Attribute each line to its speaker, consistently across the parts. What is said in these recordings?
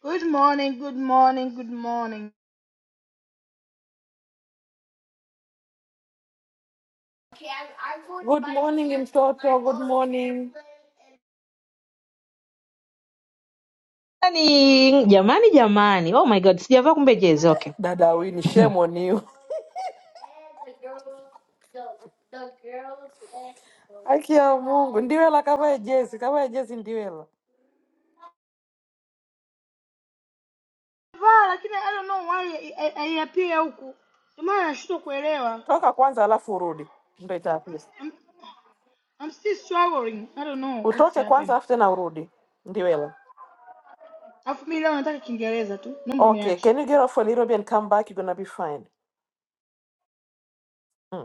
Speaker 1: Good morning, good morning, good morning.
Speaker 2: Good morning mtoto, good morning.
Speaker 3: Jamani, jamani, jamani. Oh my God, sijavaa kumbe jezi. Okay.
Speaker 2: Dada Wini,
Speaker 3: Hmm.
Speaker 2: shame on you. Haki ya Mungu, ndiwela kavae jezi, kavae jezi ndiwela.
Speaker 1: Vaa lakini I don't know why I, I, I appear huku. Ndio maana nashindwa kuelewa.
Speaker 2: Toka kwanza alafu urudi. Ndio itakuwa.
Speaker 1: I'm, I'm still struggling. I don't know what's
Speaker 2: Utoke kwanza
Speaker 1: happened.
Speaker 2: alafu tena urudi. Ndiwela.
Speaker 1: Alafu mimi leo nataka Kiingereza tu. Naomba
Speaker 2: Okay,
Speaker 1: uniache.
Speaker 2: can you get off a little bit and come back? You're gonna be fine. Mm.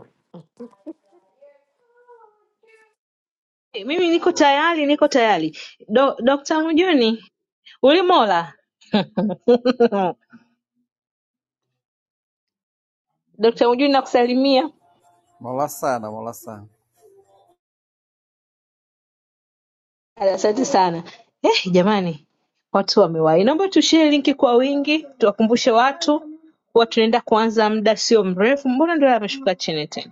Speaker 3: Mimi niko tayari, niko tayari. Do, Dr. Mjuni, ulimola? Dr. Mjuni nakusalimia.
Speaker 4: Mola sana, Mola sana.
Speaker 3: Asante sana. Eh, jamani, watu wamewahi. Naomba tushare linki kwa wingi, tuwakumbushe watu kuwa tunaenda kuanza muda sio mrefu. Mbona ndio ameshuka chini tena?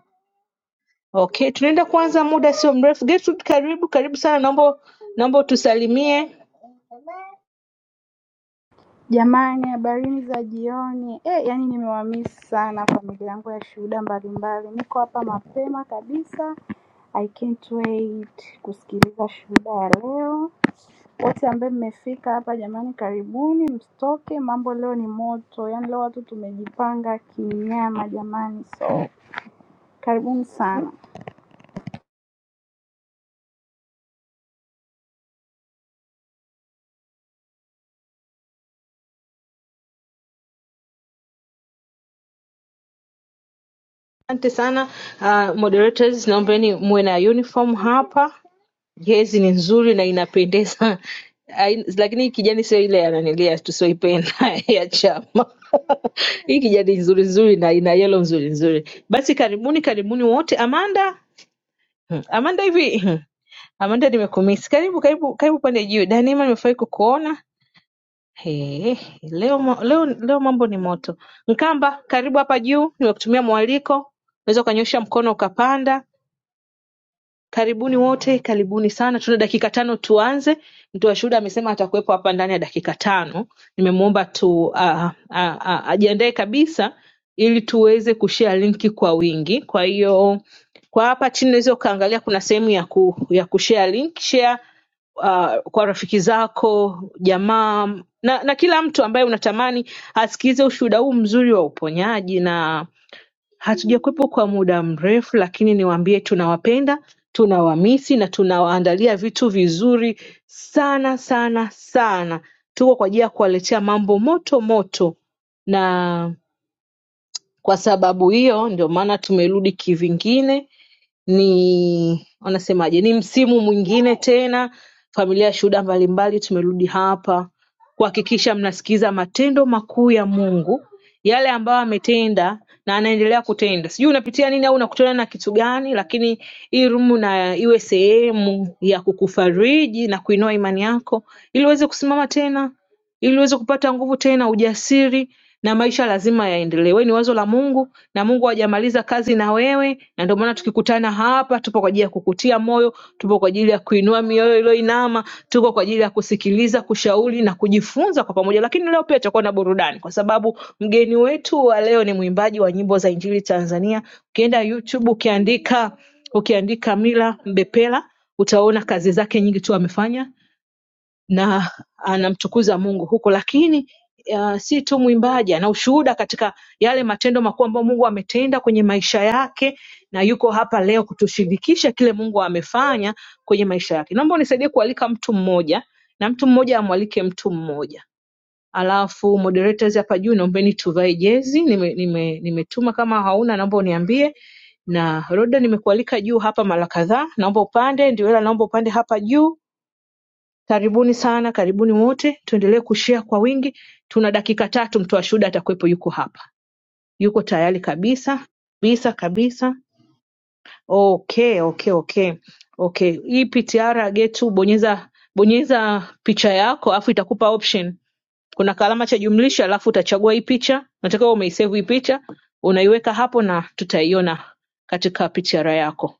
Speaker 3: Okay, tunaenda kuanza muda sio mrefu. Gertrude, karibu, karibu sana. Naomba naomba utusalimie.
Speaker 5: Jamani, habarini za jioni. Eh, yani nimewamiss sana familia yangu ya shuhuda mbalimbali. Niko hapa mapema kabisa. I can't wait kusikiliza shuhuda ya leo. Wote ambaye mmefika hapa jamani, karibuni, msitoke. Mambo leo ni moto, yani leo watu tumejipanga kinyama jamani, so karibuni sana.
Speaker 3: Asante sana uh, moderators, naombeni muwe na uniform hapa. Jezi ni nzuri na inapendeza Ai- lakini hii kijani sio ile yananilia tusioipenda ya chama. Hii kijani nzuri nzuri na ina yellow nzuri nzuri. Basi karibuni karibuni wote. Amanda, hmm, Amanda hivi hmm, Amanda nimekumisi. Karibu karibu karibu pande juu. Danima nimefurahi kukuona. He, leo, mo- leo, leo mambo ni moto. Nkamba, karibu hapa juu, nimekutumia mwaliko. Unaweza ukanyosha mkono ukapanda. Karibuni wote, karibuni sana. Tuna dakika tano tuanze. Mtoa shuhuda amesema atakuwepo hapa ndani ya dakika tano. Nimemwomba tu uh, uh, uh, ajiandae kabisa ili tuweze kushare linki kwa wingi. Kwa hiyo kwa hapa chini unaweza ukaangalia kuna sehemu ya, ku, ya kushare link. Share uh, kwa rafiki zako, jamaa na, na kila mtu ambaye unatamani asikilize ushuhuda huu mzuri wa uponyaji na Hatujakuwepo kwa muda mrefu lakini niwaambie tunawapenda, tunawamisi na tunawaandalia vitu vizuri sana sana sana. Tuko kwa ajili ya kuwaletea mambo moto moto, na kwa sababu hiyo ndio maana tumerudi kivingine ni wanasemaje, ni msimu mwingine tena. Familia ya shuhuda mbalimbali, tumerudi hapa kuhakikisha mnasikiza matendo makuu ya Mungu, yale ambayo ametenda na anaendelea kutenda. Sijui unapitia nini au unakutana na kitu gani, lakini hii rumu na iwe sehemu ya kukufariji na kuinua imani yako ili uweze kusimama tena ili uweze kupata nguvu tena, ujasiri na maisha lazima yaendelee. Wewe ni wazo la Mungu na Mungu hajamaliza kazi na wewe, na ndio maana tukikutana hapa, tupo kwa ajili ya kukutia moyo, tupo kwa ajili ya kuinua mioyo iliyoinama, tuko kwa ajili ya kusikiliza, kushauri na kujifunza kwa pamoja. Lakini leo pia tutakuwa na burudani, kwa sababu mgeni wetu wa leo ni mwimbaji wa nyimbo za Injili Tanzania. Ukienda YouTube ukiandika ukiandika Mila Mbepela utaona kazi zake nyingi tu amefanya na anamtukuza Mungu huko, lakini uh, si tu mwimbaji, ana ushuhuda katika yale matendo makuu ambayo Mungu ametenda kwenye maisha yake, na yuko hapa leo kutushirikisha kile Mungu amefanya kwenye maisha yake. Naomba unisaidie kualika mtu mmoja na mtu mmoja amwalike mtu mmoja, alafu moderators hapa juu, naombeni tuvae jezi. Nimetuma nime, nime nimetuma kama hauna, naomba uniambie na Roda, nimekualika juu hapa mara kadhaa, naomba upande. Ndiwela, naomba upande hapa juu karibuni sana karibuni wote tuendelee kushare kwa wingi tuna dakika tatu mtoa shuhuda atakuwepo yuko hapa yuko tayari kabisa kabisa kabisa okay okay okay okay hii ptr getu bonyeza bonyeza picha yako alafu itakupa option kuna kalama cha jumlisha alafu utachagua hii picha nataka umeisave hii picha unaiweka hapo na tutaiona katika ptr yako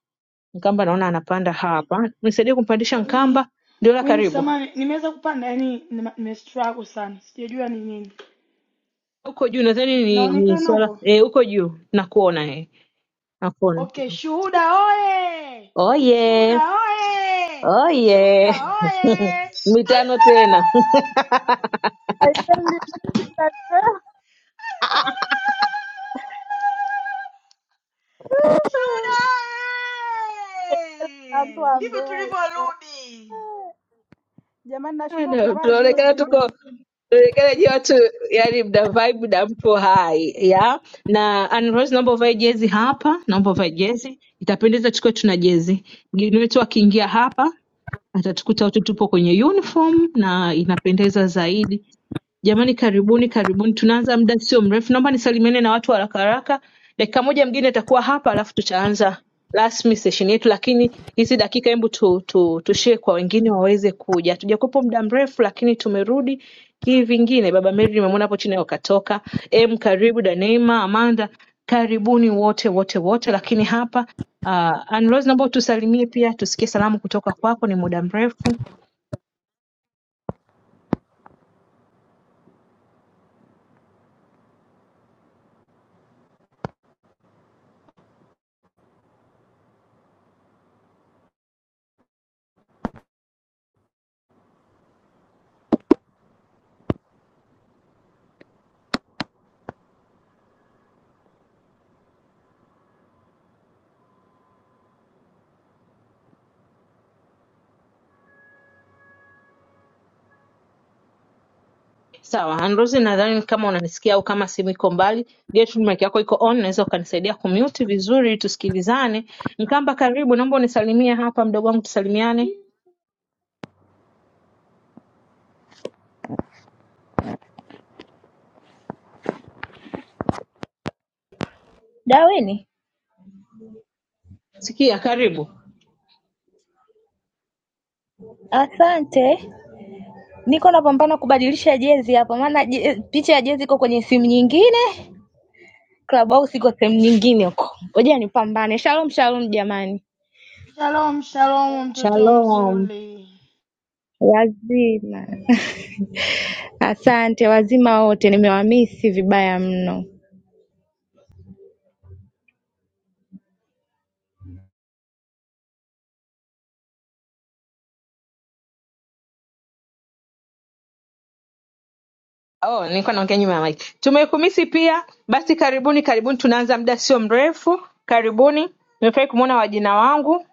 Speaker 3: mkamba naona anapanda hapa nisaidie kumpandisha
Speaker 1: Wini,
Speaker 3: mkamba ndiola
Speaker 1: Wini
Speaker 3: karibu
Speaker 1: samani, nimeweza kupanda yani nime nime struggle sana. Sijajua ni nini.
Speaker 3: Huko juu nadhani ni, ni
Speaker 1: Naonekana
Speaker 3: swala
Speaker 1: huko.
Speaker 3: eh, huko juu nakuona eh. Nakuona.
Speaker 1: Okay, shuhuda oye.
Speaker 3: Oye.
Speaker 1: Shuhuda oye.
Speaker 3: Oye.
Speaker 1: Shuhuda oye.
Speaker 3: Mitano tena.
Speaker 1: Allah!
Speaker 5: I tell you, mtandao-
Speaker 1: Shuhuda!
Speaker 5: watu wa
Speaker 1: Ndivyo
Speaker 5: Mbeya hivyo.
Speaker 1: tulivyorudi.
Speaker 5: Jamani, nashindwa
Speaker 3: Ana,
Speaker 5: kuvaa
Speaker 3: tunaonekana
Speaker 5: jezi ndugu.
Speaker 3: tuko tunaonekana je watu yani mna vibe na mpo hai ya na Anrose, naomba uvae jezi hapa, naomba uvae jezi, itapendeza tukiwa tuna jezi. Mgeni wetu akiingia hapa atatukuta wote tupo kwenye uniform na inapendeza zaidi Jamani, karibuni karibuni, tunaanza muda sio mrefu. Naomba nisalimiane na watu haraka haraka, dakika moja mgine itakuwa hapa, alafu tutaanza rasmi session yetu, lakini hizi dakika hebu tu, tu, tushie kwa wengine waweze kuja. Hatujakuwepo muda mrefu, lakini tumerudi kivingine. Baba Mary nimemwona hapo chini wakatoka. Em, karibu Daneema, Amanda, karibuni wote wote wote, lakini hapa uh, Ann Rose naomba utusalimie pia, tusikie salamu kutoka kwako, ni muda mrefu. Sawa, Handrusi, nadhani kama unanisikia au kama simu iko mbali, Gertrude mic yako iko on, naweza ukanisaidia kumute vizuri tusikilizane. Nkamba, karibu, naomba unisalimie hapa, mdogo wangu, tusalimiane.
Speaker 6: Daweni
Speaker 3: Sikia, karibu.
Speaker 6: asante niko napambana kubadilisha jezi hapa maana je- picha ya jezi iko kwenye simu nyingine Clubhouse iko sehemu nyingine huko ngoja nipambane shalom shalom jamani
Speaker 1: Shalom, shalom mtoto mzuri.
Speaker 6: wazima asante wazima wote nimewamisi vibaya mno
Speaker 3: Oh, nilikuwa naongea nyuma ya mic. Tumekumisi pia, basi karibuni, karibuni, tunaanza muda sio mrefu. Karibuni, nimefurahi kumwona wajina wangu.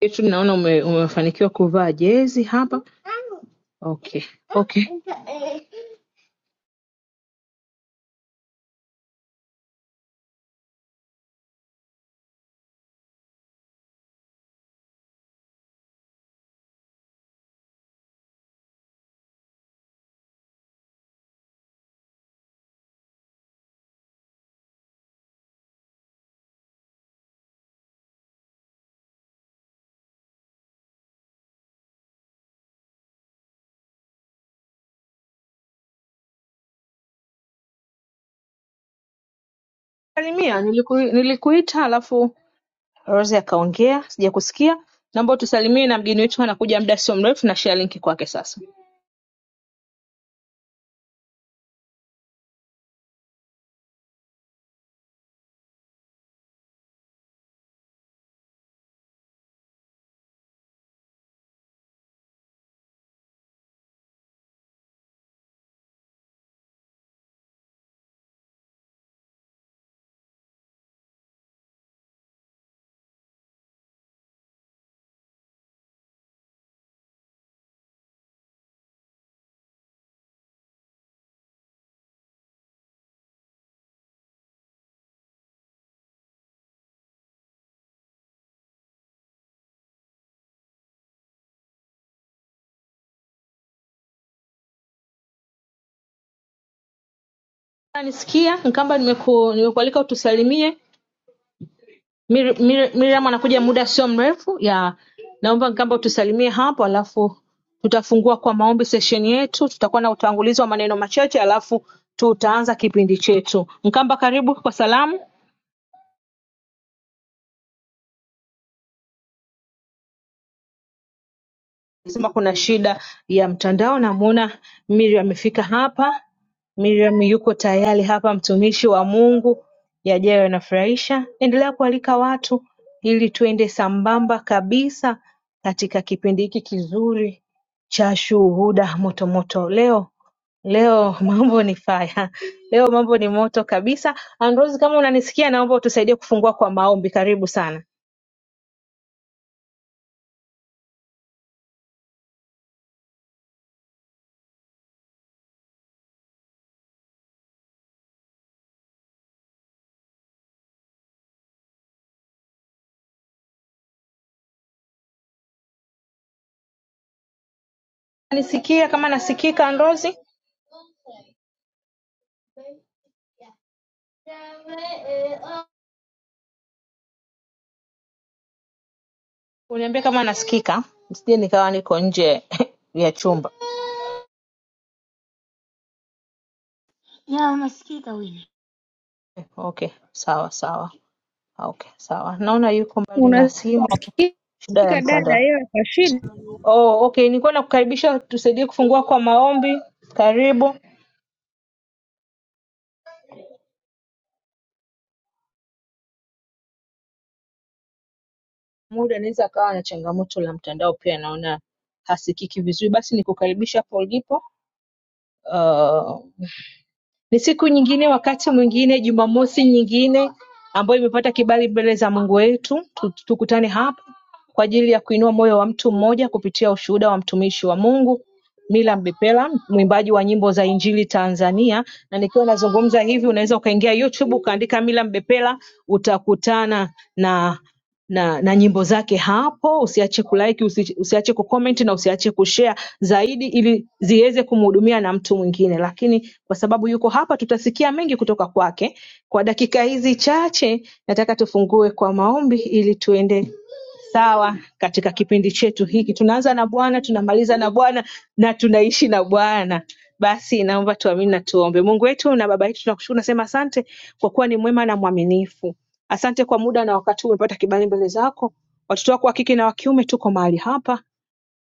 Speaker 3: Gertrude, naona ume, umefanikiwa kuvaa jezi hapa. Okay, okay. Salimia, niliku, nilikuita alafu Rose akaongea sijakusikia naomba utusalimie na mgeni wetu anakuja muda sio mrefu na share linki kwake sasa nisikia nkamba nimeku, nimekualika utusalimie Miriam Mir, Mir, miriam anakuja muda sio mrefu ya naomba nkamba utusalimie hapo alafu tutafungua kwa maombi sesheni yetu tutakuwa na utangulizi wa maneno machache alafu tutaanza kipindi chetu nkamba karibu kwa salamu Anasema kuna shida ya mtandao namuona Miriam amefika hapa. Miriam yuko tayari hapa mtumishi wa Mungu. Yajayo yanafurahisha. Endelea kualika watu ili tuende sambamba kabisa katika kipindi hiki kizuri cha shuhuda motomoto. Leo leo mambo ni faya. Leo mambo ni moto kabisa. Androzi, kama unanisikia naomba utusaidie kufungua kwa maombi. Karibu sana. Unanisikia kama nasikika Androzi? Uniambie kama nasikika, nisije nikawa niko nje ya chumba.
Speaker 1: Ya unasikika Wini?
Speaker 3: Okay, sawa sawa. Okay, sawa. Naona yuko mbali na
Speaker 6: unasikika
Speaker 3: simu, shida ya
Speaker 6: dada
Speaker 3: mtandao.
Speaker 6: ila kwa shida
Speaker 3: Oh, okay, nilikuwa nakukaribisha tusaidie kufungua kwa maombi. Karibu. Muda anaweza akawa na changamoto la mtandao pia, naona hasikiki vizuri. Basi nikukaribisha hapo ulipo. Uh, Ni siku nyingine wakati mwingine Jumamosi nyingine ambayo imepata kibali mbele za Mungu wetu tu- tukutane hapa kwa ajili ya kuinua moyo wa mtu mmoja kupitia ushuhuda wa mtumishi wa Mungu Mila Mbepela, mwimbaji wa nyimbo za Injili Tanzania. Na nikiwa nazungumza hivi, unaweza ukaingia YouTube ukaandika Mila Mbepela, utakutana na na, na nyimbo zake hapo. Usiache kulike, usi- usiache kucomment na usiache kushare zaidi, ili ziweze kumhudumia na mtu mwingine. Lakini kwa sababu yuko hapa, tutasikia mengi kutoka kwake. Kwa dakika hizi chache, nataka tufungue kwa maombi ili tuende sawa katika kipindi chetu hiki. Tunaanza na Bwana, tunamaliza na Bwana na tunaishi na Bwana. Basi naomba tuamini na tuombe. Mungu wetu na Baba yetu, tunakushukuru, nasema asante kwa kuwa ni mwema na mwaminifu. Asante kwa muda na wakati huu umepata kibali mbele zako. Watoto wako wa kike na wa kiume tuko mahali hapa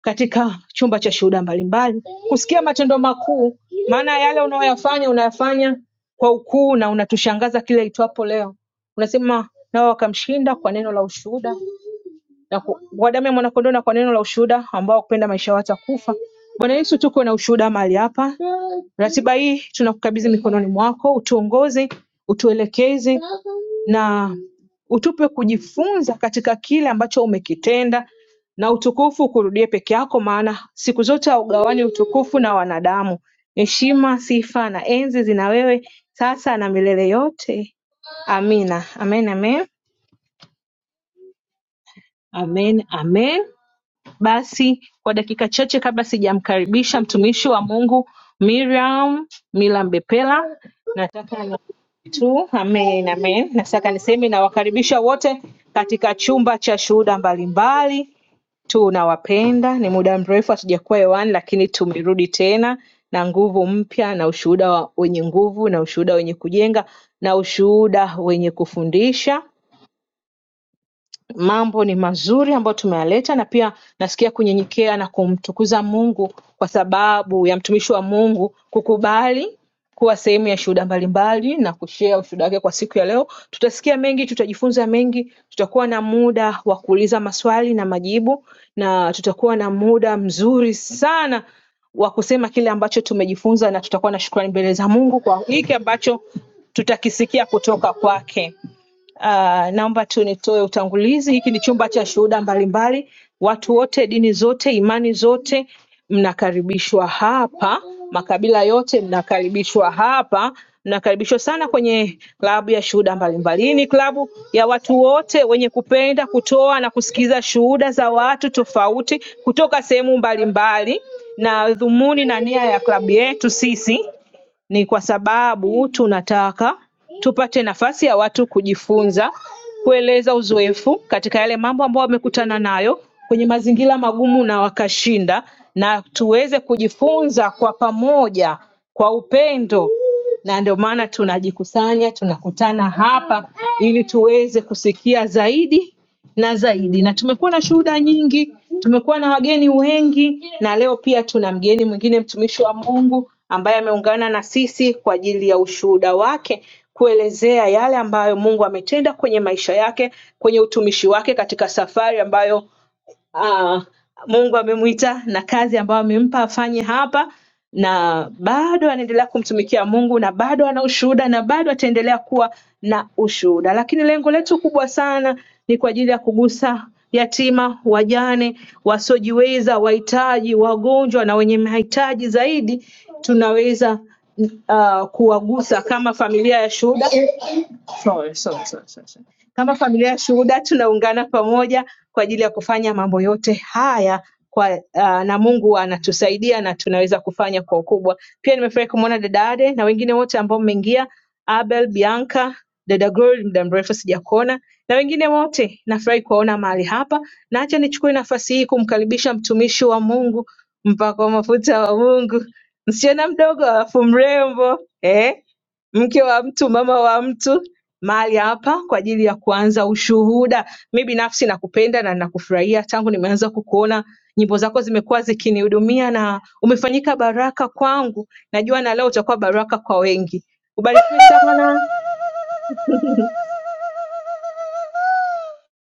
Speaker 3: katika chumba cha shuhuda mbalimbali kusikia matendo makuu, maana yale unayoyafanya unayafanya kwa ukuu na unatushangaza kile itwapo leo. Unasema nao wakamshinda kwa neno la ushuhuda na ku- kwa damu ya mwanakondoo na kwa neno la ushuhuda ambao kupenda maisha watakufa. Bwana Yesu, tuko na ushuhuda mahali hapa Ratiba hii tunakukabidhi mikononi mwako, utuongoze, utuelekeze na utupe kujifunza katika kile ambacho umekitenda, na utukufu ukurudie peke yako, maana siku zote haugawani utukufu na wanadamu. Heshima, sifa na enzi zina wewe sasa na milele yote. Amina. Amen, amen. Amen, amen. Basi kwa dakika chache kabla sijamkaribisha mtumishi wa Mungu Miriam Milambepela, nataka tu. Amen, amen. Na sasa niseme nawakaribisha wote katika chumba cha shuhuda mbalimbali. Tunawapenda, ni muda mrefu hatujakuwa hewani, lakini tumerudi tena na nguvu mpya na ushuhuda wa- wenye nguvu na ushuhuda wenye kujenga na ushuhuda wenye kufundisha mambo ni mazuri ambayo tumeyaleta na pia nasikia kunyenyekea na kumtukuza Mungu kwa sababu ya mtumishi wa Mungu kukubali kuwa sehemu ya shuhuda mbalimbali na kushare ushuhuda wake kwa siku ya leo. Tutasikia mengi, tutajifunza mengi, tutakuwa na muda wa kuuliza maswali na majibu, na tutakuwa na muda mzuri sana wa kusema kile ambacho tumejifunza, na tutakuwa na shukrani mbele za Mungu kwa hiki ambacho tutakisikia kutoka kwake. Uh, naomba tu nitoe utangulizi. Hiki ni chumba cha shuhuda mbalimbali, watu wote, dini zote, imani zote mnakaribishwa hapa, makabila yote mnakaribishwa hapa. Mnakaribishwa sana kwenye klabu ya shuhuda mbalimbali. Hii ni klabu ya watu wote wenye kupenda kutoa na kusikiza shuhuda za watu tofauti kutoka sehemu mbalimbali, na dhumuni na nia ya klabu yetu sisi ni kwa sababu tunataka tupate nafasi ya watu kujifunza, kueleza uzoefu katika yale mambo ambayo wamekutana nayo kwenye mazingira magumu na wakashinda, na tuweze kujifunza kwa pamoja, kwa upendo, na ndio maana tunajikusanya, tunakutana hapa ili tuweze kusikia zaidi na zaidi. Na tumekuwa na shuhuda nyingi, tumekuwa na wageni wengi, na leo pia tuna mgeni mwingine, mtumishi wa Mungu ambaye ameungana na sisi kwa ajili ya ushuhuda wake kuelezea yale ambayo Mungu ametenda kwenye maisha yake, kwenye utumishi wake katika safari ambayo uh, Mungu amemwita na kazi ambayo amempa afanye hapa na bado anaendelea kumtumikia Mungu na bado ana ushuhuda na bado ataendelea kuwa na ushuhuda. Lakini lengo letu kubwa sana ni kwa ajili ya kugusa yatima, wajane, wasiojiweza, wahitaji, wagonjwa na wenye mahitaji zaidi tunaweza uh, kuwagusa kama familia ya shuhuda Sorry, sorry, sorry, sorry. sorry. Kama familia ya shuhuda tunaungana pamoja kwa ajili ya kufanya mambo yote haya kwa uh, na Mungu anatusaidia na tunaweza kufanya kwa ukubwa. Pia nimefurahi kumwona dada Ade na wengine wote ambao mmeingia, Abel, Bianca, dada Glory, muda mrefu sijakuona na wengine wote, nafurahi kuwaona mahali hapa, na acha nichukue nafasi hii kumkaribisha mtumishi wa Mungu, mpako wa mafuta wa Mungu, msichana mdogo alafu mrembo eh? mke wa mtu, mama wa mtu mahali hapa kwa ajili ya kuanza ushuhuda. Mi binafsi nakupenda na nakufurahia tangu nimeanza kukuona, nyimbo zako zimekuwa zikinihudumia na umefanyika baraka kwangu. Najua na leo utakuwa baraka kwa wengi. Ubarikiwe sana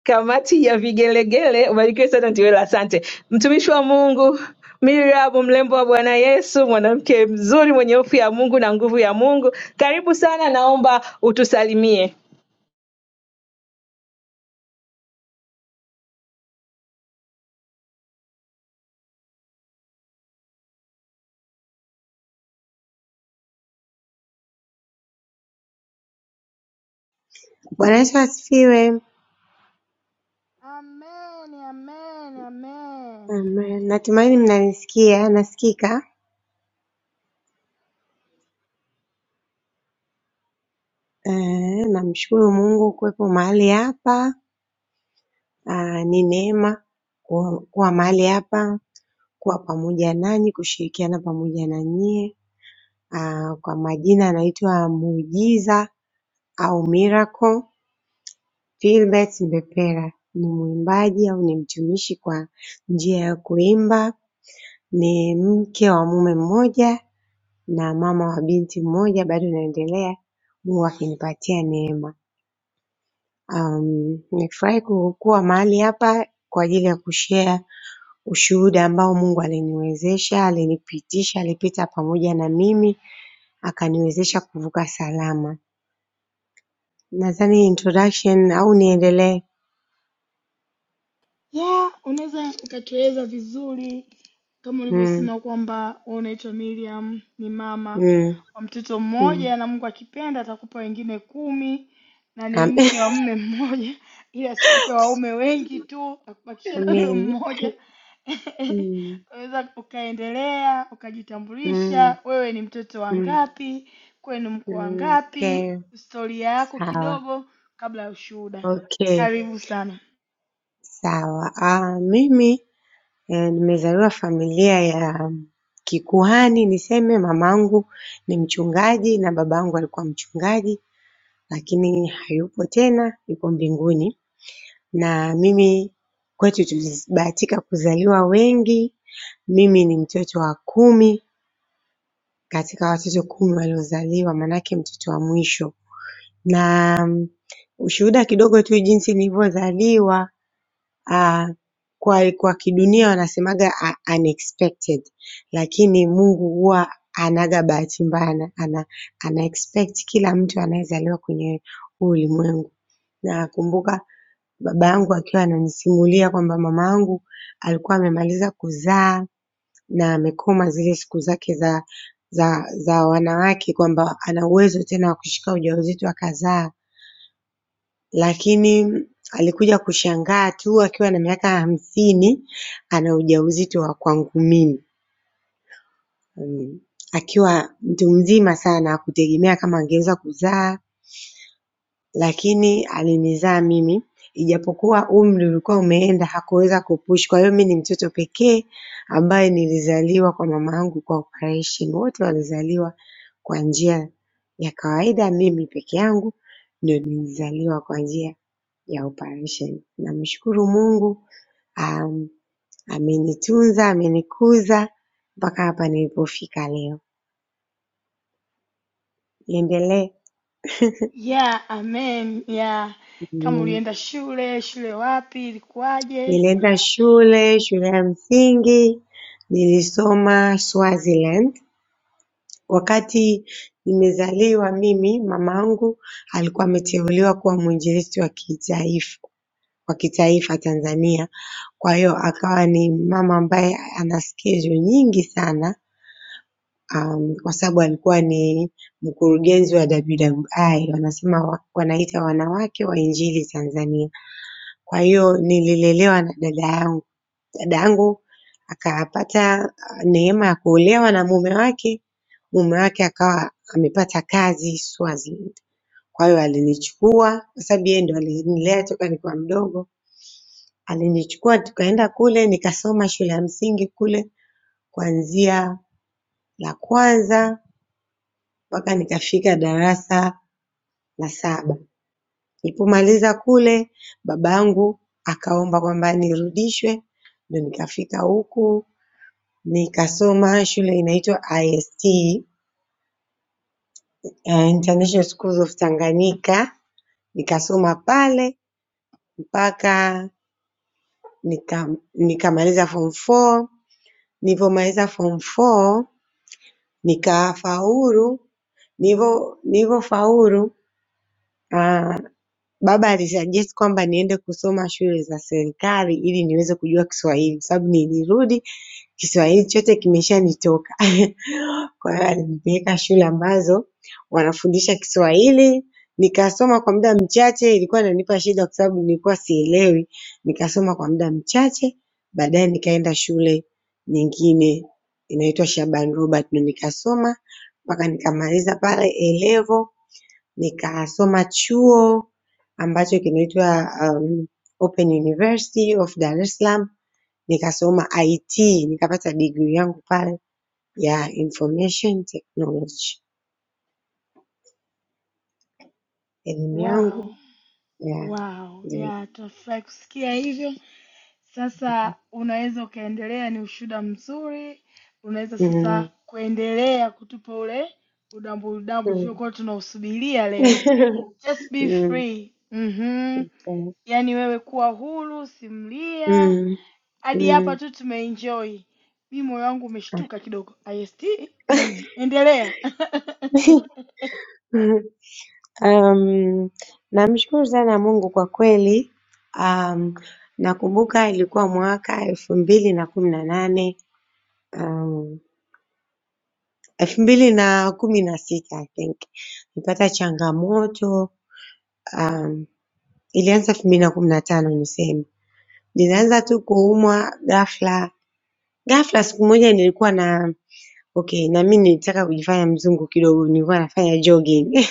Speaker 3: kamati ya vigelegele, ubarikiwe sana Ntiwela. Asante mtumishi wa Mungu Miriam, mlembo wa Bwana Yesu, mwanamke mzuri mwenye hofu ya Mungu na nguvu ya Mungu. Karibu sana, naomba utusalimie.
Speaker 7: Bwana Yesu asifiwe.
Speaker 1: Amen, amen, amen.
Speaker 7: Amen. Natumaini mnanisikia, nasikika. Eh, namshukuru Mungu kuwepo mahali hapa. Ah, ni neema kuwa kuwa mahali hapa, kuwa pamoja nanyi, kushirikiana pamoja na nyie. Ah, kwa majina anaitwa Muujiza au Miracle Philbert Mbepera. Ni mwimbaji au ni mtumishi kwa njia ya kuimba. Ni mke wa mume mmoja na mama wa binti mmoja bado inaendelea, Mungu akinipatia neema. Um, nimefurahi ku- kuwa mahali hapa kwa ajili ya kushare ushuhuda ambao Mungu aliniwezesha, alinipitisha, alipita pamoja na mimi akaniwezesha kuvuka salama. Nadhani introduction au niendelee?
Speaker 1: Yeah, unaweza ukatueleza vizuri kama
Speaker 7: Mm,
Speaker 1: ulivyosema kwamba wewe unaitwa Miriam, ni mama
Speaker 7: mm,
Speaker 1: wa mtoto
Speaker 7: mm.
Speaker 1: mmoja, na Mungu akipenda atakupa wengine kumi, na ni
Speaker 7: Am-
Speaker 1: mke wa mume mmoja, ili asikupe waume wengi tu, akubakisha na huyo
Speaker 7: Amen.
Speaker 1: mmoja.
Speaker 7: Mm,
Speaker 1: Unaweza ukaendelea
Speaker 7: mm, mm,
Speaker 1: ukajitambulisha, wewe ni mtoto wa
Speaker 7: mm.
Speaker 1: ngapi, kwenu mko wa ngapi,
Speaker 7: Okay,
Speaker 1: historia yako
Speaker 7: sawa.
Speaker 1: kidogo kabla ya ushuhuda.
Speaker 7: Okay,
Speaker 1: Karibu sana.
Speaker 7: sawa. Ah, mimi Eh, Nimezaliwa familia ya kikuhani niseme, mamangu ni mchungaji na babangu alikuwa mchungaji lakini hayupo tena, yupo mbinguni na mimi kwetu tulibahatika kuzaliwa wengi. Mimi ni mtoto wa kumi katika watoto kumi waliozaliwa maanake mtoto wa mwisho na ushuhuda kidogo tu jinsi nilivyozaliwa. ah, kwa, kwa kidunia wanasemaga ah, unexpected lakini Mungu huwa anaga bahati mbaya na ana, ana expect kila mtu anayezaliwa kwenye huu ulimwengu. Nakumbuka baba yangu akiwa ananisimulia kwamba mama yangu alikuwa amemaliza kuzaa na amekoma zile siku zake za za za wanawake kwamba ana uwezo tena wa kushika ujauzito akazaa. Lakini alikuja kushangaa tu akiwa na miaka hamsini ana ujauzito wa kwangu mimi mm, akiwa mtu mzima sana hakutegemea kama angeweza kuzaa, lakini alinizaa mimi ijapokuwa umri ulikuwa umeenda hakuweza kupush. Kwa hiyo mimi ni mtoto pekee ambaye nilizaliwa kwa mamangu kwa operation, wote walizaliwa kwa njia ya kawaida, mimi peke yangu ndio nilizaliwa kwa njia ya oparesheni. Namshukuru Mungu am, amenitunza, amenikuza mpaka hapa nilipofika leo. Niendelee.
Speaker 1: Yeah, amen. Yeah. Kama
Speaker 7: Mm,
Speaker 1: ulienda shule, shule wapi, ilikuwaje?
Speaker 7: Nilienda shule, shule ya msingi, nilisoma Swaziland. Wakati nimezaliwa mimi, mamangu alikuwa ameteuliwa kuwa mwinjilisti wa kitaifa wa kitaifa Tanzania. Kwa hiyo akawa ni mama ambaye ana skills nyingi sana um, kwa sababu alikuwa ni mkurugenzi wa WWI, wanasema wa- wanaita wanawake wa injili Tanzania. Kwa hiyo nililelewa na dada yangu, dada yangu akapata ah, neema ya kuolewa na mume wake, mume wake akawa amepata kazi Swaziland. Kwa hiyo alinichukua kwa sababu yeye ndo alinilea toka nikiwa mdogo, alinichukua tukaenda kule nikasoma shule ya msingi kule kuanzia la kwanza mpaka nikafika darasa na saba nilipomaliza kule babangu akaomba kwamba nirudishwe ndo nikafika huku nikasoma shule inaitwa IST eh, International Schools of Tanganyika nikasoma pale mpaka nika, nikamaliza form 4 nilivyomaliza form 4 nikafaulu nilivyo nilivyofaulu ah, baba alisuggest kwamba niende kusoma shule za serikali ili niweze kujua Kiswahili kwa sababu nilirudi Kiswahili chote kimeshanitoka. Kwa hiyo alinipeleka shule ambazo wanafundisha Kiswahili, nikasoma kwa muda mchache, ilikuwa inanipa shida kwa sababu nilikuwa sielewi. Nikasoma kwa muda mchache, baadaye nikaenda shule nyingine inaitwa Shaban Robert na nikasoma mpaka nikamaliza pale A level, nikasoma chuo ambacho kinaitwa um, Open University of Dar es Salaam nikasoma IT nikapata degree yangu pale ya information technology. Elimu yangu
Speaker 1: Wow.
Speaker 7: ya
Speaker 1: Wow.
Speaker 7: ndio hiyo.
Speaker 1: Yeah, tunafurahi kusikia hivyo. Sasa unaweza ukaendelea, ni ushuhuda mzuri. Unaweza
Speaker 7: Mm,
Speaker 1: sasa kuendelea kutupa ule udambu udambu
Speaker 7: mm.
Speaker 1: tuliokuwa tunausubiria leo. Just be
Speaker 7: Mm,
Speaker 1: free. Mhm.
Speaker 7: mm,
Speaker 1: Yaani wewe kuwa huru, simulia. Hadi hapa
Speaker 7: mm.
Speaker 1: tu tumeenjoy. Mi moyo wangu umeshtuka kidogo. IST? Mm. Endelea.
Speaker 7: Um, namshukuru sana Mungu kwa kweli. Um, nakumbuka ilikuwa mwaka elfu mbili na kumi na nane um, elfu mbili na kumi na sita I think nilipata changamoto um, ilianza elfu mbili na kumi na tano niseme. Nilianza tu kuumwa ghafla. Ghafla siku moja nilikuwa na okay, na mimi nilitaka kujifanya mzungu kidogo, nilikuwa nafanya jogging.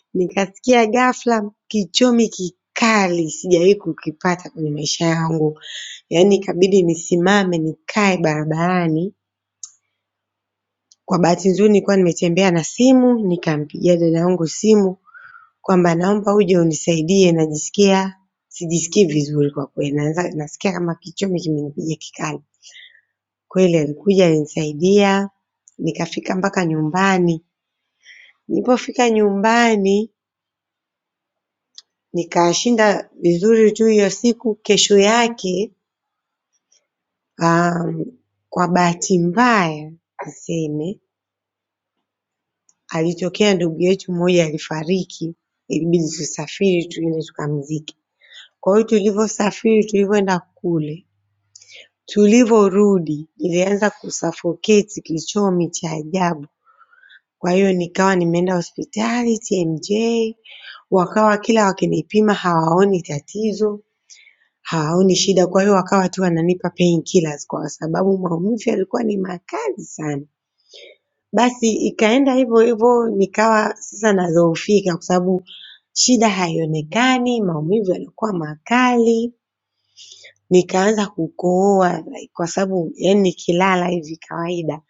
Speaker 7: Nikasikia ghafla kichomi kikali sijawahi kukipata kwenye maisha yangu. Yaani ikabidi nisimame nikae barabarani. Kwa bahati nzuri nilikuwa nimetembea na simu, nikampigia dada yangu simu kwamba naomba uje unisaidie najisikia sijisikii vizuri kwa kweli. Naanza nasikia kama kichomi kimenipiga kikali. Kweli alikuja alinisaidia nikafika mpaka nyumbani. Nilipofika nyumbani nikashinda vizuri tu hiyo siku. Kesho yake um, kwa bahati mbaya niseme, alitokea ndugu yetu mmoja alifariki, ilibidi tusafiri tuende tukamzike. Kwa hiyo tulivyosafiri, tulivyoenda kule Tulivorudi nilianza kusuffocate kichomi cha ajabu. Kwa hiyo nikawa nimeenda hospitali TMJ, wakawa kila wakinipima hawaoni tatizo, hawaoni shida. Kwa hiyo wakawa tu wananipa painkillers kwa sababu maumivu yalikuwa ni makali sana. Basi ikaenda hivyo hivyo nikawa sasa nadhoofika kwa sababu shida haionekani, maumivu yalikuwa makali. nikaanza kukohoa kwa sababu yani nikilala hivi kawaida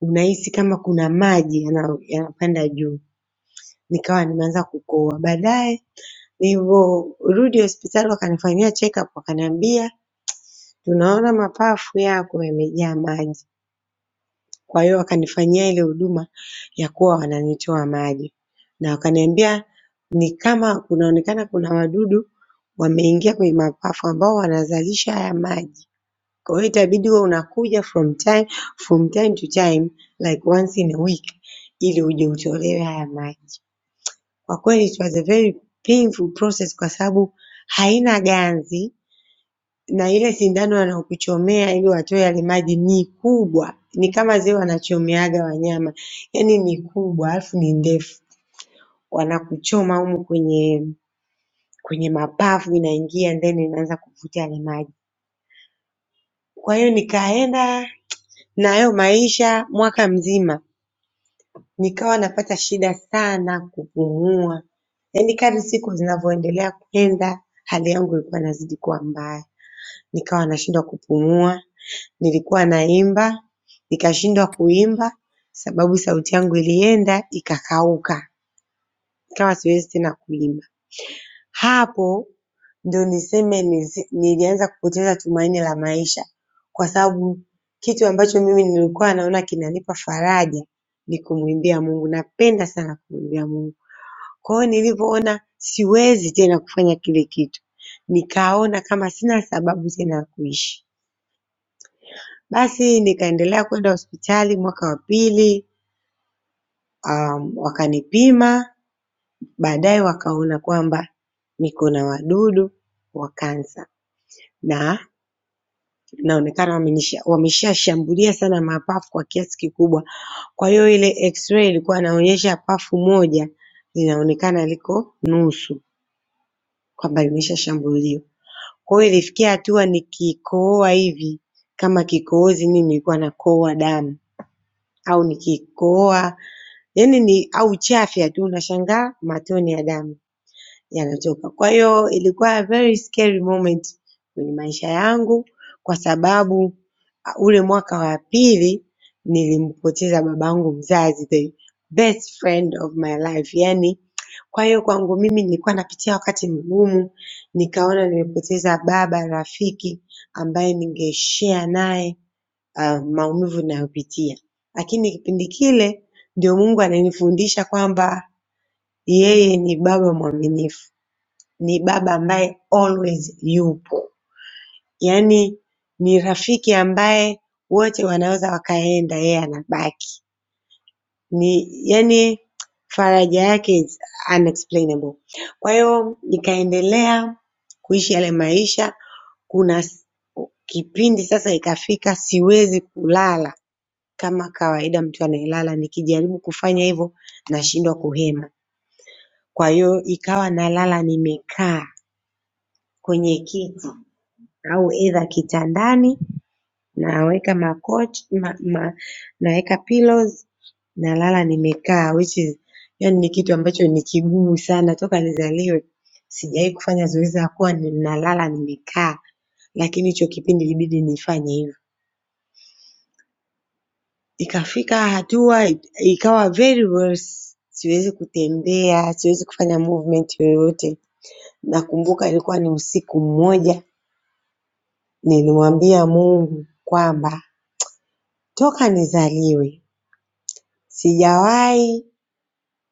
Speaker 7: unahisi kama kuna maji yana- yanapanda juu, nikawa nimeanza kukohoa. Baadaye nilivyorudi hospitali wakanifanyia check up, wakaniambia tunaona mapafu yako yamejaa maji, kwa hiyo wakanifanyia ile huduma ya kuwa wananitoa maji na wakaniambia ni kama kunaonekana kuna wadudu wameingia kwenye mapafu ambao wanazalisha haya maji Kwa hiyo itabidi uwe unakuja from time from time to time like once in a week ili uje utolewe haya maji. Kwa kweli it was a very painful process kwa sababu haina ganzi na ile sindano wanaokuchomea ili watoe yale maji ni kubwa, ni kama zile wanachomeaga wanyama, yaani ni kubwa alafu ni ndefu. Wanakuchoma humu kwenye kwenye mapafu inaingia and then inaanza kuvuta yale maji. Kwa hiyo nikaenda na hayo maisha mwaka mzima. nikawa napata shida sana kupumua. Yaani kadri siku zinavyoendelea kwenda hali yangu ilikuwa inazidi kuwa mbaya, nikawa nashindwa kupumua. Nilikuwa naimba nikashindwa kuimba sababu sauti yangu ilienda ikakauka, nikawa siwezi tena kuimba. Hapo ndio niseme nizi- nilianza kupoteza tumaini la maisha kwa sababu kitu ambacho mimi nilikuwa naona kinanipa faraja ni kumwimbia Mungu. Napenda sana kumwimbia Mungu. Kwa hiyo nilivyoona siwezi tena kufanya kile kitu, nikaona kama sina sababu tena ya kuishi. Basi nikaendelea kwenda hospitali mwaka wa pili, um, wakanipima, baadaye wakaona kwamba niko na wadudu wa kansa na inaonekana wamenisha- wameshashambulia sana mapafu kwa kiasi kikubwa. Kwa hiyo ile x-ray ilikuwa inaonyesha pafu moja linaonekana liko nusu kwamba limeshashambuliwa. Kwa hiyo ilifikia hatua nikikohoa hivi kama kikohozi mimi nilikuwa nakohoa damu au nikikohoa yaani ni au chafya tu unashangaa matone ya damu yanatoka. Kwa hiyo ilikuwa a very scary moment kwenye maisha yangu kwa sababu ah, ule mwaka wa pili nilimpoteza babangu mzazi, the best friend of my life. Yani, kwa hiyo kwangu mimi nilikuwa napitia wakati mgumu, nikaona nimepoteza baba rafiki ambaye ningeshare naye ah, maumivu ninayopitia. Lakini kipindi kile ndio Mungu ananifundisha kwamba yeye ni baba mwaminifu ni baba ambaye always yupo, yaani ni rafiki ambaye wote wanaweza wakaenda yeye anabaki, ni yaani faraja yake is unexplainable. Kwa hiyo nikaendelea kuishi yale maisha. Kuna s- kipindi sasa ikafika, siwezi kulala kama kawaida mtu anayelala. Nikijaribu kufanya hivyo nashindwa kuhema, kwa hiyo ikawa nalala nimekaa kwenye kiti au either kitandani naweka makochi ma, ma, naweka pillows nalala nimekaa which is yani ni kitu ambacho ni kigumu sana toka nizaliwe sijawahi kufanya zoezi la kuwa ni- nalala nimekaa lakini hicho kipindi ilibidi nifanye hivyo ikafika hatua i- ikawa very worse siwezi kutembea siwezi kufanya movement yoyote nakumbuka ilikuwa ni usiku mmoja nilimwambia mungu kwamba toka nizaliwe Sijawahi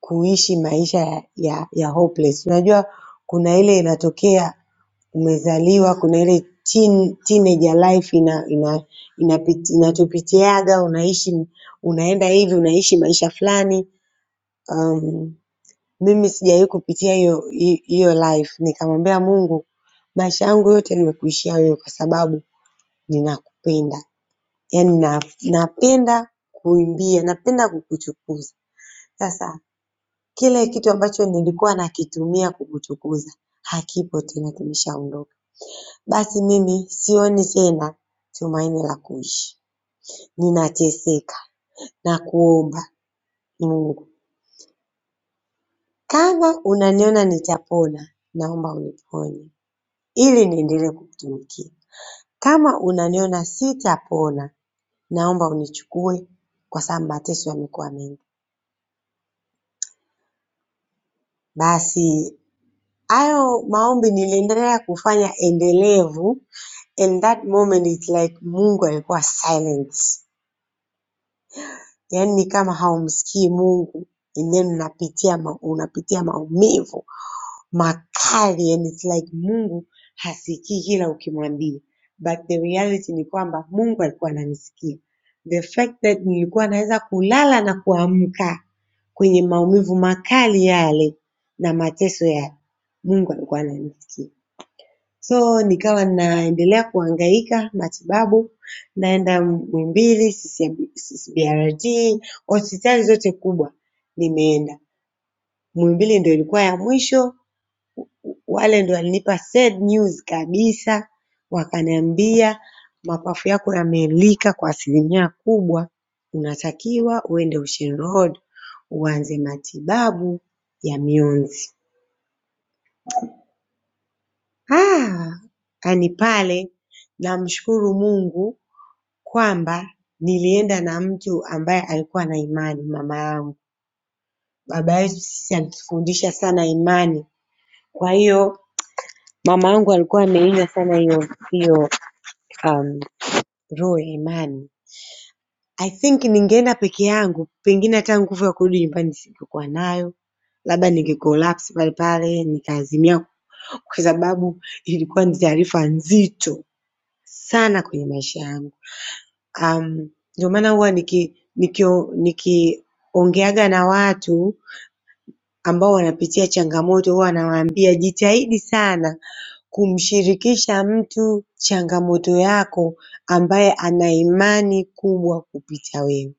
Speaker 7: kuishi maisha ya ya ya hopeless. Unajua kuna ile inatokea umezaliwa, kuna ile teen, teenager life ina, ina, inapiti, inatupitiaga unaishi unaenda hivi unaishi maisha fulani um, mimi sijawahi kupitia hiyo hi- hiyo life nikamwambia Mungu maisha yangu yote nimekuishia wewe kwa sababu ninakupenda yaani na, napenda kuimbia napenda kukutukuza sasa Kile kitu ambacho nilikuwa nakitumia kukutukuza hakipo tena, kimeshaondoka. Basi mimi sioni tena tumaini la kuishi, ninateseka na kuomba Mungu, kama unaniona nitapona, naomba uniponye ili niendelee kukutumikia. Kama unaniona sitapona, naomba unichukue kwa sababu mateso yamekuwa mengi. Basi Hayo maombi niliendelea kufanya endelevu and that moment it's like Mungu alikuwa silent. Yaani ni kama haumsikii Mungu and then unapitia ma, unapitia maumivu makali and it's like Mungu hasikii kila ukimwambia. But the reality ni kwamba Mungu alikuwa ananisikia. The fact that nilikuwa naweza kulala na kuamka kwenye maumivu makali yale na mateso yale, Mungu alikuwa ananisikia. So nikawa naendelea kuhangaika matibabu, naenda Muhimbili, CCM CCBRT, hospitali zote kubwa nimeenda. Muhimbili ndio ilikuwa ya mwisho. Wale ndio walinipa sad news kabisa, wakaniambia mapafu yako yameelika kwa asilimia kubwa, unatakiwa uende Ocean Road uanze matibabu ya mionzi. Ah, yaani pale namshukuru Mungu kwamba nilienda na mtu ambaye alikuwa na imani, mama yangu. Baba yetu sisi alitufundisha sana imani, kwa hiyo mama yangu alikuwa ameiga sana hiyo hiyo um, roho ya imani. I think ningeenda peke yangu, pengine hata nguvu ya kurudi nyumbani singekuwa nayo, labda ningecollapse pale pale nikaazimia, kwa sababu ilikuwa ni taarifa nzito sana kwenye maisha yangu. Um, ndio maana huwa niki nikio- nikiongeaga na watu ambao wanapitia changamoto huwa nawaambia jitahidi sana kumshirikisha mtu changamoto yako ambaye ana imani kubwa kupita wewe.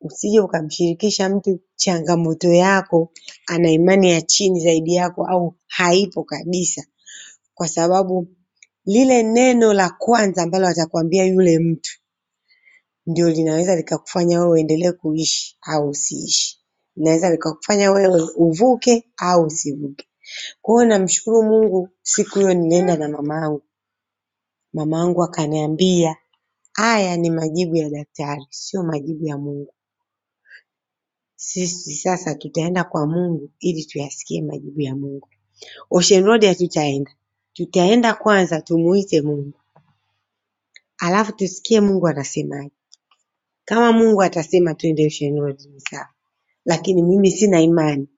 Speaker 7: Usije ukamshirikisha mtu changamoto yako ana imani ya chini zaidi yako au haipo kabisa, kwa sababu lile neno la kwanza ambalo atakwambia yule mtu ndio linaweza likakufanya wewe uendelee kuishi au usiishi. Linaweza likakufanya wewe uvuke au usivuke. Kwa hiyo namshukuru Mungu siku hiyo nilienda na mamangu. Mamangu akaniambia haya ni majibu ya daktari, sio majibu ya Mungu. Sisi sasa tutaenda kwa Mungu ili tuyasikie majibu ya Mungu. Ocean Road hatutaenda. Tutaenda kwanza tumuite Mungu, alafu tusikie Mungu anasemaje. Kama Mungu atasema twende Ocean Road ni sawa. Lakini mimi sina imani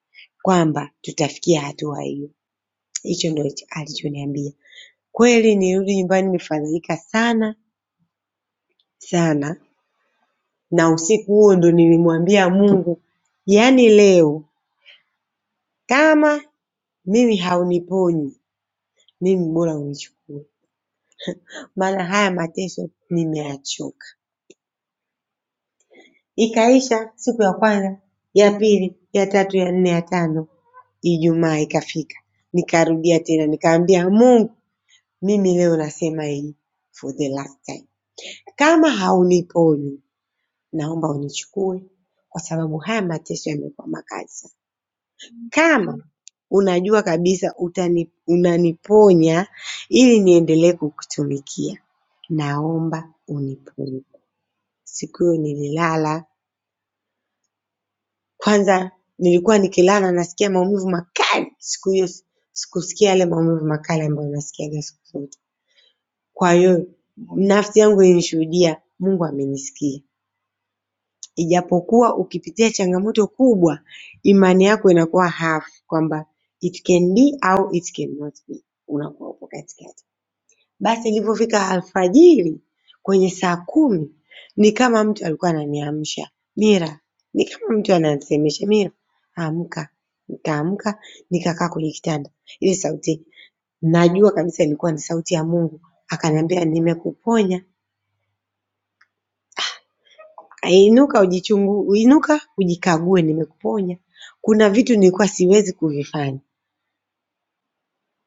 Speaker 7: kwamba tutafikia hatua hiyo. Hicho ndio alichoniambia. Kweli nirudi nyumbani nimefadhaika sana sana, na usiku huo ndo nilimwambia Mungu, yaani leo kama mimi hauniponyi mimi bora unichukue, maana haya mateso nimeachoka. Ikaisha siku ya kwanza, ya pili, ya tatu, ya nne, ya tano, Ijumaa ikafika, nikarudia tena, nikaambia Mungu, mimi leo nasema hii for the last time, kama hauniponyi naomba unichukue, kwa sababu haya mateso yamekuwa makali sana. Kama unajua kabisa utani, unaniponya ili niendelee kukutumikia, naomba uniponye. Siku hiyo nililala Kwanza nilikuwa nikilala nasikia maumivu makali. Siku hiyo sikusikia yale maumivu makali ambayo nasikiaga siku zote. Kwa hiyo nafsi yangu ilinishuhudia Mungu amenisikia. Ijapokuwa ukipitia changamoto kubwa, imani yako inakuwa hafifu kwamba it can be au it cannot be. Unakuwa upo katikati. Basi ilivyofika alfajiri kwenye saa kumi ni kama mtu alikuwa ananiamsha, "Mira," ni kama mtu ananisemesha, "Mira, amka." Nikaamka, nikakaa kwenye kitanda. Ile sauti najua kabisa ilikuwa ni sauti ya Mungu akaniambia, "Nimekuponya. Inuka ujichungu, inuka ujikague nimekuponya. Kuna vitu nilikuwa siwezi kuvifanya."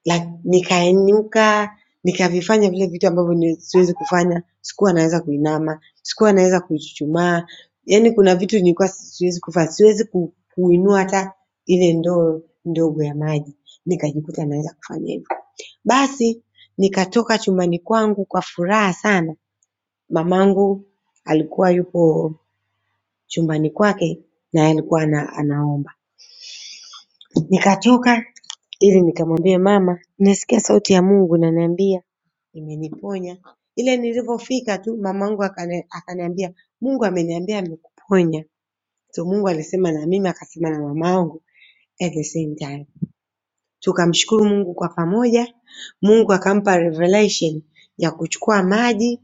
Speaker 7: like, nikainuka nikavifanya vile vitu ambavyo ni- siwezi kufanya, sikuwa naweza kuinama, sikuwa naweza kuchuchumaa. Yaani kuna vitu nilikuwa siwezi kufanya, siwezi ku, kuinua hata ile ndoo ndogo ya maji. Nikajikuta naweza kufanya hivyo. Basi nikatoka chumbani kwangu kwa furaha sana. Mamangu alikuwa yupo chumbani kwake naye alikuwa ana, anaomba. Nikatoka ili nikamwambie mama, nasikia sauti ya Mungu inaniambia imeniponya. Ile nilivyofika tu mamangu akani- akaniambia Mungu ameniambia amekuponya. So Mungu alisema na mimi akasema na mamangu at the same time. Tukamshukuru Mungu kwa pamoja. Mungu akampa revelation ya kuchukua maji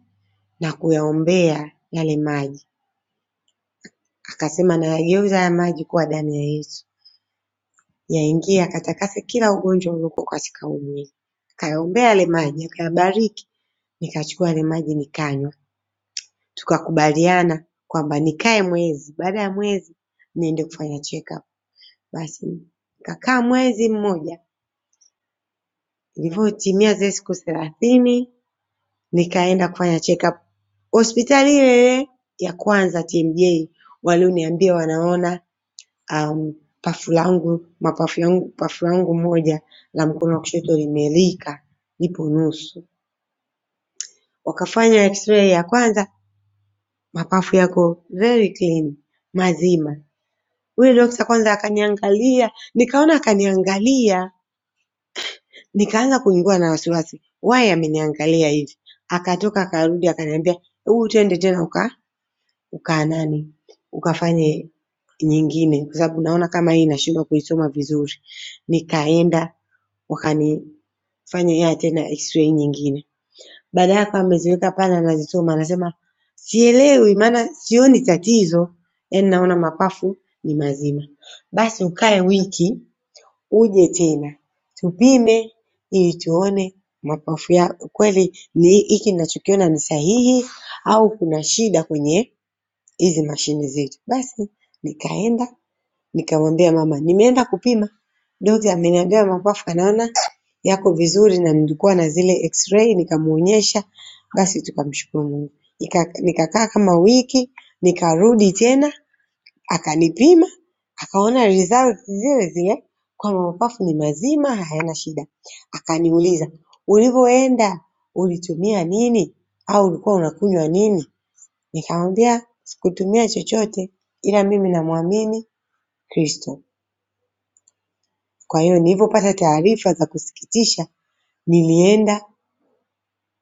Speaker 7: na kuyaombea yale maji. Akasema nayageuza haya maji kuwa damu ya Yesu. Yaingie akatakase kila ugonjwa uliokuwa katika huu mwili. Akayaombea yale maji, akayabariki, nikachukua yale maji nikanywa. Tukakubaliana kwamba nikae mwezi, baada ya mwezi niende kufanya check up. Basi nikakaa mwezi mmoja, ilivyotimia zile siku thelathini nikaenda kufanya check up hospitali ile ile ya kwanza TMJ walioniambia wanaona um, pafu langu mapafu yangu pafu langu moja la mkono wa kushoto limelika lipo nusu. Wakafanya x-ray ya kwanza, mapafu yako very clean, mazima. Huyu dokta kwanza akaniangalia, nikaona akaniangalia, nikaanza kuingiwa na wasiwasi, why ameniangalia hivi? Akatoka akarudi akaniambia, hebu twende tena uka uka nani ukafanye nyingine kwa sababu naona kama hii nashindwa kuisoma vizuri. Nikaenda wakanifanyia tena x-ray nyingine. Baada yake ameziweka pale anazisoma anasema sielewi maana sioni tatizo yaani naona mapafu ni mazima. Basi ukae wiki uje tena tupime ili tuone mapafu yako kweli ni hiki ninachokiona ni sahihi au kuna shida kwenye hizi mashine zetu. Basi nikaenda nikamwambia mama nimeenda kupima Dokta ameniambia mapafu anaona yako vizuri na nilikuwa na zile x-ray nikamuonyesha basi tukamshukuru Mungu. Nika- Nikakaa kama wiki nikarudi tena akanipima akaona results zile zile kwamba mapafu ni mazima hayana shida. Akaniuliza ulivyoenda ulitumia nini au ulikuwa unakunywa nini? Nikamwambia sikutumia chochote ila mimi namwamini Kristo. Kwa hiyo nilivyopata taarifa za kusikitisha nilienda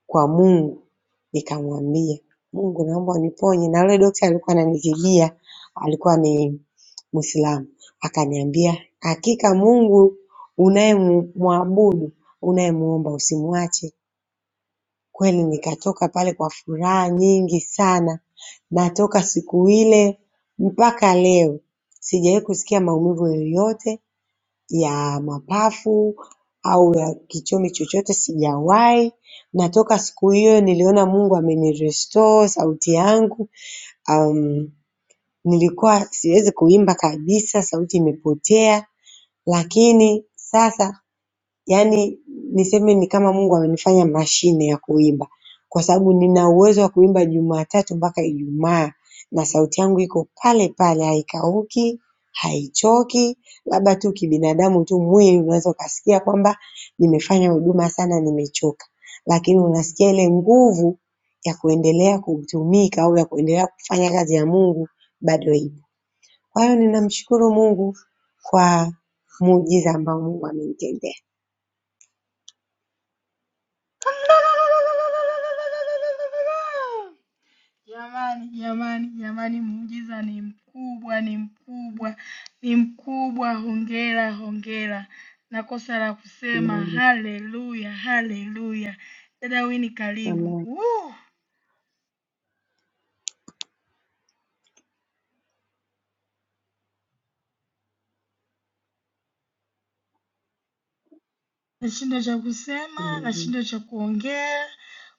Speaker 7: kwa Mungu nikamwambia, Mungu naomba uniponye na yule daktari alikuwa ananitibia alikuwa ni Muislamu. Akaniambia, hakika Mungu unayemwabudu, unayemuomba usimwache. Kweli nikatoka pale kwa furaha nyingi sana na toka siku ile mpaka leo sijawahi kusikia maumivu yoyote ya mapafu au ya kichomi chochote sijawahi, na toka siku hiyo niliona Mungu amenirestore sauti yangu. Am, nilikuwa siwezi kuimba kabisa, sauti imepotea, lakini sasa yaani niseme ni kama Mungu amenifanya mashine ya kuimba kwa sababu nina uwezo wa kuimba Jumatatu mpaka Ijumaa na sauti yangu iko pale pale haikauki, haichoki, labda tu kibinadamu tu mwili unaweza ukasikia kwamba nimefanya huduma sana nimechoka, lakini unasikia ile nguvu ya kuendelea kutumika au ya kuendelea kufanya kazi ya Mungu bado ipo. Kwa hiyo ninamshukuru Mungu kwa muujiza ambao Mungu amenitendea.
Speaker 1: Jamani, jamani, jamani, muujiza ni mkubwa, ni mkubwa, ni mkubwa. Hongera, hongera. Na kosa la kusema haleluya, haleluya. Dada Wini, karibu.
Speaker 7: Amen.
Speaker 1: Uh. Nashindwa cha kusema,
Speaker 7: Amen.
Speaker 1: nashindwa cha kuongea,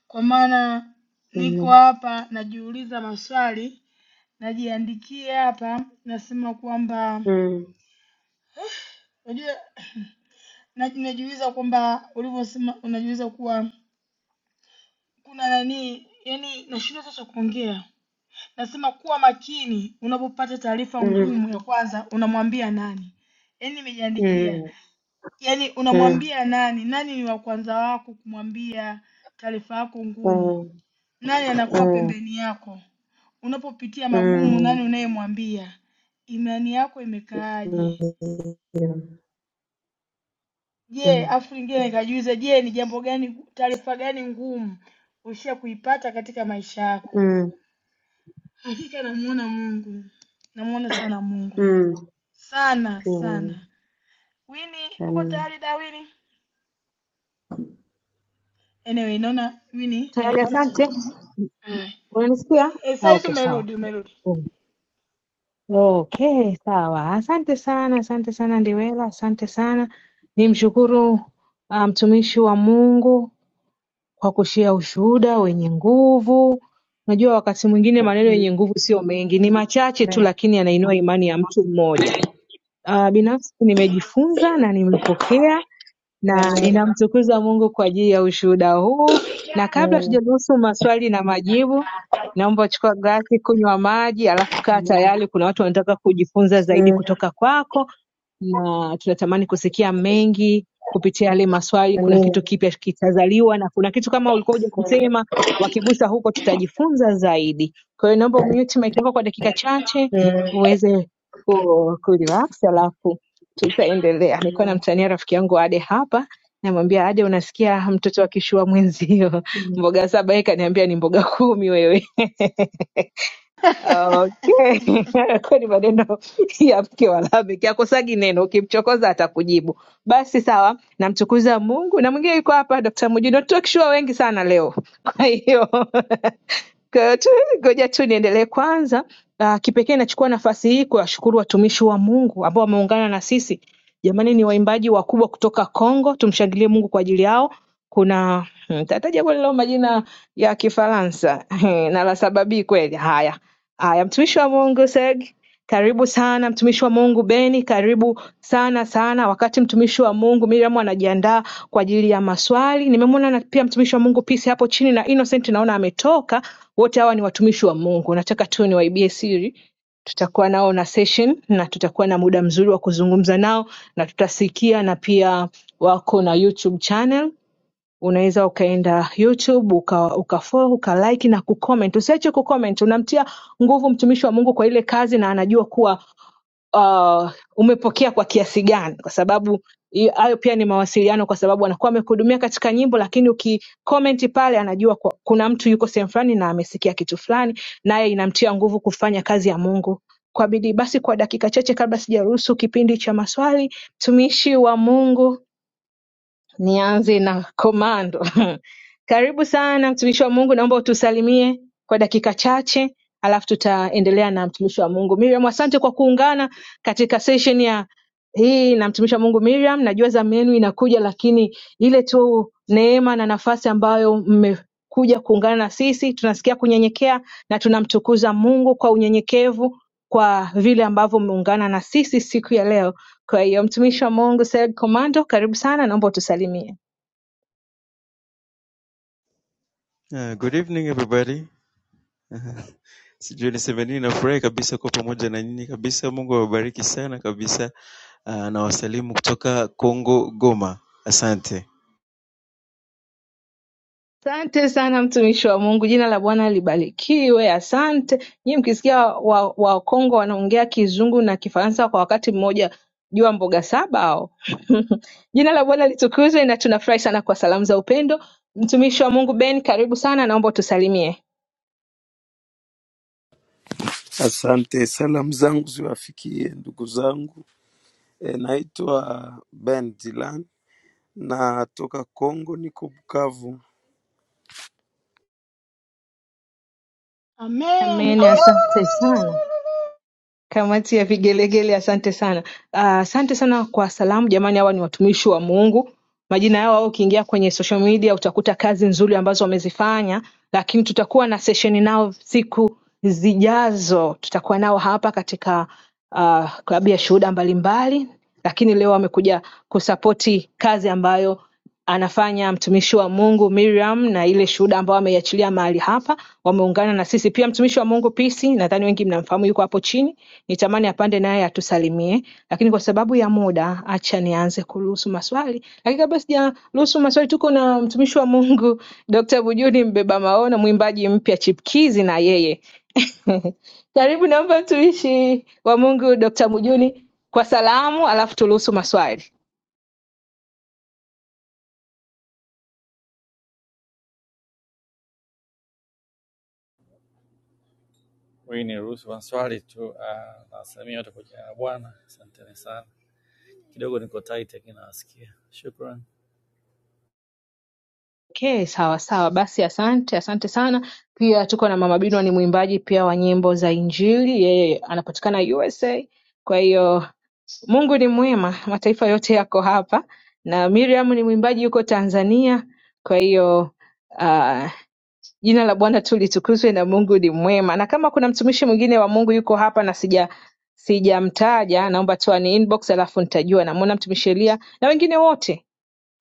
Speaker 1: kwa maana niko
Speaker 7: Amen.
Speaker 1: hapa najiuliza maswali, najiandikia hapa, nasema kwamba
Speaker 7: Mm,
Speaker 1: unajua na- najiuliza kwamba ulivyosema, unajiuliza kuwa kuna nani, yani nashindwa sasa kuongea. Nasema kuwa makini unapopata taarifa
Speaker 7: mm,
Speaker 1: ngumu, ya kwanza unamwambia nani? Yani nimejiandikia,
Speaker 7: mm,
Speaker 1: yani
Speaker 7: mm,
Speaker 1: unamwambia nani? Nani ni wa kwanza wako kumwambia taarifa yako ngumu?
Speaker 7: mm,
Speaker 1: Nani anakuwa pembeni yako? Unapopitia magumu,
Speaker 7: mm, mm,
Speaker 1: nani unayemwambia? Imani yako
Speaker 7: mm, mm,
Speaker 1: imekaaje? Je,
Speaker 7: mm,
Speaker 1: afu lingine nikajiuliza, je, ni jambo gani, taarifa gani ngumu ushia kuipata katika maisha yako? Hakika namuona Mungu, namuona sana Mungu,
Speaker 7: mm,
Speaker 1: sana sana. Wini, uko tayari da Wini? Anyway, naona Wini
Speaker 3: Tayari,
Speaker 1: amepata cha.
Speaker 3: asante.
Speaker 1: Haya. Eh,
Speaker 3: Unanisikia?
Speaker 1: eh,
Speaker 3: Ah,
Speaker 1: saa hizi
Speaker 3: okay, sawa.
Speaker 1: umerudi, umerudi.
Speaker 3: Okay, sawa. Asante sana, asante sana Ndiwela, asante sana. Nimshukuru ah, mtumishi wa Mungu kwa kushia ushuhuda wenye nguvu. Unajua, wakati mwingine maneno
Speaker 7: mm.
Speaker 3: yenye nguvu sio mengi, ni machache tu, lakini yanainua imani ya mtu mmoja. Ah, binafsi nimejifunza na nimepokea
Speaker 7: Amen. Amen. Amen.
Speaker 3: na ninamtukuza Mungu kwa ajili ya ushuhuda huu. Na kabla
Speaker 7: Mm,
Speaker 3: tujaruhusu maswali na majibu, naomba chukua glasi, kunywa maji, alafu kaa
Speaker 7: amen.
Speaker 3: tayari. Kuna watu wanataka kujifunza zaidi
Speaker 7: Mm,
Speaker 3: kutoka kwako na tunatamani kusikia mengi kupitia yale maswali. Kuna
Speaker 7: amina.
Speaker 3: kitu kipya kitazaliwa na kuna kitu kama ulikuwa hujakisema, wakigusa huko tutajifunza zaidi. Kwa hiyo naomba umute mic yako kwa dakika chache
Speaker 7: Mm,
Speaker 3: uweze ku, ku relax, alafu tutaendelea. Nilikuwa
Speaker 7: yeah.
Speaker 3: namtania rafiki yangu Ade hapa namwambia Ade, unasikia mtoto akishua mwenzio
Speaker 7: mm.
Speaker 3: mboga saba, yeye kaniambia ni mboga kumi wewe. Okay. Kwani maneno ya mke wa Lameki akosagi neno, ukimchokoza atakujibu. Basi sawa, namtukuza Mungu na mwingine yuko hapa Dr. Mujino, sure wengi sana leo. Kwa hiyo Kwa hiyo tu ngoja tu niendelee kwanza. Uh, kipekee nachukua nafasi hii kuwashukuru watumishi wa Mungu ambao wameungana na sisi. Jamani, ni waimbaji wakubwa kutoka Kongo, tumshangilie Mungu kwa ajili yao. Kuna hmm, tataja kwa leo majina ya Kifaransa na la sababii kweli. Haya, Haya, mtumishi wa Mungu Seg, karibu sana. Mtumishi wa Mungu Beni, karibu sana sana. Wakati mtumishi wa Mungu Miriam anajiandaa kwa ajili ya maswali, nimemwona na pia mtumishi wa Mungu Peace hapo chini na Innocent naona ametoka. Wote hawa ni watumishi wa Mungu, nataka tu niwaibie siri tutakuwa nao na session na tutakuwa na muda mzuri wa kuzungumza nao na tutasikia, na pia wako na YouTube channel unaweza ukaenda youtube uka, ukafolo ukalike na kucomment usiache kucomment unamtia nguvu mtumishi wa mungu kwa ile kazi na anajua kuwa uh, umepokea kwa kiasi gani kwa sababu i- hayo pia ni mawasiliano kwa sababu anakuwa amekuhudumia katika nyimbo lakini ukikomenti pale anajua kwa, kuna mtu yuko sehemu fulani na amesikia kitu fulani naye inamtia nguvu kufanya kazi ya mungu kwa bidii basi kwa dakika chache kabla sijaruhusu kipindi cha maswali mtumishi wa mungu Nianze na komando. Karibu sana mtumishi wa Mungu, naomba utusalimie kwa dakika chache, alafu tutaendelea na mtumishi wa Mungu Miriam. Asante kwa kuungana katika session ya hii na mtumishi wa Mungu Miriam. Najua zamu yenu inakuja, lakini ile tu neema na nafasi ambayo mmekuja kuungana na sisi, tunasikia kunyenyekea na tunamtukuza Mungu kwa unyenyekevu kwa vile ambavyo mmeungana na sisi siku ya leo. Kwa hiyo mtumishi wa Mungu Said Komando, karibu sana, naomba utusalimie.
Speaker 8: Uh, good evening everybody. Uh, Sijui niseme nini, nafurahi kabisa kuwa pamoja na nyinyi kabisa. Mungu awabariki sana kabisa. Uh, na wasalimu kutoka Kongo, Goma. Asante,
Speaker 3: Asante sana mtumishi wa Mungu, jina la Bwana libarikiwe. Asante nyinyi. Mkisikia Wakongo wa Wakongo wanaongea Kizungu na Kifaransa kwa wakati mmoja, jua mboga saba hao. jina la Bwana litukuzwe, na tunafurahi sana kwa salamu za upendo. Mtumishi wa Mungu Ben, karibu sana, naomba utusalimie.
Speaker 9: Asante, salamu zangu ziwafikie ndugu zangu. E, naitwa Ben Dilan, natoka Kongo, niko Bukavu.
Speaker 1: Amen.
Speaker 3: Amen, asante sana. Kamati ya vigelegele asante sana. Ah, Asante sana kwa salamu jamani, hawa ni watumishi wa Mungu. Majina yao au ukiingia kwenye social media utakuta kazi nzuri ambazo wamezifanya, lakini tutakuwa na session nao siku zijazo tutakuwa nao hapa katika uh, klabu ya shuhuda mbalimbali, lakini leo amekuja kusapoti kazi ambayo anafanya mtumishi wa Mungu Miriam na ile shuhuda ambayo ameiachilia mahali hapa. Wameungana na sisi pia. Mtumishi wa Mungu Pisi, nadhani wengi mnamfahamu, yuko hapo chini, nitamani apande naye atusalimie, lakini kwa sababu ya muda, acha nianze kuruhusu maswali. Lakini kabla sijaruhusu maswali, tuko na mtumishi wa Mungu Dr. Bujuni mbeba maono, mwimbaji mpya chipkizi, na yeye Karibu, naomba tuishi wa Mungu Dr. Mujuni kwa salamu, alafu turuhusu maswali.
Speaker 4: Wewe niruhusu kwa swali tu, ah, nawasalimia wote kwa jina la Bwana. Asanteni sana.
Speaker 3: Okay, sawa sawa, basi asante, asante sana. Pia tuko na Mama Binwa, ni mwimbaji pia wa nyimbo za Injili, yeye anapatikana USA. Kwa hiyo Mungu ni mwema, mataifa yote yako hapa, na Miriam ni mwimbaji yuko Tanzania. Kwa hiyo uh, Jina la Bwana tu litukuzwe na Mungu ni mwema. Na kama kuna mtumishi mwingine wa Mungu yuko hapa na sija sijamtaja, naomba tu ani inbox alafu nitajua. Namwona mtumishi Elia na wengine wote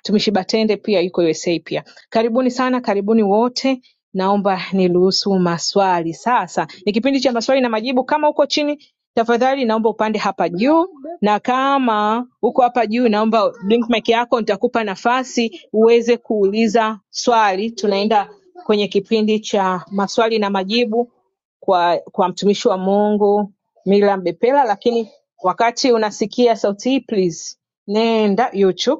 Speaker 3: mtumishi Batende pia yuko USA pia. Karibuni sana, karibuni wote. Naomba niruhusu maswali sasa. Ni kipindi cha maswali na majibu. Kama uko chini, tafadhali naomba upande hapa juu, na kama uko hapa juu, naomba blink mic yako, nitakupa nafasi uweze kuuliza swali. Tunaenda kwenye kipindi cha maswali na majibu kwa, kwa mtumishi wa Mungu Miriam Bepela, lakini wakati unasikia sauti hii please nenda YouTube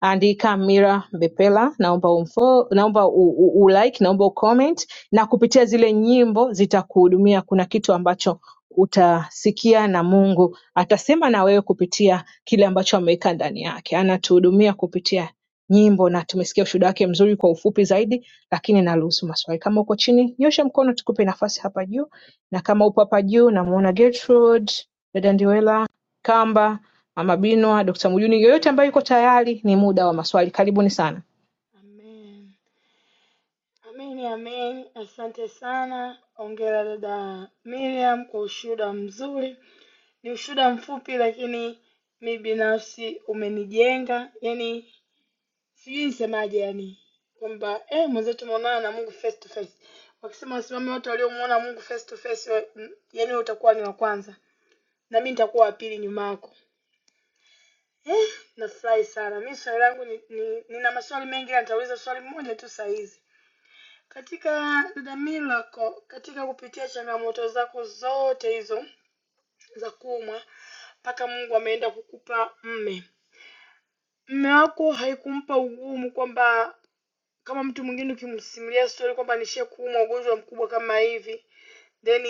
Speaker 3: andika Mira Mbepela naomba umfo, naomba u, u, u like, naomba ucomment na kupitia zile nyimbo zitakuhudumia. Kuna kitu ambacho utasikia na Mungu atasema na wewe kupitia kile ambacho ameweka ndani yake. Anatuhudumia kupitia nyimbo na tumesikia ushuhuda wake mzuri kwa ufupi zaidi, lakini naruhusu maswali. Kama uko chini, nyosha mkono tukupe nafasi hapa juu, na kama upo hapa juu, namuona Gertrude, dada Ndiwela, Kamba Mama Binwa, Dr. Mjuni, yoyote ambayo yuko tayari, ni muda wa maswali. Karibuni sana.
Speaker 1: Amen, amen, amen. Asante sana, ongera dada Miriam kwa ushuhuda mzuri. Ni ushuhuda mfupi, lakini mi binafsi umenijenga, yani sijui nisemaje, yani kwamba eh, mwenzetu tumeonana na Mungu face to face. Wakisema wasimame wote waliomuona Mungu face to face, wa- m- yani wewe utakuwa ni wa kwanza na mi nitakuwa wa pili nyuma yako. Eh, nafurahi sana. Mi swali langu ni, ni, nina maswali mengi, ila nitauliza swali moja tu saa hizi Katika dhamira lako, katika kupitia changamoto zako zote hizo za kuumwa, mpaka Mungu ameenda kukupa mme. Mme wako haikumpa ugumu kwamba kama mtu mwingine ukimsimulia story kwamba nishie kuumwa ugonjwa mkubwa kama hivi, then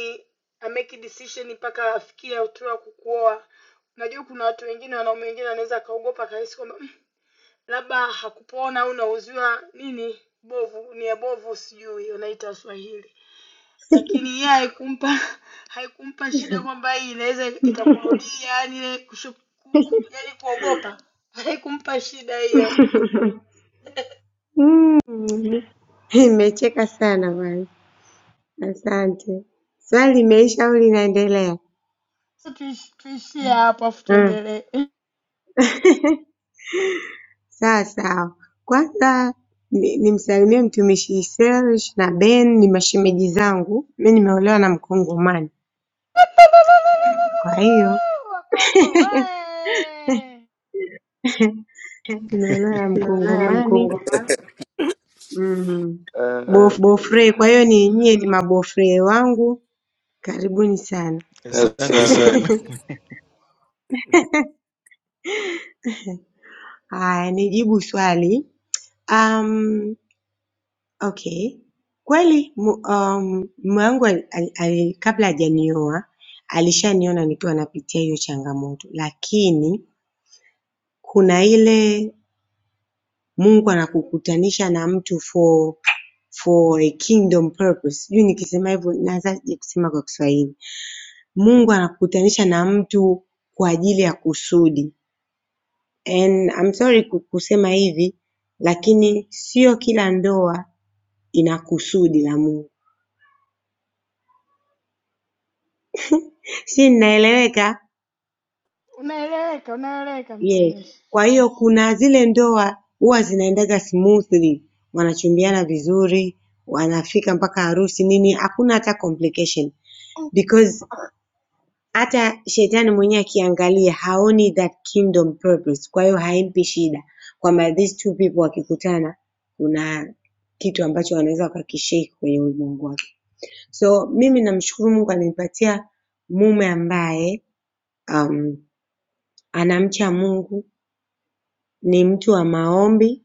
Speaker 1: a make a decision mpaka afikie hatua ya kukuoa. Najua kuna watu wengine, wanaume wengine wanaweza akaogopa akahisi kwamba "Mm, labda hakupona au nauziwa nini bovu, nia bovu, sijui wanaita Swahili Lakini yeye haikumpa haikumpa shida kwamba hii inaweza ikakurudia yani ile kushu- ku- ku- yani kuogopa. Haikumpa shida hiyo.
Speaker 7: Nimecheka sana bwana, asante. Swali limeisha au linaendelea?
Speaker 1: Tuishi- Tuishie hapo afu tuendelee.
Speaker 7: Sawa sawa, kwanza ni- nimsalimie mtumishi Serge na Ben ni mashemeji zangu. Mi nimeolewa na Mkongomani, kwa hiyo
Speaker 1: Wakongo we!
Speaker 7: nimeolewa na
Speaker 8: Naye
Speaker 7: Mkongomani
Speaker 8: mkongoma
Speaker 7: mm,
Speaker 8: Eh,
Speaker 9: Eh,
Speaker 8: bofu
Speaker 7: bofre.
Speaker 9: eh,
Speaker 7: Kwa hiyo ni nyie ni mabofre wangu, karibuni sana.
Speaker 8: asante Asante sana.
Speaker 9: Asante.
Speaker 7: Haya, nijibu swali. Um, okay, kweli mu- um, mume wangu al, al, al, kabla hajanioa alishaniona nikiwa napitia hiyo changamoto, lakini kuna ile Mungu anakukutanisha na mtu for for a kingdom purpose. Sijui nikisema hivyo nawezaje kusema kwa Kiswahili. Mungu anakukutanisha na mtu kwa ajili ya kusudi. And I'm sorry ku- kusema hivi lakini sio kila ndoa ina kusudi la Mungu. Si ninaeleweka?
Speaker 1: Unaeleweka, unaeleweka
Speaker 7: Yes.
Speaker 1: mtumishi.
Speaker 7: Kwa hiyo kuna zile ndoa huwa zinaendaga smoothly, wanachumbiana vizuri, wanafika mpaka harusi nini, hakuna hata complication because hata shetani mwenyewe akiangalia haoni that kingdom purpose kwa hiyo haimpi shida kwamba these two people wakikutana kuna kitu ambacho wanaweza wakakishake kwenye ulimwengu wake so mimi namshukuru mungu alinipatia mume ambaye um, anamcha mungu ni mtu wa maombi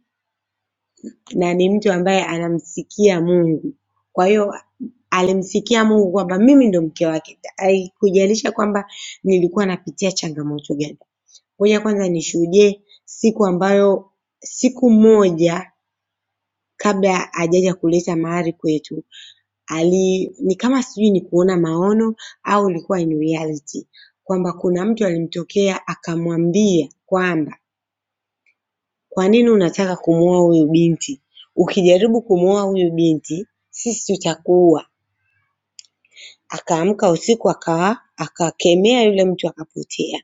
Speaker 7: na ni mtu ambaye anamsikia mungu kwa hiyo alimsikia mungu kwamba mimi ndo mke wake haikujalisha kwamba nilikuwa napitia changamoto gani Ngoja kwanza nishuhudie siku ambayo siku moja kabla hajaja kuleta mahari kwetu ali ni kama sijui ni kuona maono au ilikuwa in reality kwamba kuna mtu alimtokea akamwambia kwamba kwa nini unataka kumwoa huyu binti ukijaribu kumwoa huyu binti sisi tutakuua akaamka usiku akawa akakemea yule mtu akapotea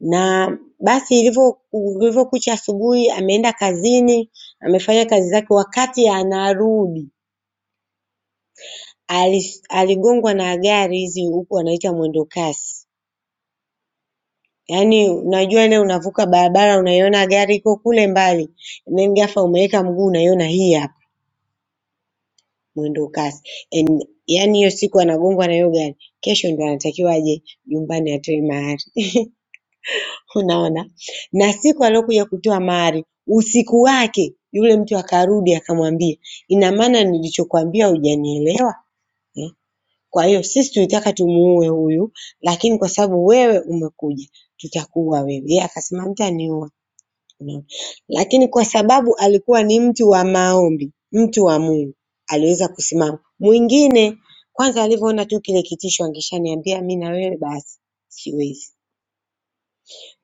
Speaker 7: na basi ilivyo ilivyokucha asubuhi ameenda kazini, amefanya kazi zake, wakati anarudi ali- aligongwa na gari hizi huku wanaita mwendo kasi. Yaani unajua ile unavuka barabara unaiona gari iko kule mbali and then ghafla umeweka mguu unaiona hii hapa mwendo kasi. And yaani hiyo siku anagongwa na hiyo gari, kesho ndio anatakiwa aje nyumbani atoe mahari. Unaona? Na siku aliyokuja kutoa mahari, usiku wake yule mtu akarudi akamwambia, ina maana nilichokwambia hujanielewa eh? Kwa hiyo sisi tulitaka tumuue huyu, lakini kwa sababu wewe umekuja tutakuua wewe. Yeye akasema mtaniua. Unaona? Lakini kwa sababu alikuwa ni mtu wa maombi, mtu wa Mungu, aliweza kusimama. Mwingine kwanza alivyoona tu kile kitisho angeshaniambia mimi na wewe basi siwezi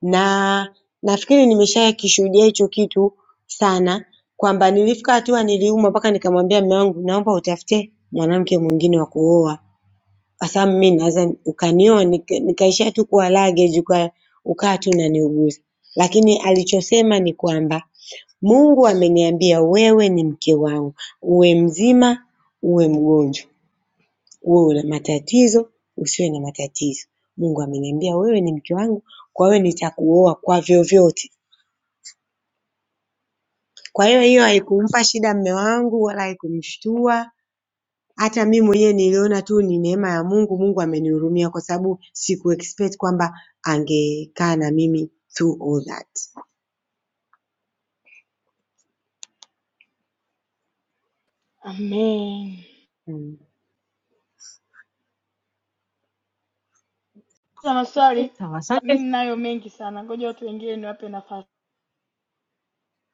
Speaker 7: na nafikiri nimeshawahi kishuhudia hicho kitu sana kwamba nilifika hatua niliumwa mpaka nikamwambia mume wangu naomba utafute mwanamke mwingine wa kuoa kwa sababu mimi naweza ukanioa nika- nikaishia tu kuwa luggage uka, ukaa tu unaniuguza lakini alichosema ni kwamba Mungu ameniambia wewe ni mke wangu uwe mzima uwe mgonjwa uwe una matatizo usiwe na matatizo Mungu ameniambia wewe ni mke wangu kwa hiyo nitakuoa kwa vyovyote Kwa hiyo hiyo haikumpa shida mme wangu wala haikumshtua. Hata mimi mwenyewe niliona tu ni neema ya Mungu, Mungu amenihurumia kwa sababu sikuexpect kwamba angekaa na mimi through all that.
Speaker 1: Amen.
Speaker 7: Mm.
Speaker 1: Kuna maswali
Speaker 3: Sawa,
Speaker 1: mi
Speaker 3: asante.
Speaker 1: ninayo mengi sana, ngoja watu wengine niwape nafasi.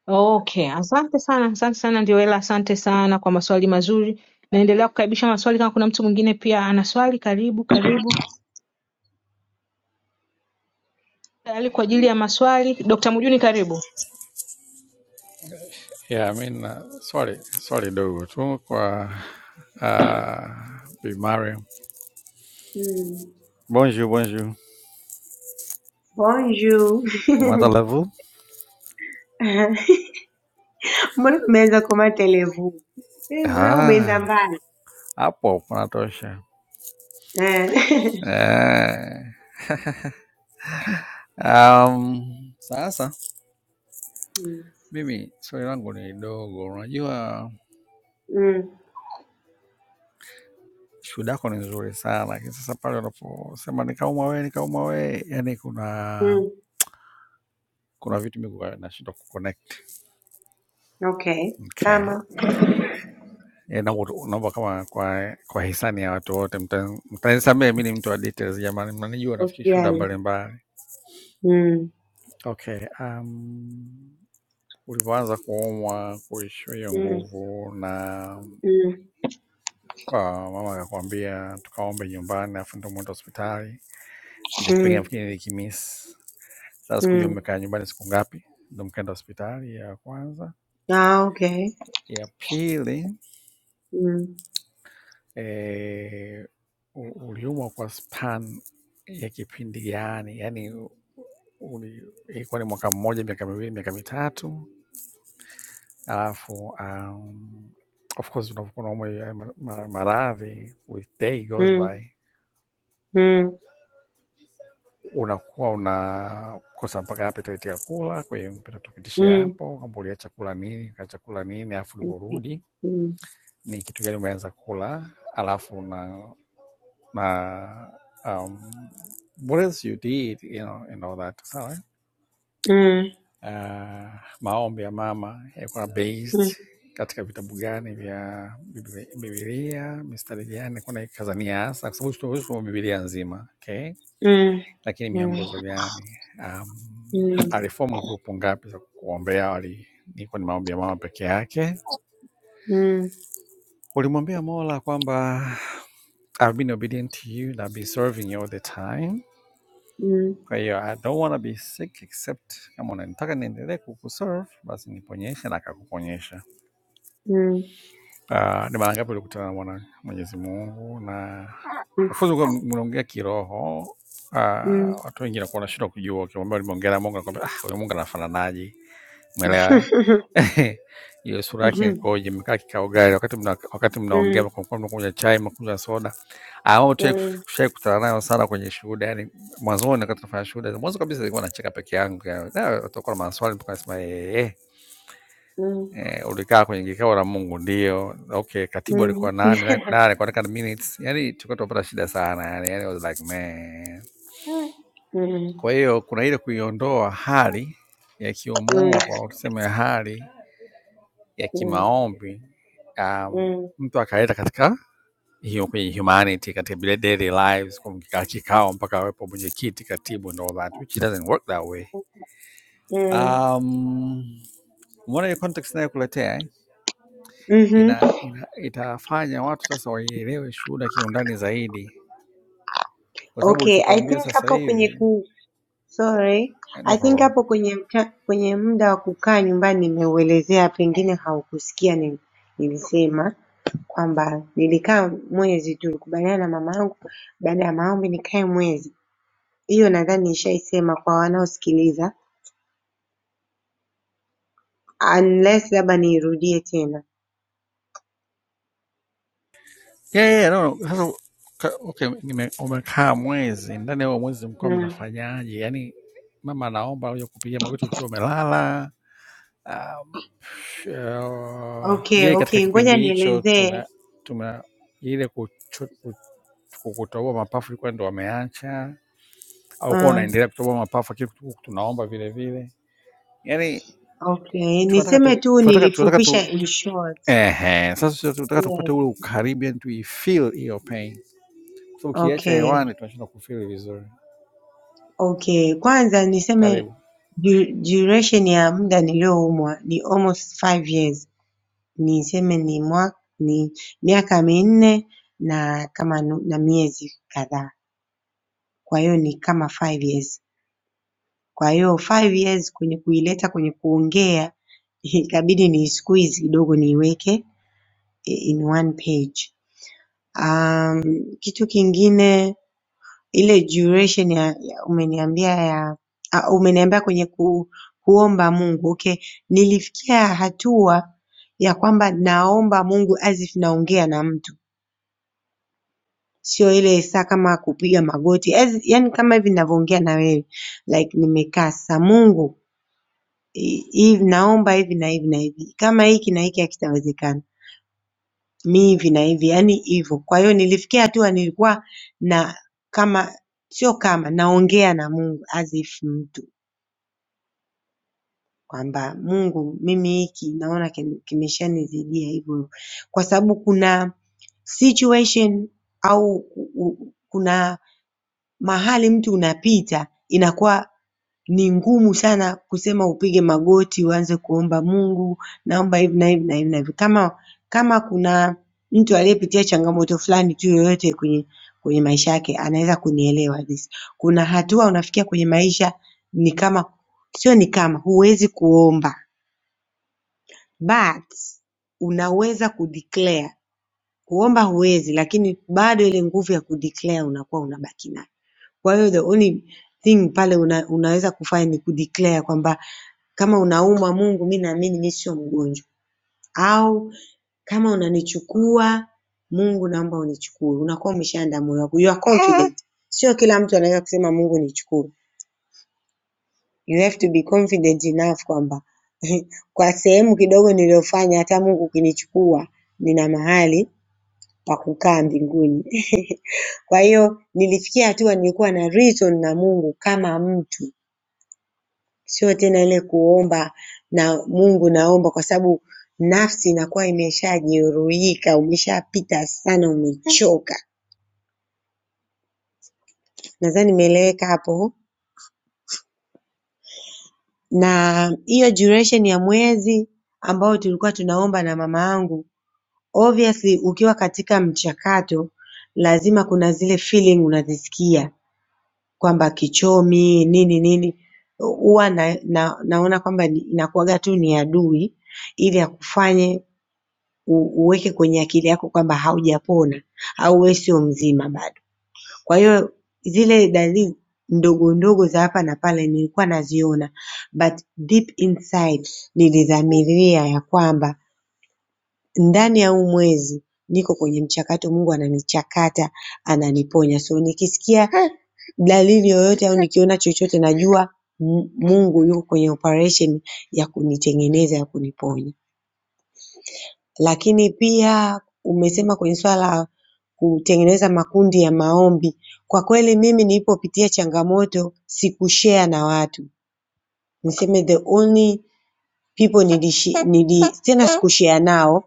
Speaker 3: Okay, asante sana, asante sana Ndioela, asante sana kwa maswali mazuri. Naendelea kukaribisha maswali kama kuna mtu mwingine pia ana swali. Karibu, karibu, tayari kwa ajili ya maswali. Dr. Mjuni, karibu.
Speaker 4: Yeah, mi na swali swali dogo tu kwa uh, Bi Mariam.
Speaker 7: Mm.
Speaker 4: Bonjour, bonjour.
Speaker 7: Bonjour.
Speaker 4: Comment allez-vous?
Speaker 7: Mbona umeanza kama televu? Eh, mbona umeenda
Speaker 4: Ah,
Speaker 7: mbali?
Speaker 4: hapo panatosha.
Speaker 7: Eh.
Speaker 4: Eh, um, sasa
Speaker 7: Mm.
Speaker 4: mimi swali langu ni dogo. Unajua
Speaker 7: Mm.
Speaker 4: shuhuda yako ni nzuri sana, lakini sasa pale unaposema nikaumwa wee, nikaumwa wee, yani kuna
Speaker 7: Mm.
Speaker 4: kuna vitu mimi kwa- nashindwa kuconnect.
Speaker 7: Okay.
Speaker 4: Okay.
Speaker 7: Kama
Speaker 4: Eh, naomba tu- naomba kama kwa kwa hisani ya watu wote mta- mtanisamehe, mimi ni mtu wa details jamani, mnanijua nafikiri shuda
Speaker 7: usijali.
Speaker 4: mbalimbali.
Speaker 7: Mm.
Speaker 4: Okay, um, ulivyoanza kuumwa kuishiwa hiyo
Speaker 7: Mm.
Speaker 4: nguvu na
Speaker 7: Mm.
Speaker 4: ah, mama akakwambia tukaombe nyumbani, afu ndio mwenda hospitali. Hicho kipengele
Speaker 7: Mm.
Speaker 4: nafikiri nilikimiss. Sasa sikujua
Speaker 7: Mm.
Speaker 4: mmekaa nyumbani siku ngapi, ndio mkaenda hospitali ya kwanza.
Speaker 7: Ah, okay.
Speaker 4: Ya pili
Speaker 7: Mmh.
Speaker 4: eh, u- uliumwa kwa span ya kipindi gani? Yaani uli- ilikuwa ni mwaka mmoja, miaka miwili, miaka mitatu, alafu um, of course unapokuwa unaumwa haya ma- ma- maradhi with day goes by
Speaker 7: Mmh. Mmh.
Speaker 4: unakuwa unakosa mpaka appetite ya kula. Kwa hiyo mpenda tupitishe
Speaker 7: Mmh.
Speaker 4: hapo kwamba uliacha kula nini, ukaacha kula nini, alafu uliporudi
Speaker 7: Mmh.
Speaker 4: ni kitu gani umeanza kula, alafu na uh, um, what else you did, you know, and all that. Sawa.
Speaker 7: Mmh.
Speaker 4: Uh, maombi ya mama yalikuwa
Speaker 7: Mmh.
Speaker 4: based katika vitabu gani vya Bibli- Biblia, mistari gani kuna ikazania hasa, kwa sababu tunaweza kusoma Biblia nzima okay?
Speaker 7: Mmh. Mmh.
Speaker 4: Lakini miongozo gani? Um,
Speaker 7: Mmh.
Speaker 4: aliform grupu ngapi za kuombea? wali- Ilikuwa ni maombi ya mama peke yake.
Speaker 7: Mmh.
Speaker 4: Ulimwambia Mola kwamba I've been obedient to you and I've been serving you all the time
Speaker 7: Mmh.
Speaker 4: Kwa hiyo I don't wanna be sick except kama unanitaka niendelee kukuserve basi niponyeshe na akakuponyesha.
Speaker 7: Mmh. Mmh.
Speaker 4: Uh, ni mara ngapi ulikutana na mwana Mwenyezi Mungu na ufunzi kuwa mnaongea kiroho uh,
Speaker 7: Mhm.
Speaker 4: watu wengi nakuwa nashindwa kujua, ukimwambia ulimeongea na Mungu nakwambia ah, huyo Mungu anafananaje? Umeelewa eh? Hiyo sura yake
Speaker 7: Mhm.
Speaker 4: ikoje? Mmekaa kikao gani? Wakati mna, wakati mnaongea
Speaker 7: Mhm.
Speaker 4: kwa mfano, mnakunywa chai, mnakunywa soda. Au tushai kutana nayo sana kwenye shuhuda, yani mwanzoni, wakati tunafanya shuhuda, mwanzo kabisa nilikuwa nacheka peke yangu, yani "Ah, watakuwa na maswali mpaka nasema eh, eh,
Speaker 7: Mhm. Mhm.
Speaker 4: eh, ulikaa kwenye kikao na Mungu? Ndio. Okay, katibu
Speaker 7: Mhm.
Speaker 4: alikuwa nani? Na- Nani alikuwa anaandika minutes? Yani tulikuwa tunapata shida sana, yani yani I was like man. Kwa hiyo kuna ile kuiondoa hali ya
Speaker 7: Mhm.
Speaker 4: kiumungu au tuseme hali ya kimaombi um,
Speaker 7: Mhm.
Speaker 4: mtu akaleta katika hiyo kwenye humanity katika vile daily lives kumkikaa kikao mpaka awepo mwenyekiti katibu and all that which it doesn't work that way
Speaker 7: Mhm.
Speaker 4: um, umeona hiyo context inayokuletea eh?
Speaker 7: Mhm.
Speaker 4: ina, ina, itafanya watu sasa waielewe shuhuda kiundani zaidi kwa sababu
Speaker 7: Okay, I
Speaker 4: ulichotuambia
Speaker 7: think
Speaker 4: sasa
Speaker 7: hapo kwenye
Speaker 4: hivi
Speaker 7: ku sorry,
Speaker 4: eh,
Speaker 7: I
Speaker 4: no
Speaker 7: think
Speaker 4: problem
Speaker 7: hapo kwenye mta- kwenye muda wa kukaa nyumbani nimeuelezea, pengine haukusikia ni- nilisema. kwamba nilikaa mwezi tulikubaliana na mamangu baada ya maombi nikae mwezi. Hiyo nadhani nishaisema kwa wanaosikiliza unless labda niirudie tena.
Speaker 4: yeah, yeah, yeah, no, no. Sasa ka- okay, nime- umekaa mwezi, ndani ya huo mwezi mlikuwa
Speaker 7: Mm.
Speaker 4: mnafanyaje? Yaani mama anaomba uje kupiga magoti ukiwa umelala. Um, eh,
Speaker 7: Okay,
Speaker 4: Je, katika
Speaker 7: okay, ngoja
Speaker 4: kipindi hicho
Speaker 7: nielezee.
Speaker 4: tume tume ile kucho- ku- ku- kutoboa mapafu ilikuwa ndo wameacha au kuwa
Speaker 7: Uh,
Speaker 4: unaendelea kutoboa mapafu lakini tu- tunaomba vile vile? Yaani
Speaker 7: okay,
Speaker 4: tunataka
Speaker 7: niseme
Speaker 4: tu,
Speaker 7: tu
Speaker 4: tunataka tunataka tu
Speaker 7: nilifupisha in short.
Speaker 4: ehe, sasa tunataka tupate
Speaker 7: Yes.
Speaker 4: ule ukaribu, yani tuifeel hiyo pain. So, ukiacha
Speaker 7: Okay,
Speaker 4: hewani tunashindwa kufeel vizuri.
Speaker 7: okay. Kwanza niseme
Speaker 4: Karibu.
Speaker 7: du- duration ya muda nilioumwa ni almost five years niseme ni mwa, ni miaka minne na kama na miezi kadhaa. Kwa hiyo ni kama five years. Kwa hiyo five years kwenye kuileta kwenye kuongea ikabidi ni squeeze kidogo niiweke in one page. Ah, kitu kingine ile duration ya, ya umeniambia ya ah, umeniambia kwenye ku, kuomba Mungu. Okay, nilifikia hatua ya kwamba naomba Mungu as if naongea na mtu. sio ile saa kama kupiga magoti as, yani kama hivi ninavyoongea na wewe like nimekaa sasa Mungu hi- hivi naomba hivi na hivi na hivi kama hiki na hiki hakitawezekana mi hivi na hivi yani hivyo kwa hiyo nilifikia hatua nilikuwa na kama sio kama naongea na Mungu as if mtu kwamba Mungu mimi hiki naona kim- kimeshanizidia hivyo kwa sababu kuna situation au ku- ku- kuna mahali mtu unapita inakuwa ni ngumu sana kusema upige magoti uanze kuomba Mungu naomba hivi na hivi na hivi na hivi. Kama kama kuna mtu aliyepitia changamoto fulani tu yoyote kwenye kwenye maisha yake anaweza kunielewa this. Kuna hatua unafikia kwenye maisha ni kama sio ni kama huwezi kuomba but unaweza kudeclare. Kuomba huwezi lakini bado ile nguvu ya kudeclare unakuwa unabaki nayo. Kwa hiyo the only thing pale una, unaweza kufanya ni kudeclare kwamba kama unaumwa Mungu mi naamini mi sio mgonjwa au kama unanichukua Mungu naomba unichukue. Unakuwa umeshaandaa moyo wako. You are confident. Sio kila mtu anaweza kusema Mungu nichukue. You have to be confident enough kwamba kwa sehemu kidogo niliyofanya hata Mungu ukinichukua nina mahali pa kukaa mbinguni. Kwa hiyo nilifikia hatua nilikuwa na reason na Mungu kama mtu Sio tena ile kuomba na Mungu naomba kwa sababu nafsi inakuwa imeshajeruhika, umeshapita sana, umechoka. Nadhani imeeleweka hapo. Na hiyo duration ya mwezi ambao tulikuwa tunaomba na mama yangu, obviously ukiwa katika mchakato lazima kuna zile feeling unazisikia kwamba kichomi nini nini, huwa na, na, naona kwamba ni- inakuwaga tu ni adui ili akufanye uweke kwenye akili yako kwamba haujapona au wewe sio mzima bado. Kwa hiyo zile dalili ndogo ndogo za hapa na pale nilikuwa naziona but deep inside nilidhamiria ya kwamba ndani ya huu mwezi niko kwenye mchakato, Mungu ananichakata, ananiponya. So nikisikia dalili yoyote au nikiona chochote najua Mungu yuko kwenye operation ya kunitengeneza, ya kuniponya. Lakini pia umesema kwenye swala la kutengeneza makundi ya maombi. Kwa kweli mimi nilipopitia changamoto sikushare na watu. Niseme the only people nilishi, nili, tena sikushare nao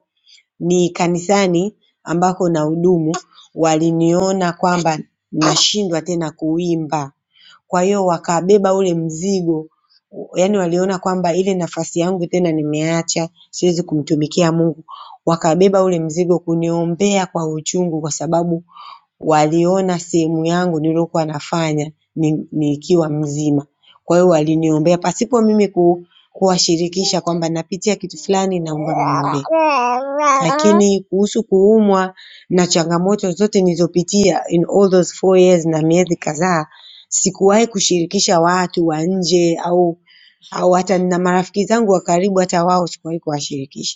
Speaker 7: ni kanisani ambako nahudumu waliniona kwamba nashindwa tena kuimba kwa hiyo wakabeba ule mzigo yaani waliona kwamba ile nafasi yangu tena nimeacha siwezi kumtumikia Mungu wakabeba ule mzigo kuniombea kwa uchungu kwa sababu waliona sehemu yangu niliyokuwa nafanya nikiwa mzima. Kwa hiyo waliniombea pasipo mimi ku, kuwashirikisha kwamba napitia kitu fulani na naomba mniombee. Lakini kuhusu kuumwa na changamoto zote nilizopitia in all those four years na miezi kadhaa sikuwahi kushirikisha watu wa nje au au hata nina marafiki zangu wa karibu hata wao sikuwahi kuwashirikisha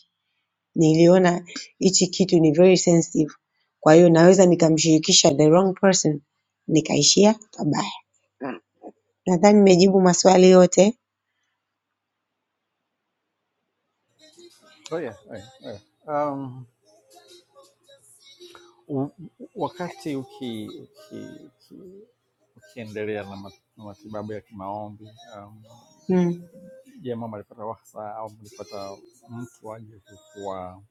Speaker 7: niliona hichi kitu ni very sensitive kwa hiyo naweza nikamshirikisha the wrong person nikaishia pabaya. Nadhani nimejibu maswali yote
Speaker 4: So yeah, Oh, yeah, Oh, yeah. Um, u- wakati uki, ukiendelea uki, uki, ukiendelea na, ma, na matibabu ya kimaombi um,
Speaker 7: mm.
Speaker 4: je, mama alipata wahsa au mlipata mtu aje kukua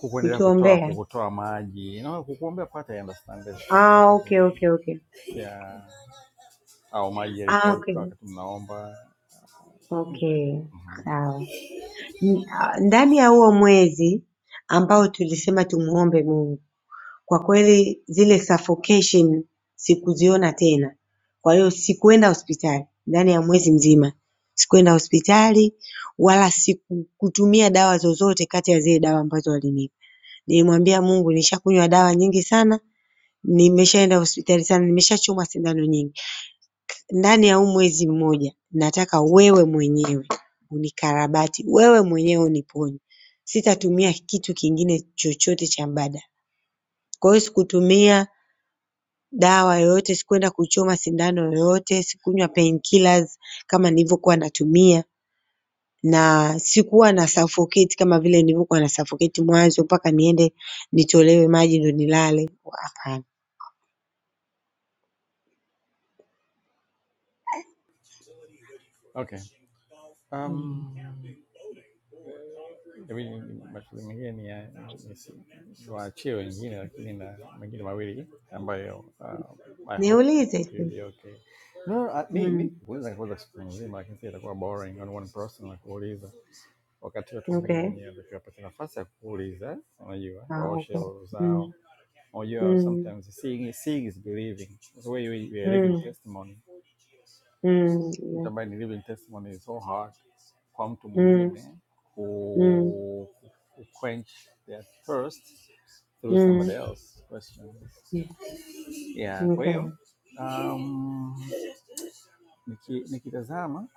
Speaker 4: kukuendelea kutoa
Speaker 7: Kutuombea.
Speaker 4: kukutoa maji na kukuombea pata ya understand it, that's no no
Speaker 7: Ah, okay,
Speaker 4: problem.
Speaker 7: okay, okay.
Speaker 4: Yeah. Au maji
Speaker 7: Ah, okay.
Speaker 4: yalikauka wakati mnaomba things like that.
Speaker 7: Okay, sawa. N- ah, Ndani ya huo mwezi ambao tulisema tumuombe Mungu Kwa kweli zile suffocation sikuziona tena. Kwa hiyo sikuenda hospitali ndani ya mwezi mzima. Sikuenda hospitali wala sikutumia dawa zozote kati ya zile dawa ambazo walinipa. Nilimwambia Mungu nishakunywa dawa nyingi sana, nimeshaenda hospitali sana, nimeshachomwa sindano nyingi. Ndani ya huu mwezi mmoja nataka wewe mwenyewe unikarabati, wewe mwenyewe uniponye. Sitatumia kitu kingine chochote cha mbadala. Kwa hiyo sikutumia dawa yoyote, sikuenda kuchoma sindano yoyote, sikunywa painkillers kama nilivyokuwa natumia na sikuwa nasuffocate kama vile nilivyokuwa nasuffocate mwanzo mpaka niende nitolewe maji ndio nilale. Hapana.
Speaker 4: Okay.
Speaker 7: Mm.
Speaker 4: Um, yeah. I mean, mashughuli mengine ni ya- ni si- niwaachie wengine, lakini na mengine mawili ambayo uh, I hope
Speaker 7: Niulize
Speaker 4: you'll
Speaker 7: tu.
Speaker 4: be okay. No, no, uh, mi mi
Speaker 7: Mm.
Speaker 4: kuuliza nikuuliza siku nzima, lakini sasa itakuwa boring on one person na kuuliza wakati watu wengine
Speaker 7: Okay.
Speaker 4: wenyewe wakiwapata nafasi ya kuuliza, unajua
Speaker 7: Ah,
Speaker 4: waoshe
Speaker 7: okay.
Speaker 4: roho zao.
Speaker 7: Mm.
Speaker 4: Unajua
Speaker 7: Mm.
Speaker 4: sometimes seeing, seeing is believing. It's the way you, you are living
Speaker 7: Mm.
Speaker 4: testimony
Speaker 7: Mm.
Speaker 4: mtu ambaye ni living testimony, is so hard kwa mtu
Speaker 7: Mm.
Speaker 4: mwingine
Speaker 7: Mm.
Speaker 4: ku, ku quench their thirst through somebody
Speaker 7: Mm.
Speaker 4: else's questions.
Speaker 7: Mm.
Speaker 4: Yeah, kwa hiyo
Speaker 7: Okay.
Speaker 4: um, niki- nikitazama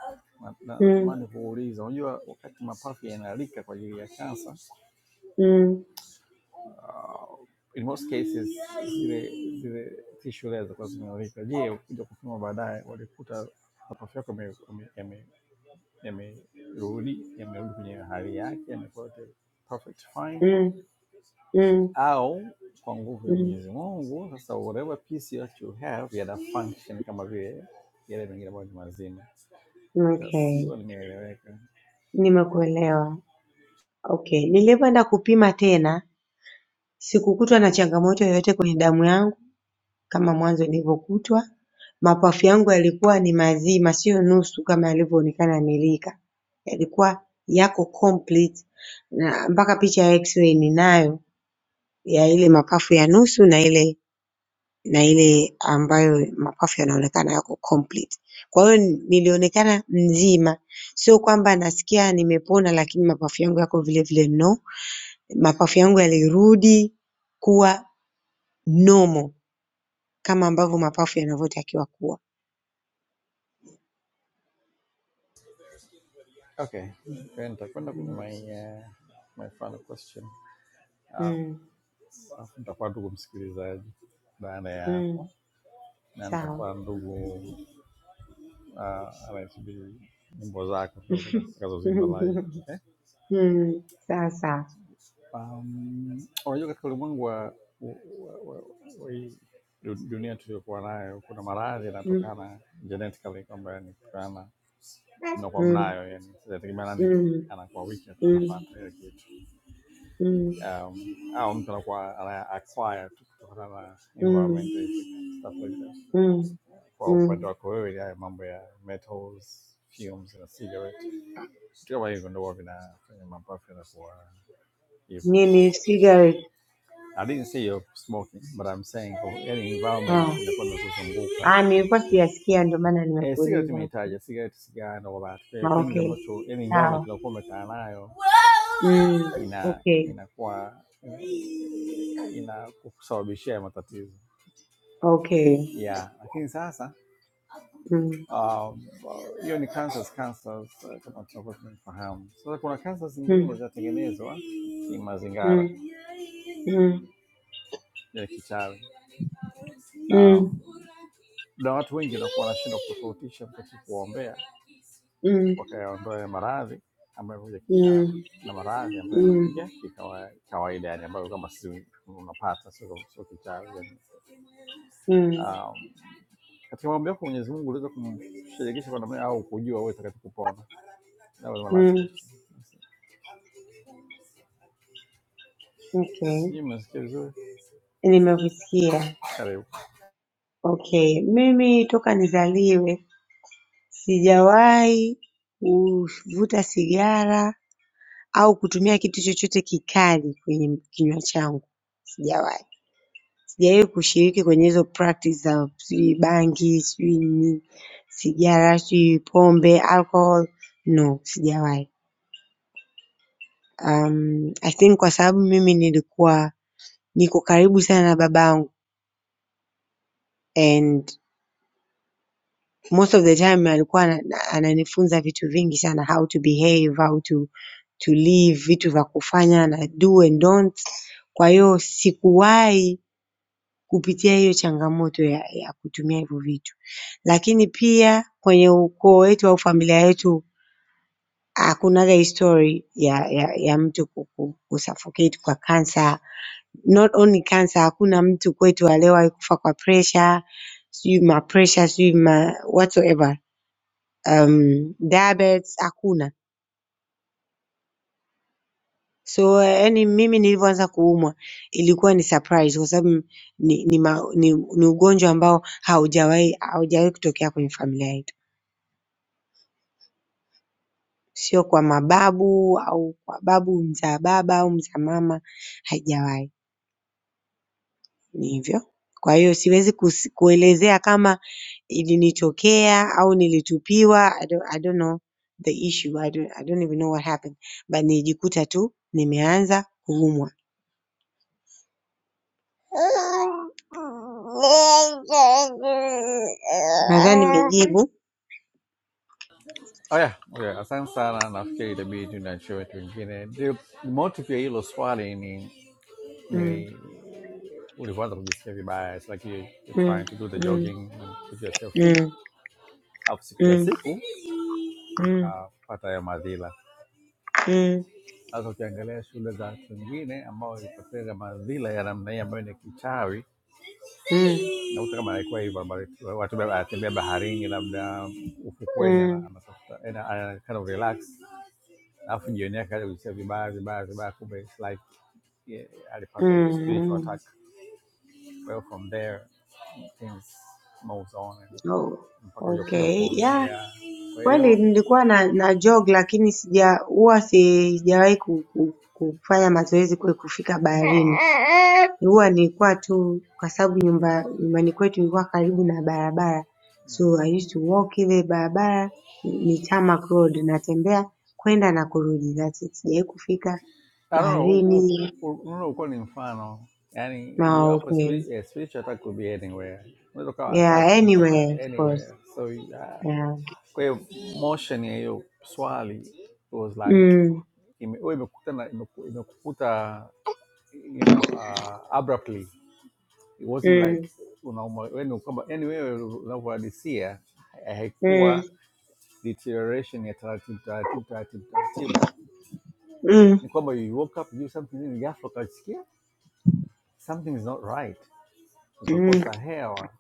Speaker 4: na- na-
Speaker 7: Mm.
Speaker 4: natamani kuuliza, unajua wakati mapafu yanalika kwa ajili ya kansa
Speaker 7: Mm.
Speaker 4: uh, in most cases zile zile tissue layers zilikuwa zimealika. Je, ukija kupima baadaye walikuta mapafu yako yamerudi yamerudi kwenye hali yake, yamekuwa yote perfect fine,
Speaker 7: Mm. Mm.
Speaker 4: au kwa nguvu ya
Speaker 7: Mm.
Speaker 4: Mwenyezi Mungu, sasa whatever piece that you have yana function kama vile yale mengine ambayo ni mazima. Sasa
Speaker 7: Okay.
Speaker 4: sio nimeeleweka.
Speaker 7: Nimekuelewa. Okay, nilivyoenda kupima tena sikukutwa na changamoto yoyote kwenye damu yangu kama mwanzo nilivyokutwa. Mapafu yangu yalikuwa ni mazima, sio nusu kama yalivyoonekana Milika, yalikuwa yako complete na mpaka picha ya x-ray ninayo ya ile mapafu ya nusu na ile na ile ambayo mapafu yanaonekana yako complete. Kwa hiyo nilionekana mzima, sio kwamba nasikia nimepona lakini mapafu yangu yako vile vile no mapafu yangu yalirudi kuwa normal kama ambavyo mapafu yanavyotakiwa kuwa.
Speaker 4: Okay, then nitakwenda kwenye
Speaker 7: Mm,
Speaker 4: my, uh, my final question Ah,
Speaker 7: mm,
Speaker 4: alafu nitakuwa ndugu msikilizaji baada ya hapo,
Speaker 7: mm,
Speaker 4: na
Speaker 7: sawa.
Speaker 4: nitakuwa ndugu uh, RSB nyimbo zako utakazo- utakazozimba live. Okay?
Speaker 7: Mm, sawa sawa.
Speaker 4: Um, unajua katika ulimwengu wa, wa, wa, wa hii du- dunia tuliyokuwa nayo kuna maradhi
Speaker 7: Mm,
Speaker 4: yanatokana genetically kwamba yani kutokana mnakuwa
Speaker 7: mm,
Speaker 4: mnayo yani inategemea nani
Speaker 7: mm,
Speaker 4: anakuwa wiki
Speaker 7: mm,
Speaker 4: anapata ile kitu
Speaker 7: mm,
Speaker 4: um, au mtu anakuwa ana acquire tu kutokana na environment
Speaker 7: mm,
Speaker 4: stuff like that.
Speaker 7: mm,
Speaker 4: Kwa upande
Speaker 7: mm.
Speaker 4: wako wewe ni haya mambo ya metals fumes na cigarette vitu kama hivyo ndio huwa vinafanya mapafu yanakuwa hivyo.
Speaker 7: Nini cigarette?
Speaker 4: I didn't say you're smoking, but I'm saying kwa yani environment
Speaker 7: Oh.
Speaker 4: inakuwa inakuzunguka.
Speaker 7: Ah, nilikuwa sijasikia ndio maana
Speaker 4: Eh, cigarette
Speaker 7: nimekuuliza. Okay.
Speaker 4: umeitaja, cigarette, sigara and all that. Eh,
Speaker 7: Ah,
Speaker 4: things
Speaker 7: Okay.
Speaker 4: ambazo yani environment
Speaker 7: Sawa.
Speaker 4: inakuwa umekaa nayo
Speaker 7: Mm,
Speaker 4: ina
Speaker 7: okay.
Speaker 4: inakuwa inakusababishia matatizo.
Speaker 7: Okay.
Speaker 4: Yeah, lakini sasa
Speaker 7: Mm,
Speaker 4: um, hiyo um, ni cancers, cancers eh, kama tunavyofahamu. Sasa kuna cancers zingine
Speaker 7: mm,
Speaker 4: zinatengenezwa ni mazingira
Speaker 7: mm, mm.
Speaker 4: ya kichawi. Um,
Speaker 7: Mm,
Speaker 4: na watu wengi wanakuwa wanashindwa kutofautisha wakati kuombea
Speaker 7: mm,
Speaker 4: wakayaondoa ya maradhi ambayo yamekuja
Speaker 7: mm,
Speaker 4: kichawi na maradhi ambayo
Speaker 7: mm,
Speaker 4: yamekuja kikawa- kawaida, yani ambayo kama si unapata sio sio kichawi yani.
Speaker 7: mm,
Speaker 4: Um, katika mambo yako Mwenyezi Mungu uliweza kumshirikisha kwa namna au kujua wewe utakacho kupona. That was my last
Speaker 7: mm.
Speaker 4: question.
Speaker 7: Okay,
Speaker 4: Sijui mmesikia vizuri?
Speaker 7: nimevisikia.
Speaker 4: Karibu.
Speaker 7: Okay, mimi toka nizaliwe sijawahi kuvuta sigara au kutumia kitu chochote kikali kwenye kinywa changu, sijawahi. Sijawahi kushiriki kwenye hizo practice za sijui bangi, sijui nini, sigara, sijui pombe, alcohol, no, sijawahi. Um, I think kwa sababu mimi nilikuwa niko karibu sana na babangu and most of the time alikuwa ana- ananifunza vitu vingi sana how to behave, how to to live, vitu vya kufanya na do and don't. Kwa hiyo sikuwahi kupitia hiyo changamoto ya ya kutumia hivyo vitu. Lakini pia kwenye ukoo wetu au familia yetu hakunaga hii story ya ya ya mtu ku- ku- kusuffocate kwa cancer not only cancer hakuna mtu kwetu aliyewahi kufa kwa pressure, sijui ma pressure, sijui ma whatsoever. Um, diabetes hakuna. So yani mimi nilivyoanza kuumwa ilikuwa ni surprise kwa sababu ni ni, ma, ni ni ugonjwa ambao haujawahi haujawahi kutokea kwenye familia yetu. Sio kwa mababu au kwa babu mzaa baba au mzaa mama haijawahi. Ni hivyo. Kwa hiyo siwezi kus- kuelezea kama ilinitokea au nilitupiwa I don't, I don't know the issue I don't, I don't even know what happened but nilijikuta tu nimeanza kuumwa. Nadhani nimejibu.
Speaker 4: Oh yeah, Oh, yeah, asante na nafikiri itabidi tu na chochote wengine. Ndio motive ya hilo swali ni
Speaker 7: Mm,
Speaker 4: ni ulivyoanza kujisikia vibaya, it's like you, you're
Speaker 7: mm,
Speaker 4: trying to do the
Speaker 7: mm,
Speaker 4: jogging and keep yourself fit
Speaker 7: mm,
Speaker 4: alafu siku ya
Speaker 7: mm,
Speaker 4: siku
Speaker 7: mm, mm,
Speaker 4: ukapata hayo madhila. Sasa ukiangalia shule za watu wengine ambao ipoteza madhila ya namna hii ambayo ni kichawi,
Speaker 7: mm, mm,
Speaker 4: nakuta kama alikuwa hivyo, ambayo watu beba- anatembea baharini, labda ufukweni, ana-
Speaker 7: mm.
Speaker 4: anatafuta yani ana kind of relax, alafu jioni yake akaja kujisikia vibaya vibaya vibaya, kumbe it's like yeah, alipata hiyo spiritual
Speaker 7: mm.
Speaker 4: attack. Well, from there things moves on and
Speaker 7: Oh,
Speaker 4: mpaka hujakuja
Speaker 7: okay. Yeah.
Speaker 4: kuombewa ya. Kwa
Speaker 7: Kweli
Speaker 4: hiyo
Speaker 7: nilikuwa na na jog lakini sija huwa si- sijawahi ku- ku- kufanya mazoezi kule kufika baharini. Huwa nilikuwa tu kwa sababu nyumba nyumbani kwetu ilikuwa karibu na barabara. So I used to walk ile barabara ni tarmac road natembea kwenda na kurudi. That's it. Sijawahi kufika
Speaker 4: I don't know, huo huo-
Speaker 7: baharini
Speaker 4: huo- unaweza ukawa ni mfano yaani
Speaker 7: na
Speaker 4: iwapo
Speaker 7: okay.
Speaker 4: spiri- eh, spiritual attack could be anywhere, unaweza ukawa attack
Speaker 7: Yeah,
Speaker 4: mpaka
Speaker 7: anyway, of course.
Speaker 4: anywhere. So uh,
Speaker 7: Yeah.
Speaker 4: kwa hiyo motion ya hiyo swali it was like
Speaker 7: Mm,
Speaker 4: ime- wewe imekutana imeku- imekukuta you know uh, abruptly it wasn't like
Speaker 7: mm,
Speaker 4: unauma wewe kwamba yani wewe unavyohadisia
Speaker 7: mm,
Speaker 4: haikuwa deterioration ya taratibu taratibu taratibu taratibu
Speaker 7: mm,
Speaker 4: ni kwamba you woke up you something hivi ghafla ukasikia something is not right,
Speaker 7: mm.
Speaker 4: ukakosa hewa,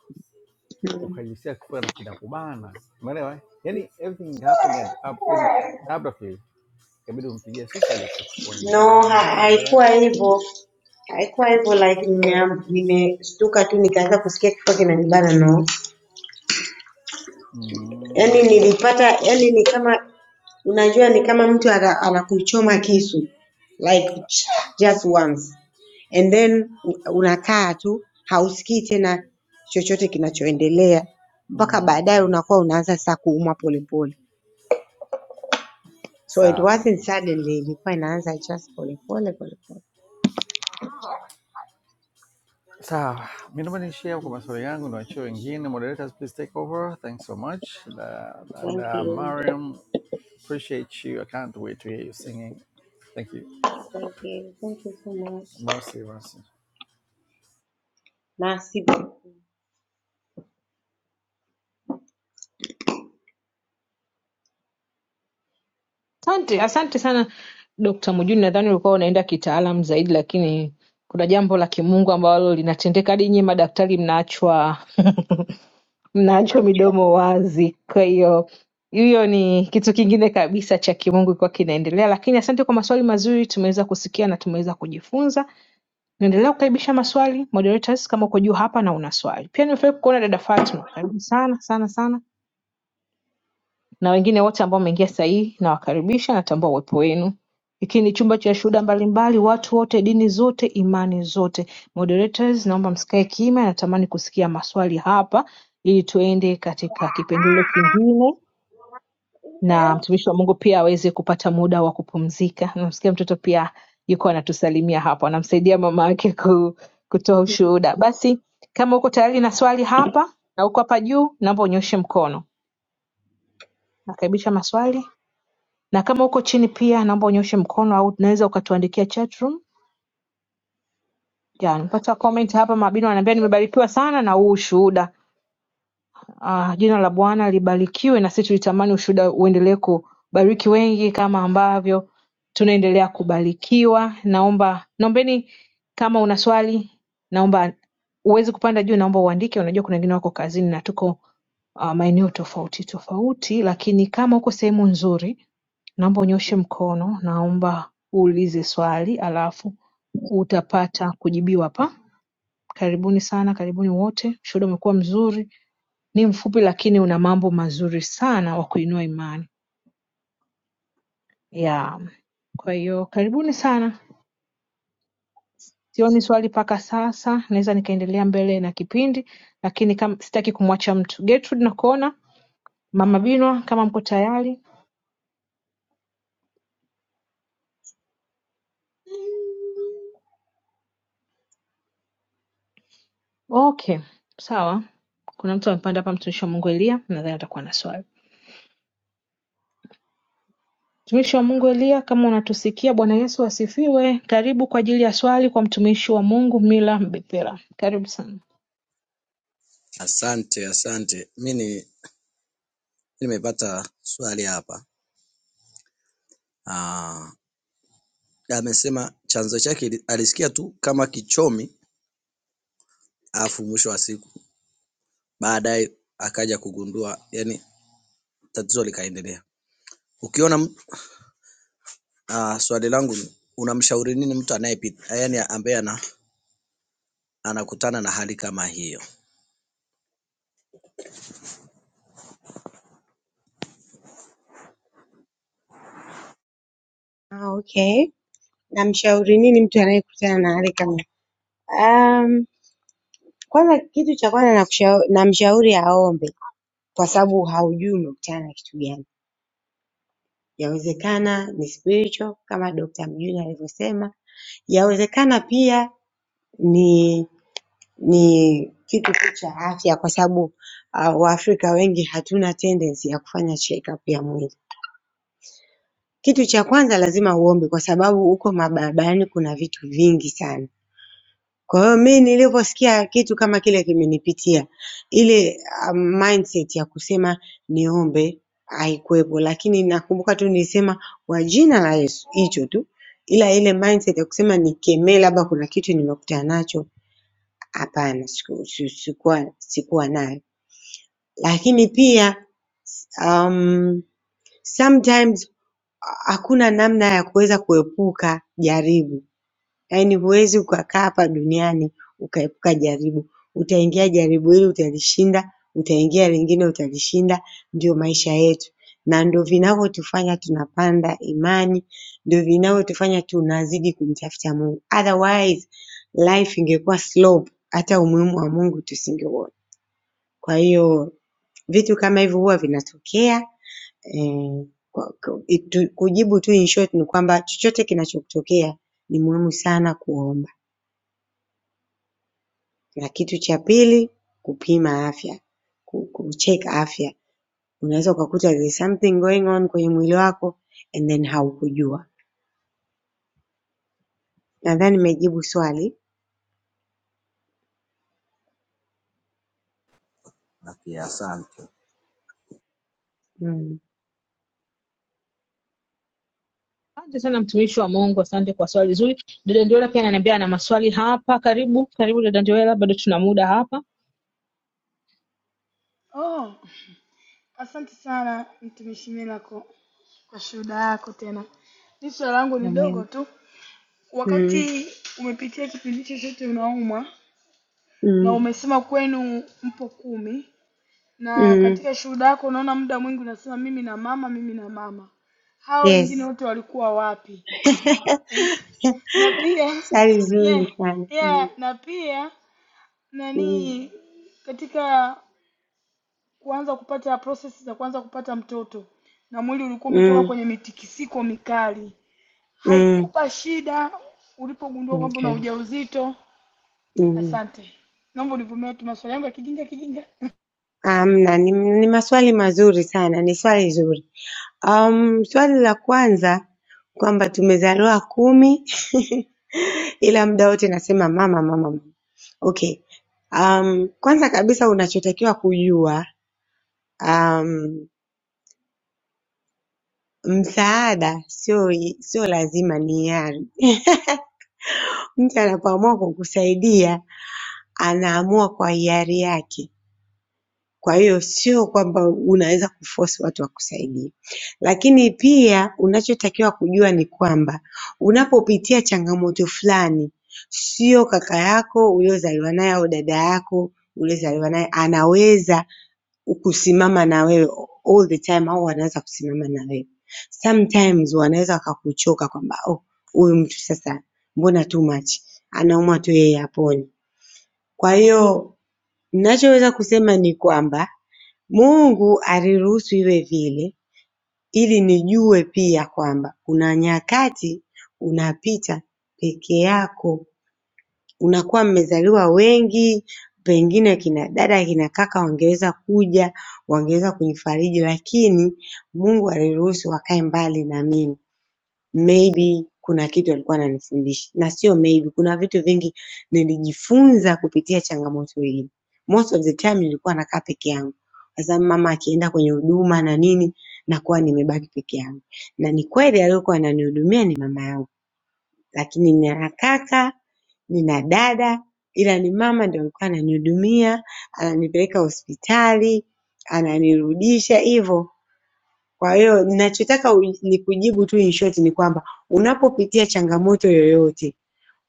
Speaker 7: mm.
Speaker 4: ukajisikia kifua na kinakubana, umeelewa? Yani everything happened at up, yani abruptly, ikabidi umpigie sister aje kuchukua
Speaker 7: No,
Speaker 4: nyumbani, then
Speaker 7: ha-
Speaker 4: from there
Speaker 7: haikuwa hivyo, haikuwa hivyo like nime- nimeshtuka tu nikaanza kusikia kichwa kinanibana no. Yaani
Speaker 4: mm,
Speaker 7: nilipata, yaani ni kama unajua, ni kama mtu ana- anakuchoma kisu like just once and then u- unakaa tu hausikii tena chochote kinachoendelea mpaka baadaye
Speaker 4: mm,
Speaker 7: unakuwa unaanza sasa kuumwa polepole. So it
Speaker 4: sawa
Speaker 7: wasn't suddenly, ilikuwa inaanza just polepole polepole.
Speaker 4: sawa. Mimi naomba niishie hapo kwa maswali yangu, niwachie wengine. Moderators please take over, thanks so much. Da, da,
Speaker 7: Thank
Speaker 4: da,
Speaker 7: you.
Speaker 4: Mariam, appreciate you, I can't wait to hear you singing. Thank you,
Speaker 7: Thank you. Thank you so much.
Speaker 4: mercy, mercy.
Speaker 7: Nasibu
Speaker 3: Asante, asante sana Dr. Mjuni. Nadhani ulikuwa unaenda kitaalam zaidi, lakini kuna jambo la kimungu ambalo linatendeka hadi nyie madaktari mnaachwa mnaacho midomo wazi. Kwa hiyo hiyo ni kitu kingine kabisa cha kimungu kwa kinaendelea, lakini asante kwa maswali mazuri, tumeweza kusikia na tumeweza kujifunza. Naendelea kukaribisha maswali moderators, kama uko juu hapa na una swali pia. Nimefurahi kukuona dada Fatma, karibu sana sana sana na wengine wote ambao wameingia sasa hii nawakaribisha natambua uwepo wenu hiki ni chumba cha shuhuda mbalimbali watu wote dini zote imani zote moderators naomba msikae kimya natamani kusikia maswali hapa ili tuende katika kipengele kingine na mtumishi wa mungu pia aweze kupata muda wa kupumzika namsikia mtoto pia yuko anatusalimia hapo anamsaidia mama yake ku, kutoa ushuhuda basi kama uko tayari na swali hapa na uko hapa juu naomba unyoshe mkono nakaribisha maswali na kama uko chini pia naomba unyoshe mkono au unaweza ukatuandikia chatroom ya nimepata comment hapa mabini wanaambia nimebarikiwa sana na huu ushuhuda ah, jina la bwana libarikiwe na sisi tulitamani ushuhuda uendelee kubariki wengi kama ambavyo tunaendelea kubarikiwa naomba naombeni kama una swali naomba uwezi kupanda juu naomba uandike unajua kuna wengine wako kazini na tuko uh, maeneo tofauti tofauti lakini kama uko sehemu nzuri naomba unyooshe mkono naomba uulize swali alafu utapata kujibiwa hapa karibuni sana karibuni wote ushuhuda umekuwa mzuri ni mfupi lakini una mambo mazuri sana wa kuinua imani yeah. kwa hiyo karibuni sana sioni swali mpaka sasa naweza nikaendelea mbele na kipindi lakini kama sitaki kumwacha mtu Gertrude nakuona mama binwa kama mko tayari okay sawa kuna mtu amepanda hapa mtumishi wa mungu elia nadhani atakuwa na swali Mtumishi wa Mungu Elia kama unatusikia Bwana Yesu asifiwe. Karibu kwa ajili ya swali kwa mtumishi wa Mungu Mila Mbethera. Karibu sana.
Speaker 10: Asante, asante. Mimi, ni- nimepata swali hapa. Ah, amesema chanzo chake ili- alisikia tu kama kichomi, alafu mwisho wa siku baadaye akaja kugundua, yani tatizo likaendelea. Ukiona mtu- ah, swali langu ni unamshauri nini mtu anayepita, yani ambaye ana, anakutana na hali kama hiyo?
Speaker 7: ah, okay. Namshauri nini mtu anayekutana na hali kama um, kwanza, kitu cha kwanza nakushau- namshauri aombe, kwa sababu haujui umekutana na kitu gani. Yawezekana ni spiritual kama Dr. Mjuni alivyosema, yawezekana pia ni ni kitu tu cha afya, kwa sababu uh, Waafrika wengi hatuna tendency ya kufanya check up ya mwili. Kitu cha kwanza lazima uombe kwa sababu huko mabarabarani kuna vitu vingi sana. Kwa hiyo mimi nilivyosikia kitu kama kile kimenipitia ile ah, mindset ya kusema niombe haikuwepo, lakini nakumbuka tu nilisema kwa jina la Yesu hicho tu, ila ile mindset ya kusema nikemee labda kuna kitu nimekutana nacho, hapana, siku- si- sikuwa sikuwa nayo. Lakini pia um, sometimes hakuna namna ya kuweza kuepuka jaribu Yaani huwezi ukakaa hapa duniani ukaepuka jaribu. Utaingia jaribu hili utalishinda, utaingia lingine utalishinda, ndio maisha yetu. Na ndio vinavyotufanya tunapanda imani, ndio vinavyotufanya tunazidi kumtafuta Mungu. Otherwise life ingekuwa slow, hata umuhimu wa Mungu tusingeuona. Kwa hiyo vitu kama hivyo huwa vinatokea eh, kwa- kwa- itu- kujibu tu in short ni kwamba chochote kinachokutokea ni muhimu sana kuomba. Na kitu cha pili, kupima afya, ku- kucheck afya. Unaweza ukakuta there is something going on kwenye mwili wako and then haukujua. Nadhani nimejibu swali.
Speaker 10: Okay, asante.
Speaker 7: Mm.
Speaker 3: Asante sana mtumishi wa Mungu, asante kwa swali zuri. Dada Ndiola pia ananiambia ana maswali hapa. Karibu, karibu dada Ndiola, bado tuna muda hapa.
Speaker 1: Oh, asante sana mtumishi Milako. Kwa shuhuda yako tena, mi swali langu ni
Speaker 7: Na
Speaker 1: dogo
Speaker 7: mimi-
Speaker 1: tu.
Speaker 7: Mm.
Speaker 1: Wakati umepitia kipindi chochote unaumwa na
Speaker 7: Mm.
Speaker 1: umesema kwenu mpo kumi, na
Speaker 7: Mm.
Speaker 1: katika shuhuda yako unaona muda mwingi unasema mimi na mama, mimi na mama, hao wengine
Speaker 7: Yes.
Speaker 1: wote walikuwa wapi? Na pia
Speaker 7: Swali
Speaker 1: yeah,
Speaker 7: zuri sana.
Speaker 1: yeah,
Speaker 7: Mm.
Speaker 1: na pia
Speaker 7: Mm.
Speaker 1: nani, katika kuanza kupata process za kuanza kupata mtoto na mwili ulikuwa umetoka
Speaker 7: Mm.
Speaker 1: kwenye mitikisiko mikali
Speaker 7: Mm.
Speaker 1: haikukupa shida ulipogundua kwamba una
Speaker 7: Okay.
Speaker 1: ujauzito?
Speaker 7: Mm.
Speaker 1: Asante, naomba univumilie tu maswali yangu ya kijinga kijinga.
Speaker 7: Amna, ni, ni maswali mazuri sana, ni swali zuri. Um, swali la kwanza kwamba tumezaliwa kumi ila muda wote nasema mama mama. mama. Okay. Um, kwanza kabisa unachotakiwa kujua um, msaada sio sio lazima ni hiari. Mtu anapoamua kukusaidia anaamua kwa hiari yake. Kwa hiyo sio kwamba unaweza kuforce watu wakusaidie. Lakini pia unachotakiwa kujua ni kwamba unapopitia changamoto fulani, sio kaka yako uliozaliwa naye au dada yako uliozaliwa naye anaweza kusimama na wewe all the time au anaweza kusimama na wewe. Sometimes wanaweza wakakuchoka kwamba oh, huyu mtu sasa mbona too much, anaumwa tu yeye apone. Kwa hiyo ninachoweza kusema ni kwamba Mungu aliruhusu iwe vile ili nijue pia kwamba kuna nyakati unapita peke yako, unakuwa mmezaliwa wengi, pengine kina dada kina kaka wangeweza kuja, wangeweza kunifariji, lakini Mungu aliruhusu wakae mbali na mimi maybe kuna kitu alikuwa ananifundisha, na sio maybe, kuna vitu vingi nilijifunza kupitia changamoto hii. Most of the time nilikuwa nakaa peke yangu, sasa mama akienda kwenye huduma na nini, nakuwa nimebaki peke yangu. Na ni kweli aliyokuwa ananihudumia ni mama yangu, lakini nina kaka, nina dada, ila ni mama ndio alikuwa ananihudumia, ananipeleka hospitali, ananirudisha hivyo kwa hiyo ninachotaka uji- nikujibu tu in short ni kwamba unapopitia changamoto yoyote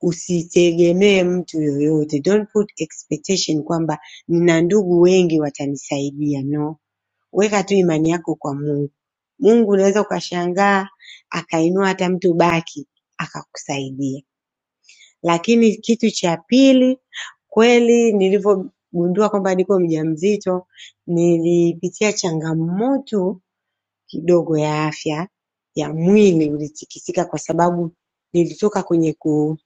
Speaker 7: usitegemee mtu yoyote. Don't put expectation kwamba nina ndugu wengi watanisaidia. No. Weka tu imani yako kwa Mungu. Mungu unaweza ukashangaa akainua hata mtu baki akakusaidia. Lakini kitu cha pili, kweli nilivyogundua kwamba niko mjamzito, nilipitia changamoto kidogo ya afya ya mwili ulitikisika kwa sababu nilitoka kwenye ku,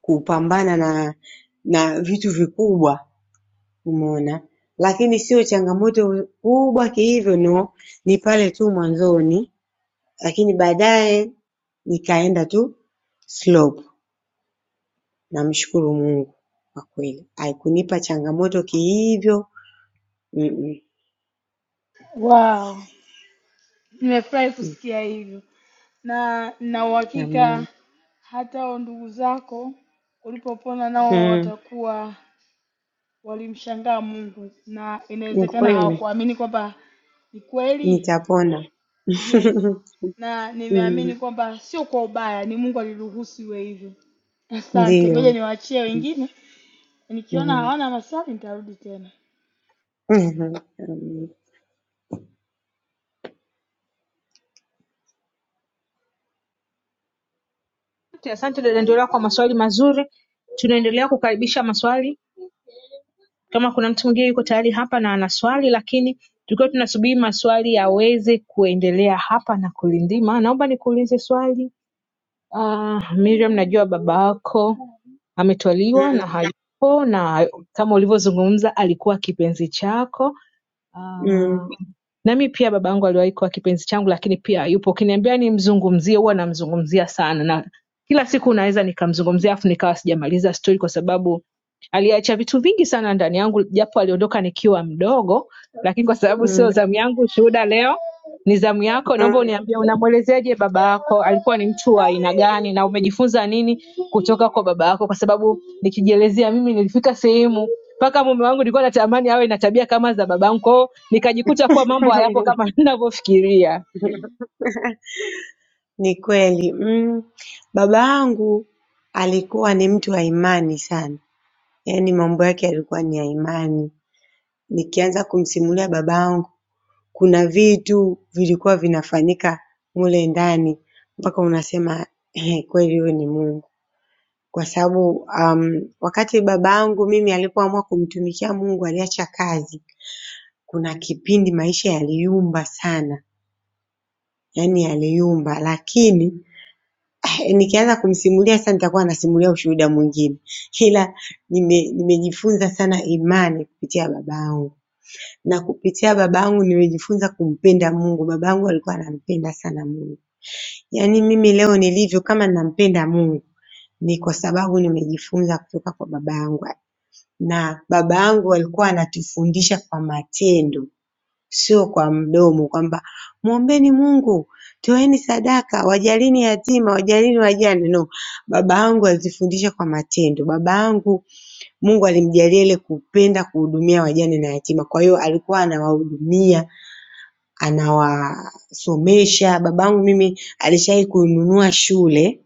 Speaker 7: kupambana na na vitu vikubwa umeona, lakini sio changamoto kubwa kihivyo, no, ni pale tu mwanzoni, lakini baadaye nikaenda tu slope. Namshukuru Mungu kwa kweli, haikunipa changamoto kihivyo. Mm,
Speaker 1: Wow, nimefurahi
Speaker 7: mm,
Speaker 1: kusikia hivyo, na na
Speaker 7: mm, amen.
Speaker 1: uhakika hata hao ndugu zako ulipopona nao
Speaker 7: Mm,
Speaker 1: watakuwa walimshangaa Mungu, na
Speaker 7: ni
Speaker 1: inawezekana
Speaker 7: kweli
Speaker 1: hawakuamini kwamba ni kweli.
Speaker 7: nitapona.
Speaker 1: Yes, na
Speaker 7: Mm.
Speaker 1: nimeamini kwamba sio kwa ubaya, ni Mungu aliruhusu iwe hivyo. Asante, ngoja
Speaker 7: Ndiyo.
Speaker 1: niwaachie wengine Nikiona
Speaker 7: Mhm.
Speaker 1: hawana maswali nitarudi tena.
Speaker 7: Mhm.
Speaker 3: Asante, asante dada Ndiola kwa maswali mazuri. Tunaendelea kukaribisha maswali. Kama kuna mtu mwingine yuko tayari hapa na ana swali, lakini tukiwa tunasubiri maswali yaweze kuendelea hapa na kulindima, naomba nikuulize swali. Ah, Miriam, najua baba yako ametwaliwa
Speaker 7: Mm.
Speaker 3: na hayupo na kama ulivyozungumza alikuwa kipenzi chako
Speaker 7: Mm.
Speaker 3: Ah, nami pia babangu aliwahi kuwa kipenzi changu lakini pia hayupo ukiniambia nimzungumzie huwa namzungumzia sana na kila siku unaweza nikamzungumzia afu nikawa sijamaliza stori kwa sababu Aliacha vitu vingi sana ndani yangu, japo aliondoka nikiwa mdogo, lakini kwa sababu
Speaker 7: Mm.
Speaker 3: sio zamu yangu, shuhuda leo ni zamu yako. Naomba
Speaker 7: Mm.
Speaker 3: uniambie, unamwelezeaje baba yako? Alikuwa ni mtu wa aina gani, na umejifunza nini kutoka kwa baba yako? Kwa sababu nikijielezea mimi, nilifika sehemu mpaka mume wangu nilikuwa natamani awe na tabia kama za babangu, kwa hiyo nikajikuta kuwa mambo hayapo kama ninavyofikiria.
Speaker 7: Ni kweli. Mm. Babangu alikuwa ni mtu wa imani sana, yaani mambo yake yalikuwa ni ya imani. Nikianza kumsimulia babangu, kuna vitu vilikuwa vinafanyika mule ndani mpaka unasema, "Ehe, kweli huyu ni Mungu." Kwa sababu, um, wakati babangu mimi alipoamua kumtumikia Mungu aliacha kazi kuna kipindi maisha yaliyumba sana yaani yaliyumba lakini eh, nikianza kumsimulia sasa nitakuwa nasimulia ushuhuda mwingine ila nime, nimejifunza sana imani kupitia babangu na kupitia babangu nimejifunza kumpenda Mungu. Babangu alikuwa anampenda sana Mungu. Yaani mimi leo nilivyo kama nampenda Mungu ni kwa sababu nimejifunza kutoka kwa babangu na babangu alikuwa anatufundisha kwa matendo sio kwa mdomo kwamba mwombeni Mungu, toeni sadaka, wajalini yatima, wajalini wajane. No, baba yangu alizifundisha kwa matendo. Baba yangu Mungu alimjalia ile kupenda kuhudumia wajane na yatima, kwa hiyo alikuwa anawahudumia, anawasomesha. Baba yangu mimi alishawahi kununua shule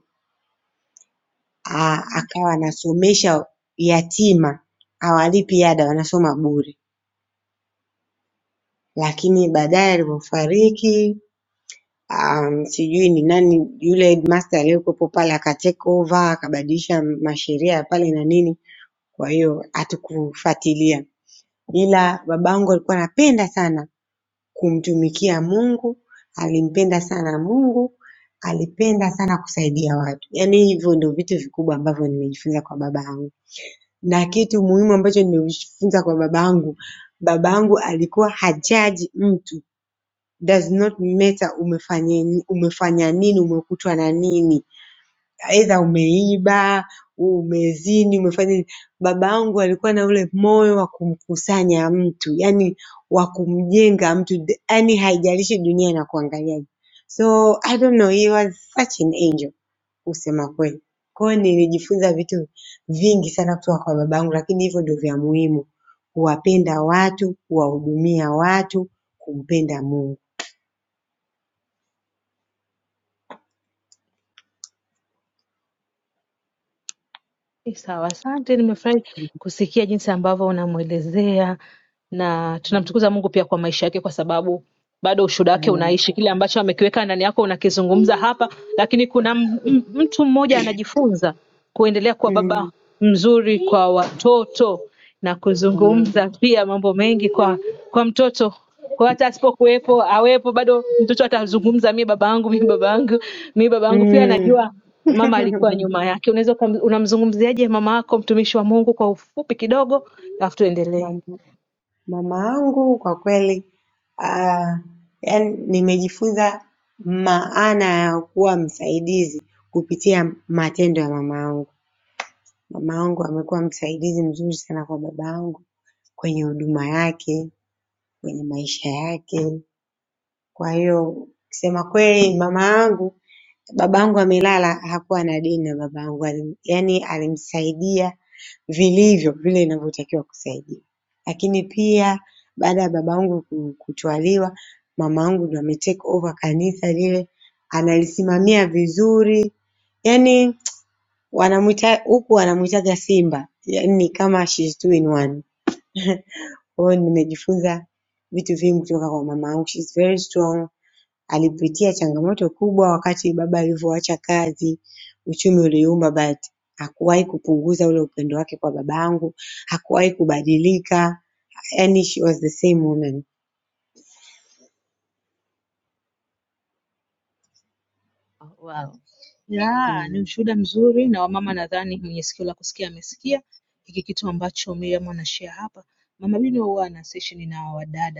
Speaker 7: a- akawa anasomesha yatima, hawalipi ada, wanasoma bure, lakini baadaye alivyofariki um, sijui ni nani yule headmaster aliyekuwepo pale aka take over akabadilisha masheria ya pale na nini, kwa hiyo hatukufuatilia, ila babangu alikuwa anapenda sana kumtumikia Mungu, alimpenda sana Mungu, alipenda sana kusaidia watu. Yaani hivyo ndio vitu vikubwa ambavyo nimejifunza kwa babangu, na kitu muhimu ambacho nimejifunza kwa babangu, babangu alikuwa hajaji mtu does not matter umefanya umefanya nini umekutwa na nini aidha umeiba umezini umefanya nini baba yangu alikuwa na ule moyo wa kumkusanya mtu yani wa kumjenga mtu yani haijalishi dunia inakuangaliaje so I don't know he was such an angel kusema kweli kwa hiyo nilijifunza vitu vingi sana kutoka kwa babangu lakini hivyo ndio vya muhimu kuwapenda watu kuwahudumia watu kumpenda Mungu
Speaker 3: Sawa, asante. Nimefurahi kusikia jinsi ambavyo unamwelezea na tunamtukuza Mungu pia kwa maisha yake, kwa sababu bado ushuhuda wake
Speaker 7: Amen.
Speaker 3: unaishi. Kile ambacho amekiweka ndani yako unakizungumza hapa, lakini kuna m- m- mtu mmoja anajifunza kuendelea kuwa
Speaker 7: Mm,
Speaker 3: baba mzuri kwa watoto na
Speaker 7: amen.
Speaker 3: kuzungumza pia mambo mengi kwa kwa mtoto kwa hata asipokuwepo awepo bado mtoto atazungumza mi baba yangu mi baba yangu mi baba yangu pia
Speaker 7: Mm.
Speaker 3: najua mama alikuwa nyuma yake unaweza ukam- unamzungumziaje mama yako mtumishi wa mungu kwa ufupi kidogo alafu tuendelee
Speaker 7: Mam- Mama yangu kwa kweli ah, yani nimejifunza maana ya kuwa msaidizi kupitia matendo ya mama yangu. Mama yangu amekuwa msaidizi mzuri sana kwa baba yangu kwenye huduma yake, kwenye maisha yake. Kwa hiyo kusema kweli, mama yangu, baba yangu amelala, hakuwa na deni na baba yangu, yani alimsaidia vilivyo vile inavyotakiwa kusaidia. Lakini pia baada ya babangu ku- kutwaliwa, mamangu ndo ame take over kanisa lile, analisimamia vizuri. Yaani wanamuita huku wanamuitaga Simba, yaani ni kama she's two in one. Kwa hiyo nimejifunza vitu vingi kutoka kwa mamangu, she's very strong Alipitia changamoto kubwa wakati baba alivyoacha kazi, uchumi uliyumba but hakuwahi kupunguza ule upendo wake kwa babangu, hakuwahi kubadilika, yaani she was the same woman.
Speaker 3: Yeah, ni
Speaker 7: Mm.
Speaker 3: ushuhuda mzuri na wamama nadhani mwenye sikio la kusikia amesikia hiki kitu ambacho Miriam anashare hapa. Mama Bino huwa ana session na wadada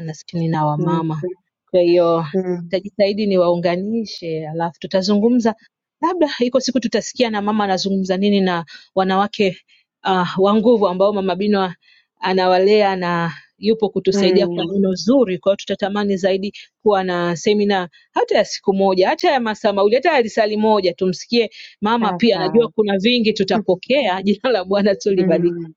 Speaker 3: Maskini na
Speaker 7: Mm.
Speaker 3: wamama. Kwa hiyo
Speaker 7: Mm.
Speaker 3: nitajitahidi niwaunganishe, alafu tutazungumza, labda iko siku tutasikia na mama anazungumza nini na wanawake uh, wa nguvu ambao mama Binwa anawalea na yupo kutusaidia kwa
Speaker 7: Mm.
Speaker 3: neno zuri. Kwa hiyo tutatamani zaidi kuwa na semina hata ya siku moja, hata ya masaa mawili, hata ya lisali moja, tumsikie mama
Speaker 7: Sawa
Speaker 3: pia. Najua
Speaker 7: sawa.
Speaker 3: kuna vingi tutapokea. Jina la Bwana tulibariki.
Speaker 7: Mm.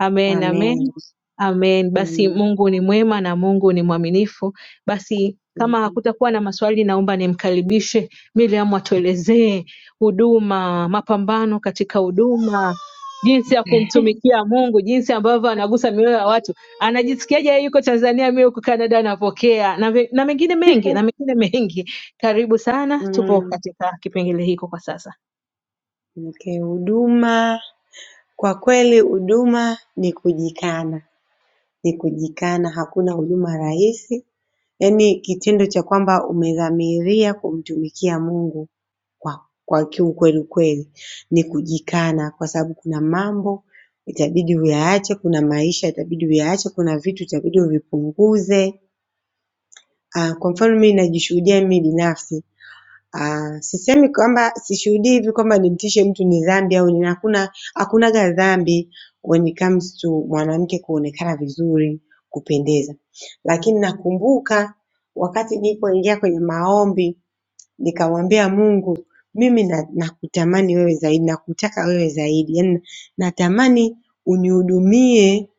Speaker 3: Amen, amen,
Speaker 7: Amen.
Speaker 3: amen. Basi
Speaker 7: Mm.
Speaker 3: Mungu ni mwema na Mungu ni mwaminifu. Basi kama hakutakuwa na maswali, naomba nimkaribishe Miriam atuelezee huduma, mapambano katika huduma, jinsi ya kumtumikia Mungu, jinsi ambavyo anagusa mioyo ya watu. Anajisikiaje yeye yuko Tanzania, mimi huko Canada napokea na, ve- na mengine mengi na mengine mengi. Karibu sana, tupo
Speaker 7: Mm.
Speaker 3: katika kipengele hiko kwa sasa.
Speaker 7: Okay, huduma kwa kweli huduma ni kujikana, ni kujikana. Hakuna huduma rahisi, Yaani kitendo cha kwamba umedhamiria kumtumikia Mungu kwa kwa kiukweli kweli ni kujikana kwa sababu kuna mambo itabidi uyaache, kuna maisha itabidi uyaache, kuna vitu itabidi uvipunguze. Ah, Kwa mfano mimi najishuhudia mimi binafsi Ah, sisemi kwamba sishuhudii hivi kwamba nimtishe mtu ni dhambi au nini, hakuna hakunaga dhambi when it comes to mwanamke kuonekana vizuri, kupendeza. Lakini nakumbuka wakati nilipoingia kwenye maombi nikamwambia Mungu, mimi na, nakutamani wewe zaidi, nakutaka wewe zaidi, yaani natamani unihudumie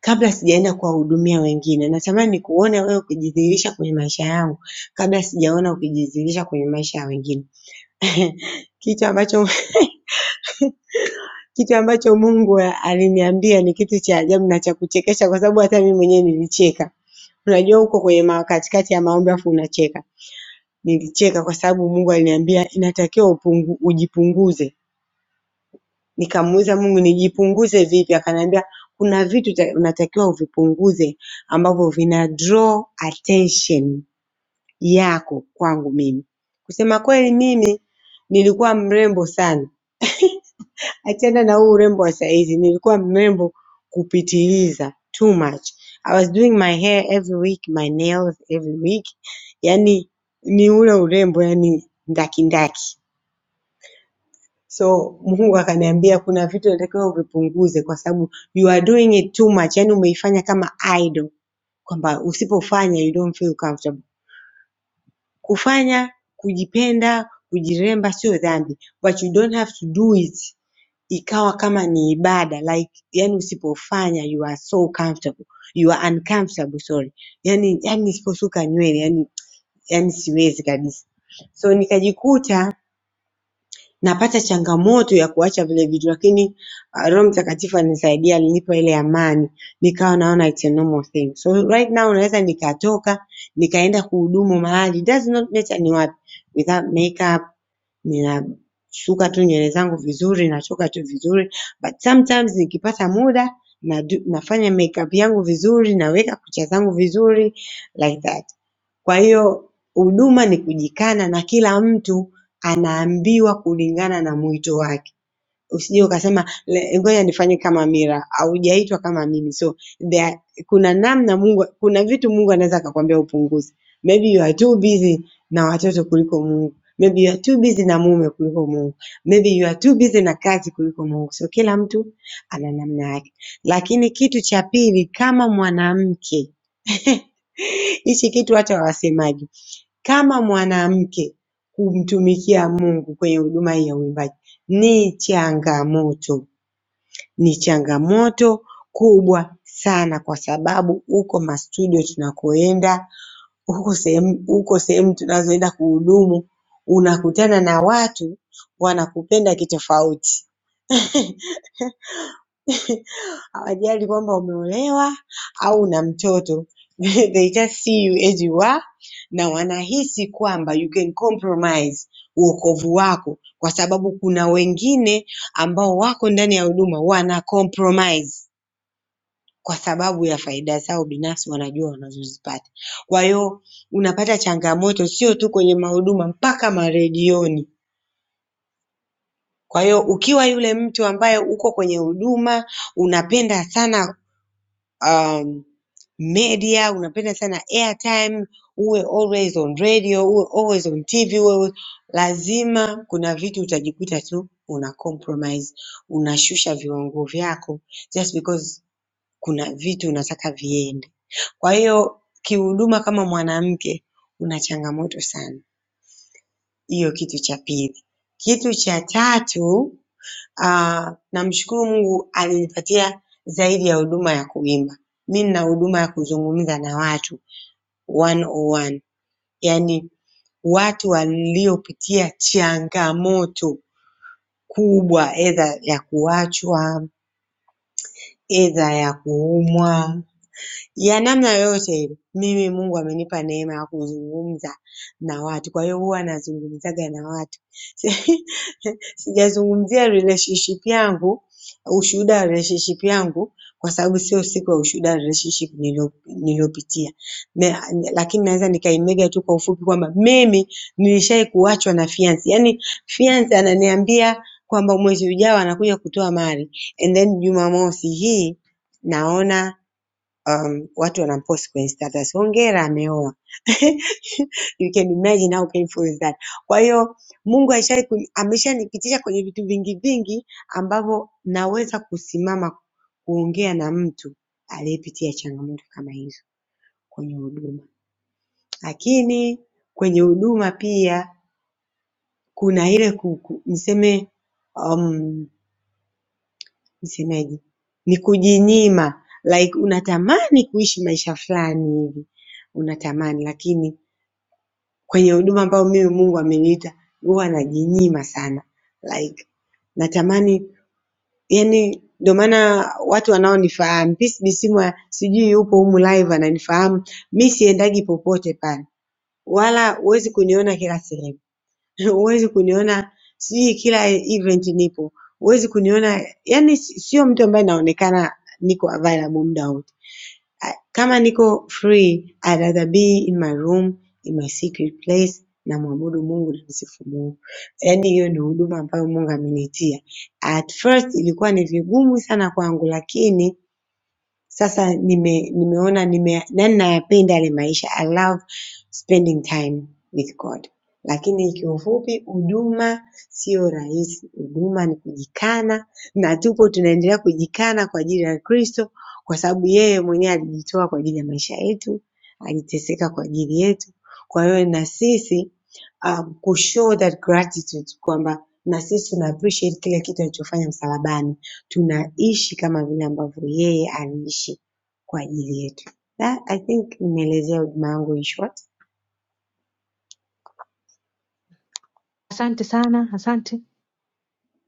Speaker 7: kabla sijaenda kuwahudumia wengine. Natamani nikuone wewe ukijidhihirisha kwenye maisha yangu kabla sijaona ukijidhihirisha kwenye maisha ya wengine. Kitu ambacho kitu ambacho Mungu aliniambia ni kitu cha ajabu na cha kuchekesha kwa sababu hata mimi mwenyewe nilicheka. Unajua uko kwenye ma katikati ya maombi alafu unacheka. Nilicheka kwa sababu Mungu aliniambia inatakiwa upungu, ujipunguze. Nikamuuliza Mungu nijipunguze vipi? Akaniambia kuna vitu ta- unatakiwa uvipunguze ambavyo vina draw attention yako kwangu mimi. Kusema kweli mimi nilikuwa mrembo sana. Achana na huu urembo wa saizi nilikuwa mrembo kupitiliza too much. I was doing my hair every week, my nails every week. Yaani ni ule urembo yani ndakindaki. So Mungu akaniambia kuna vitu natakiwa uvipunguze kwa sababu you are doing it too much. Yaani umeifanya kama idol kwamba usipofanya you don't feel comfortable. Kufanya kujipenda kujiremba sio dhambi but you don't have to do it ikawa kama ni ibada like yani usipofanya you are so comfortable you are uncomfortable sorry yani yani nisiposuka nywele yani yani siwezi kabisa so nikajikuta napata changamoto ya kuacha vile vitu lakini uh, Roho Mtakatifu alinisaidia, alinipa ile amani, nikawa naona it's a normal thing. So right now naweza nikatoka nikaenda kuhudumu mahali, does not matter ni wapi, without makeup, ninasuka tu nywele zangu vizuri, natoka tu vizuri, but sometimes nikipata muda na do, nafanya makeup yangu vizuri, naweka kucha zangu vizuri like that. Kwa hiyo huduma ni kujikana na kila mtu anaambiwa kulingana na mwito wake. Usije ukasema "Le- ngoja nifanye kama Mira, haujaitwa kama mimi. So there, kuna namna Mungu, kuna vitu Mungu anaweza akakwambia upunguze. Maybe you are too busy na watoto kuliko Mungu. Maybe you are too busy na mume kuliko Mungu. Maybe you are too busy na kazi kuliko Mungu. So kila mtu ana namna yake. Lakini kitu cha pili kama mwanamke hichi kitu hata wasemaji kama mwanamke kumtumikia Mungu kwenye huduma hii ya uimbaji ni changamoto, ni changamoto kubwa sana kwa sababu huko mastudio tunakoenda, huko sehemu huko sehemu tunazoenda kuhudumu unakutana na watu wanakupenda kitofauti. hawajali kwamba umeolewa au una mtoto they just see you as you are na wanahisi kwamba you can compromise uokovu wako kwa sababu kuna wengine ambao wako ndani ya huduma wana compromise kwa sababu ya faida zao binafsi wanajua wanazozipata. Kwa hiyo unapata changamoto sio tu kwenye mahuduma mpaka maredioni. Kwa hiyo ukiwa yule mtu ambaye uko kwenye huduma unapenda sana um, media unapenda sana airtime uwe always on radio uwe always on tv uwe lazima kuna vitu utajikuta tu una compromise unashusha viwango vyako just because kuna vitu unataka viende kwa hiyo kihuduma kama mwanamke una changamoto sana hiyo kitu cha pili kitu cha tatu ah, namshukuru mungu alinipatia zaidi ya huduma ya kuimba mi nina huduma ya kuzungumza na watu 101 yaani watu waliopitia changamoto kubwa aidha ya kuachwa, aidha ya kuumwa, ya namna yoyote ile. Mimi Mungu amenipa neema ya kuzungumza na watu, kwa hiyo huwa nazungumzaga na watu Sijazungumzia relationship yangu, ushuhuda wa relationship yangu kwa sababu sio siku ya ushuhuda wa relationship nilio- niliyopitia. Na- Lakini naweza nikaimega tu kwa ufupi kwamba mimi nilishai kuachwa na fiance. Yaani fiance ananiambia kwamba mwezi ujao anakuja kutoa mali and then Jumamosi hii naona um, watu wanapost kwenye status, hongera ameoa. you can imagine how painful is that. Kwa hiyo Mungu alishai kuni- ameshanipitisha kwenye vitu vingi vingi ambavyo naweza kusimama kuongea na mtu aliyepitia changamoto kama hizo kwenye huduma, lakini kwenye huduma pia kuna ile ku- ku- niseme um, nisemeje, ni kujinyima like unatamani kuishi maisha fulani hivi unatamani, lakini kwenye huduma ambayo mimi Mungu ameniita huwa najinyima sana like natamani yani, ndio maana watu wanaonifahamu Peace Bisimwa sijui yupo humu live ananifahamu, mi siendagi popote pale, wala huwezi kuniona kila sehemu. Huwezi kuniona sijui kila event nipo, huwezi kuniona yani, sio mtu ambaye naonekana niko available muda wote. Ah, Kama niko free I'd rather be in my room in my secret place, namwabudu Mungu na msifu Mungu. Yaani hiyo ndio huduma ambayo Mungu ameniitia. At first ilikuwa ni vigumu sana kwangu, lakini sasa nime, nimeona nime, yani nayapenda yale maisha. I love spending time with God. Lakini kiufupi, huduma sio rahisi. Huduma ni kujikana, na tupo tunaendelea kujikana kwa ajili ya Kristo, kwa sababu yeye mwenyewe alijitoa kwa ajili ya maisha yetu, aliteseka kwa ajili yetu. Kwa hiyo na sisi um, kushow that gratitude kwamba na sisi tuna appreciate kile kitu alichofanya msalabani tunaishi kama vile ambavyo yeye aliishi kwa ajili yetu. That I think nimeelezea huduma yangu in short.
Speaker 3: Asante sana, asante.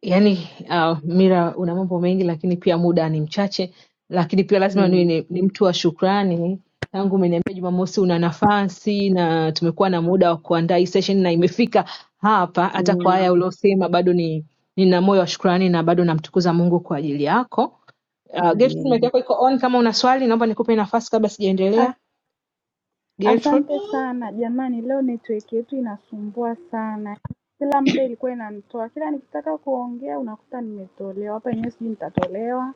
Speaker 3: yani uh, Mira una mambo mengi, lakini pia muda ni mchache, lakini pia lazima niwe
Speaker 7: Mm,
Speaker 3: ni, ni mtu wa shukrani. Tangu umeniambia Jumamosi una nafasi na tumekuwa na muda wa kuandaa hii session na imefika hapa, hata kwa haya
Speaker 7: mm,
Speaker 3: uliosema, bado ni nina moyo wa shukrani na bado namtukuza Mungu kwa ajili yako. Uh, Gertrude, mic
Speaker 7: Amen.
Speaker 3: yako iko on, kama una swali naomba nikupe nafasi kabla sijaendelea. Gertrude.
Speaker 5: asante sana jamani leo network yetu inasumbua sana kila muda ilikuwa inanitoa kila nikitaka kuongea unakuta nimetolewa hapa enyewe sijui nitatolewa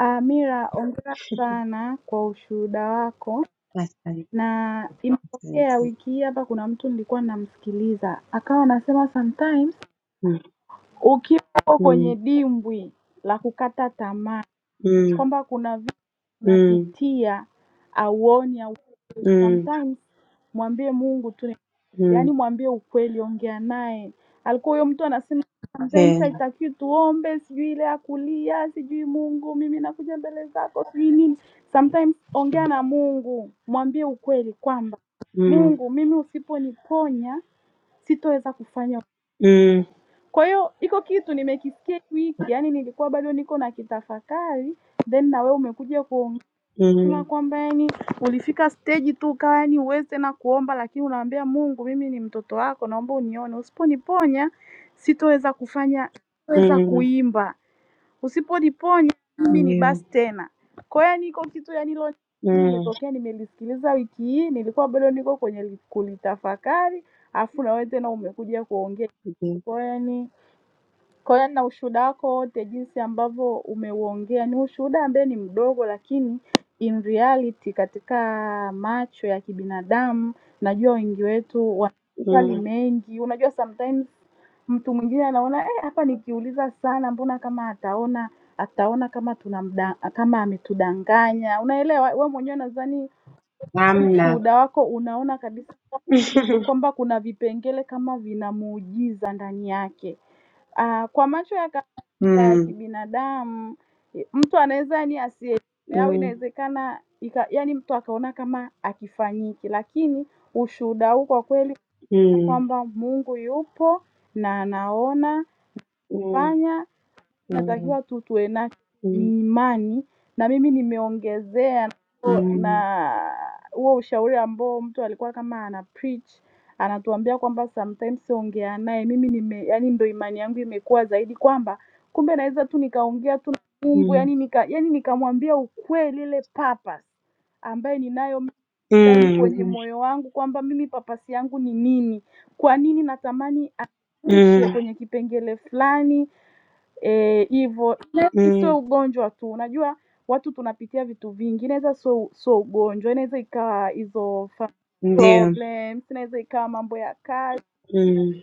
Speaker 5: Ah, mira ongera sana kwa ushuhuda wako
Speaker 7: Asante.
Speaker 5: na imetokea
Speaker 7: asante.
Speaker 5: wiki hii hapa kuna mtu nilikuwa namsikiliza akawa anasema sometimes
Speaker 7: mm,
Speaker 5: ukiwa uko kwenye
Speaker 7: mm,
Speaker 5: dimbwi la kukata tamaa
Speaker 7: mm,
Speaker 5: kwamba kuna vitu
Speaker 7: mm,
Speaker 5: unapitia auoni au
Speaker 7: mm,
Speaker 5: sometimes mwambie mungu tu
Speaker 7: mm,
Speaker 5: yaani mwambie ukweli ongea naye alikuwa huyo mtu anasema sometimes
Speaker 7: yeah,
Speaker 5: haitakiwi tuombe sijui ile ya kulia sijui mungu mimi nakuja mbele zako sijui nini sometimes ongea na mungu mwambie ukweli kwamba
Speaker 7: mm,
Speaker 5: mungu mimi usiponiponya sitoweza kufanya
Speaker 7: mm,
Speaker 5: kwa hiyo iko kitu nimekisikia hii wiki yaani nilikuwa bado niko na kitafakari then na wewe umekuja kuongea Sema
Speaker 7: mm,
Speaker 5: kwamba yani ulifika stage tu ukawa yani huwezi tena kuomba, lakini unaambia Mungu, mimi ni mtoto wako, naomba unione, usiponiponya sitoweza kufanya, sitoweza
Speaker 7: mm,
Speaker 5: kuimba, usiponiponya mimi ni
Speaker 7: ndio,
Speaker 5: basi tena. Kwa hiyo yani iko kitu yani hilo
Speaker 7: mm,
Speaker 5: nimetokea, nimelisikiliza wiki hii, nilikuwa bado niko kwenye li- kulitafakari, afu na wewe tena umekuja kuongea.
Speaker 7: ndio,
Speaker 5: Kwa hiyo yani kwa hiyo na ushuhuda wako wote jinsi ambavyo umeuongea ni ushuhuda ambaye ni mdogo, lakini in reality, katika macho ya kibinadamu, najua wengi wetu wana maswali
Speaker 7: mm,
Speaker 5: mengi. Unajua sometimes mtu mwingine anaona eh, hapa nikiuliza sana, mbona kama ataona ataona kama tunamda, kama ametudanganya. Unaelewa, we mwenyewe nadhani
Speaker 7: Hamna.
Speaker 5: ushuhuda wako unaona kabisa kwamba kuna vipengele kama vina muujiza ndani yake. Ah, kwa macho ya ya
Speaker 7: mm,
Speaker 5: kibinadamu mtu anaweza yani asielewe au
Speaker 7: mm,
Speaker 5: inawezekana ika, yani mtu akaona kama akifanyiki lakini ushuhuda huu kwa kweli
Speaker 7: mm,
Speaker 5: kwamba mungu yupo na anaona
Speaker 7: mm, mm,
Speaker 5: fanya tunatakiwa tu tuwe nacho
Speaker 7: mm,
Speaker 5: ni imani, na mimi nimeongezea na huo ushauri ambao mtu alikuwa kama ana preach anatuambia kwamba sometimes ongea naye. Mimi nime yani, ndo imani yangu imekuwa zaidi kwamba kumbe naweza tu nikaongea tu na Mungu
Speaker 7: mm,
Speaker 5: yani, nika, yani nikamwambia ukweli ile purpose ambaye ninayo mimi ndani
Speaker 7: mm,
Speaker 5: kwenye
Speaker 7: mm,
Speaker 5: moyo wangu kwamba mimi papasi yangu ni nini, kwa nini natamani
Speaker 7: mm,
Speaker 5: aishe kwenye kipengele fulani Hivyo e,
Speaker 7: Mm,
Speaker 5: sio ugonjwa tu, unajua watu tunapitia vitu vingi. Inaweza sio sio ugonjwa, inaweza ikawa hizo family
Speaker 7: ndio.
Speaker 5: problems, inaweza ikawa mambo ya kazi,
Speaker 7: Mm,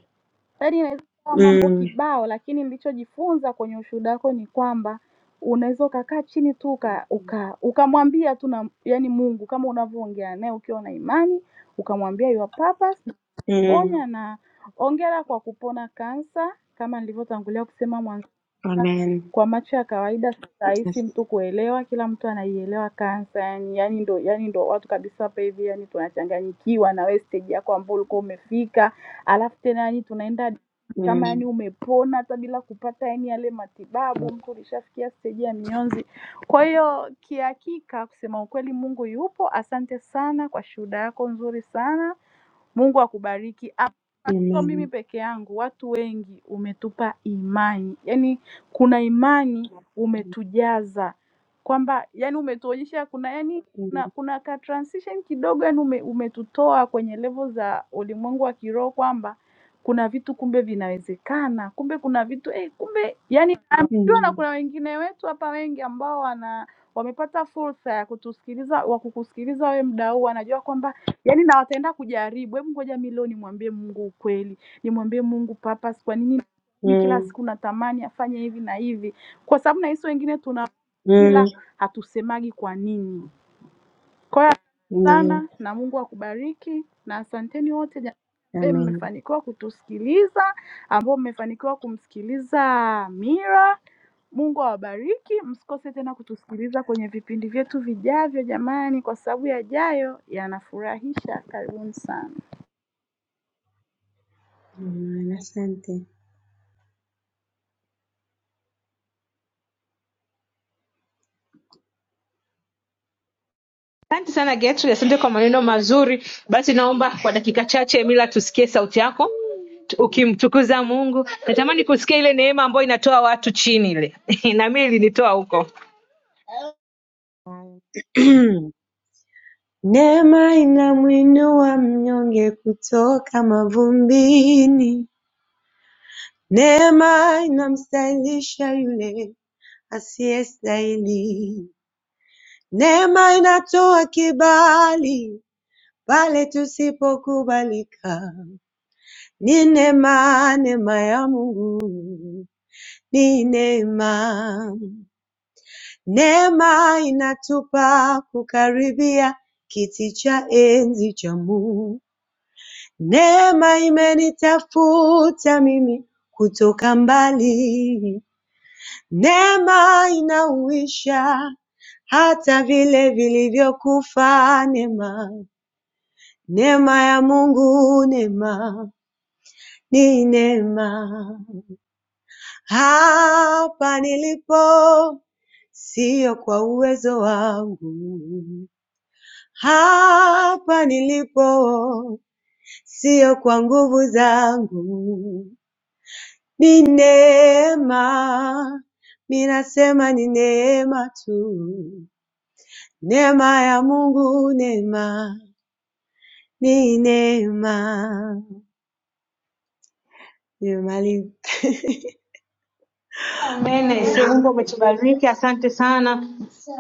Speaker 5: yaani inaweza ikawa mambo
Speaker 7: mm,
Speaker 5: kibao, lakini nilichojifunza kwenye ushuhuda wako ni kwamba unaweza ukakaa chini tu uka, uka, ukamwambia tu na yani Mungu kama unavyoongea naye ukiwa na imani, ukamwambia your purpose,
Speaker 7: mm.
Speaker 5: ponya na hongera kwa kupona kansa kama nilivyotangulia kusema mwanzo.
Speaker 7: Amen.
Speaker 5: Kwa macho ya kawaida si rahisi
Speaker 7: Yes.
Speaker 5: mtu kuelewa, kila mtu anaielewa cancer yani yani ndo yani ndo watu kabisa hapa hivi yani tunachanganyikiwa na wewe stage yako ambayo ulikuwa umefika, alafu tena yani tunaenda kama
Speaker 7: Mm,
Speaker 5: yani umepona hata bila kupata yani yale matibabu, mtu ulishafikia stage ya mionzi. Kwa hiyo kihakika, kusema ukweli, Mungu yupo. Asante sana kwa shuhuda yako nzuri sana. Mungu akubariki. Sio mimi
Speaker 7: amen.
Speaker 5: peke yangu, watu wengi umetupa imani, yaani kuna imani umetujaza kwamba yani umetuonyesha kuna yani
Speaker 7: Mm,
Speaker 5: kuna, kuna ka transition kidogo yani ume, umetutoa kwenye level za ulimwengu wa kiroho kwamba kuna vitu kumbe vinawezekana, kumbe kuna vitu eh, kumbe yani I'm sure na
Speaker 7: mm,
Speaker 5: kuna wengine wetu hapa wengi ambao wana wamepata fursa ya kutusikiliza wa kukusikiliza wewe mda huu, wanajua kwamba yaani na wataenda kujaribu. Hebu ngoja mi leo nimwambie Mungu ukweli, nimwambie Mungu purpose, kwa nini mimi kila
Speaker 7: mm,
Speaker 5: siku natamani afanye hivi na hivi, kwa sababu na sisi wengine tuna
Speaker 7: mm.
Speaker 5: ila hatusemagi kwa nini. Kwa hiyo sana
Speaker 7: Ndio.
Speaker 5: na Mungu akubariki na asanteni wote jamani, ambaye
Speaker 7: Amen.
Speaker 5: mmefanikiwa kutusikiliza, ambao mmefanikiwa kumsikiliza Mira. Mungu awabariki, msikose tena kutusikiliza kwenye vipindi vyetu vijavyo jamani, kwa sababu yajayo yanafurahisha. Karibuni sana.
Speaker 7: Amen. Asante.
Speaker 3: Asante sana Gertrude, asante kwa maneno mazuri. Basi naomba kwa dakika chache, Mila, tusikie sauti yako tu- ukimtukuza Mungu. Natamani kusikia ile neema ambayo inatoa watu chini ile na mimi ilinitoa huko.
Speaker 7: Neema inamwinua mnyonge kutoka mavumbini. Neema inamstahilisha yule asiyestahili. Neema inatoa kibali pale tusipokubalika. Ni neema, neema ya Mungu ni neema. Neema inatupa kukaribia kiti cha enzi cha Mungu. Neema imenitafuta mimi kutoka mbali. Neema inauisha hata vile vilivyokufa. Neema, neema ya Mungu, neema ni neema. Hapa nilipo sio kwa uwezo wangu, hapa nilipo sio kwa nguvu zangu, ni neema. Ninasema ni neema tu, neema ya Mungu, neema ni neema. Nimemaliza.
Speaker 3: Amen. Sio Mungu umetubariki, asante sana,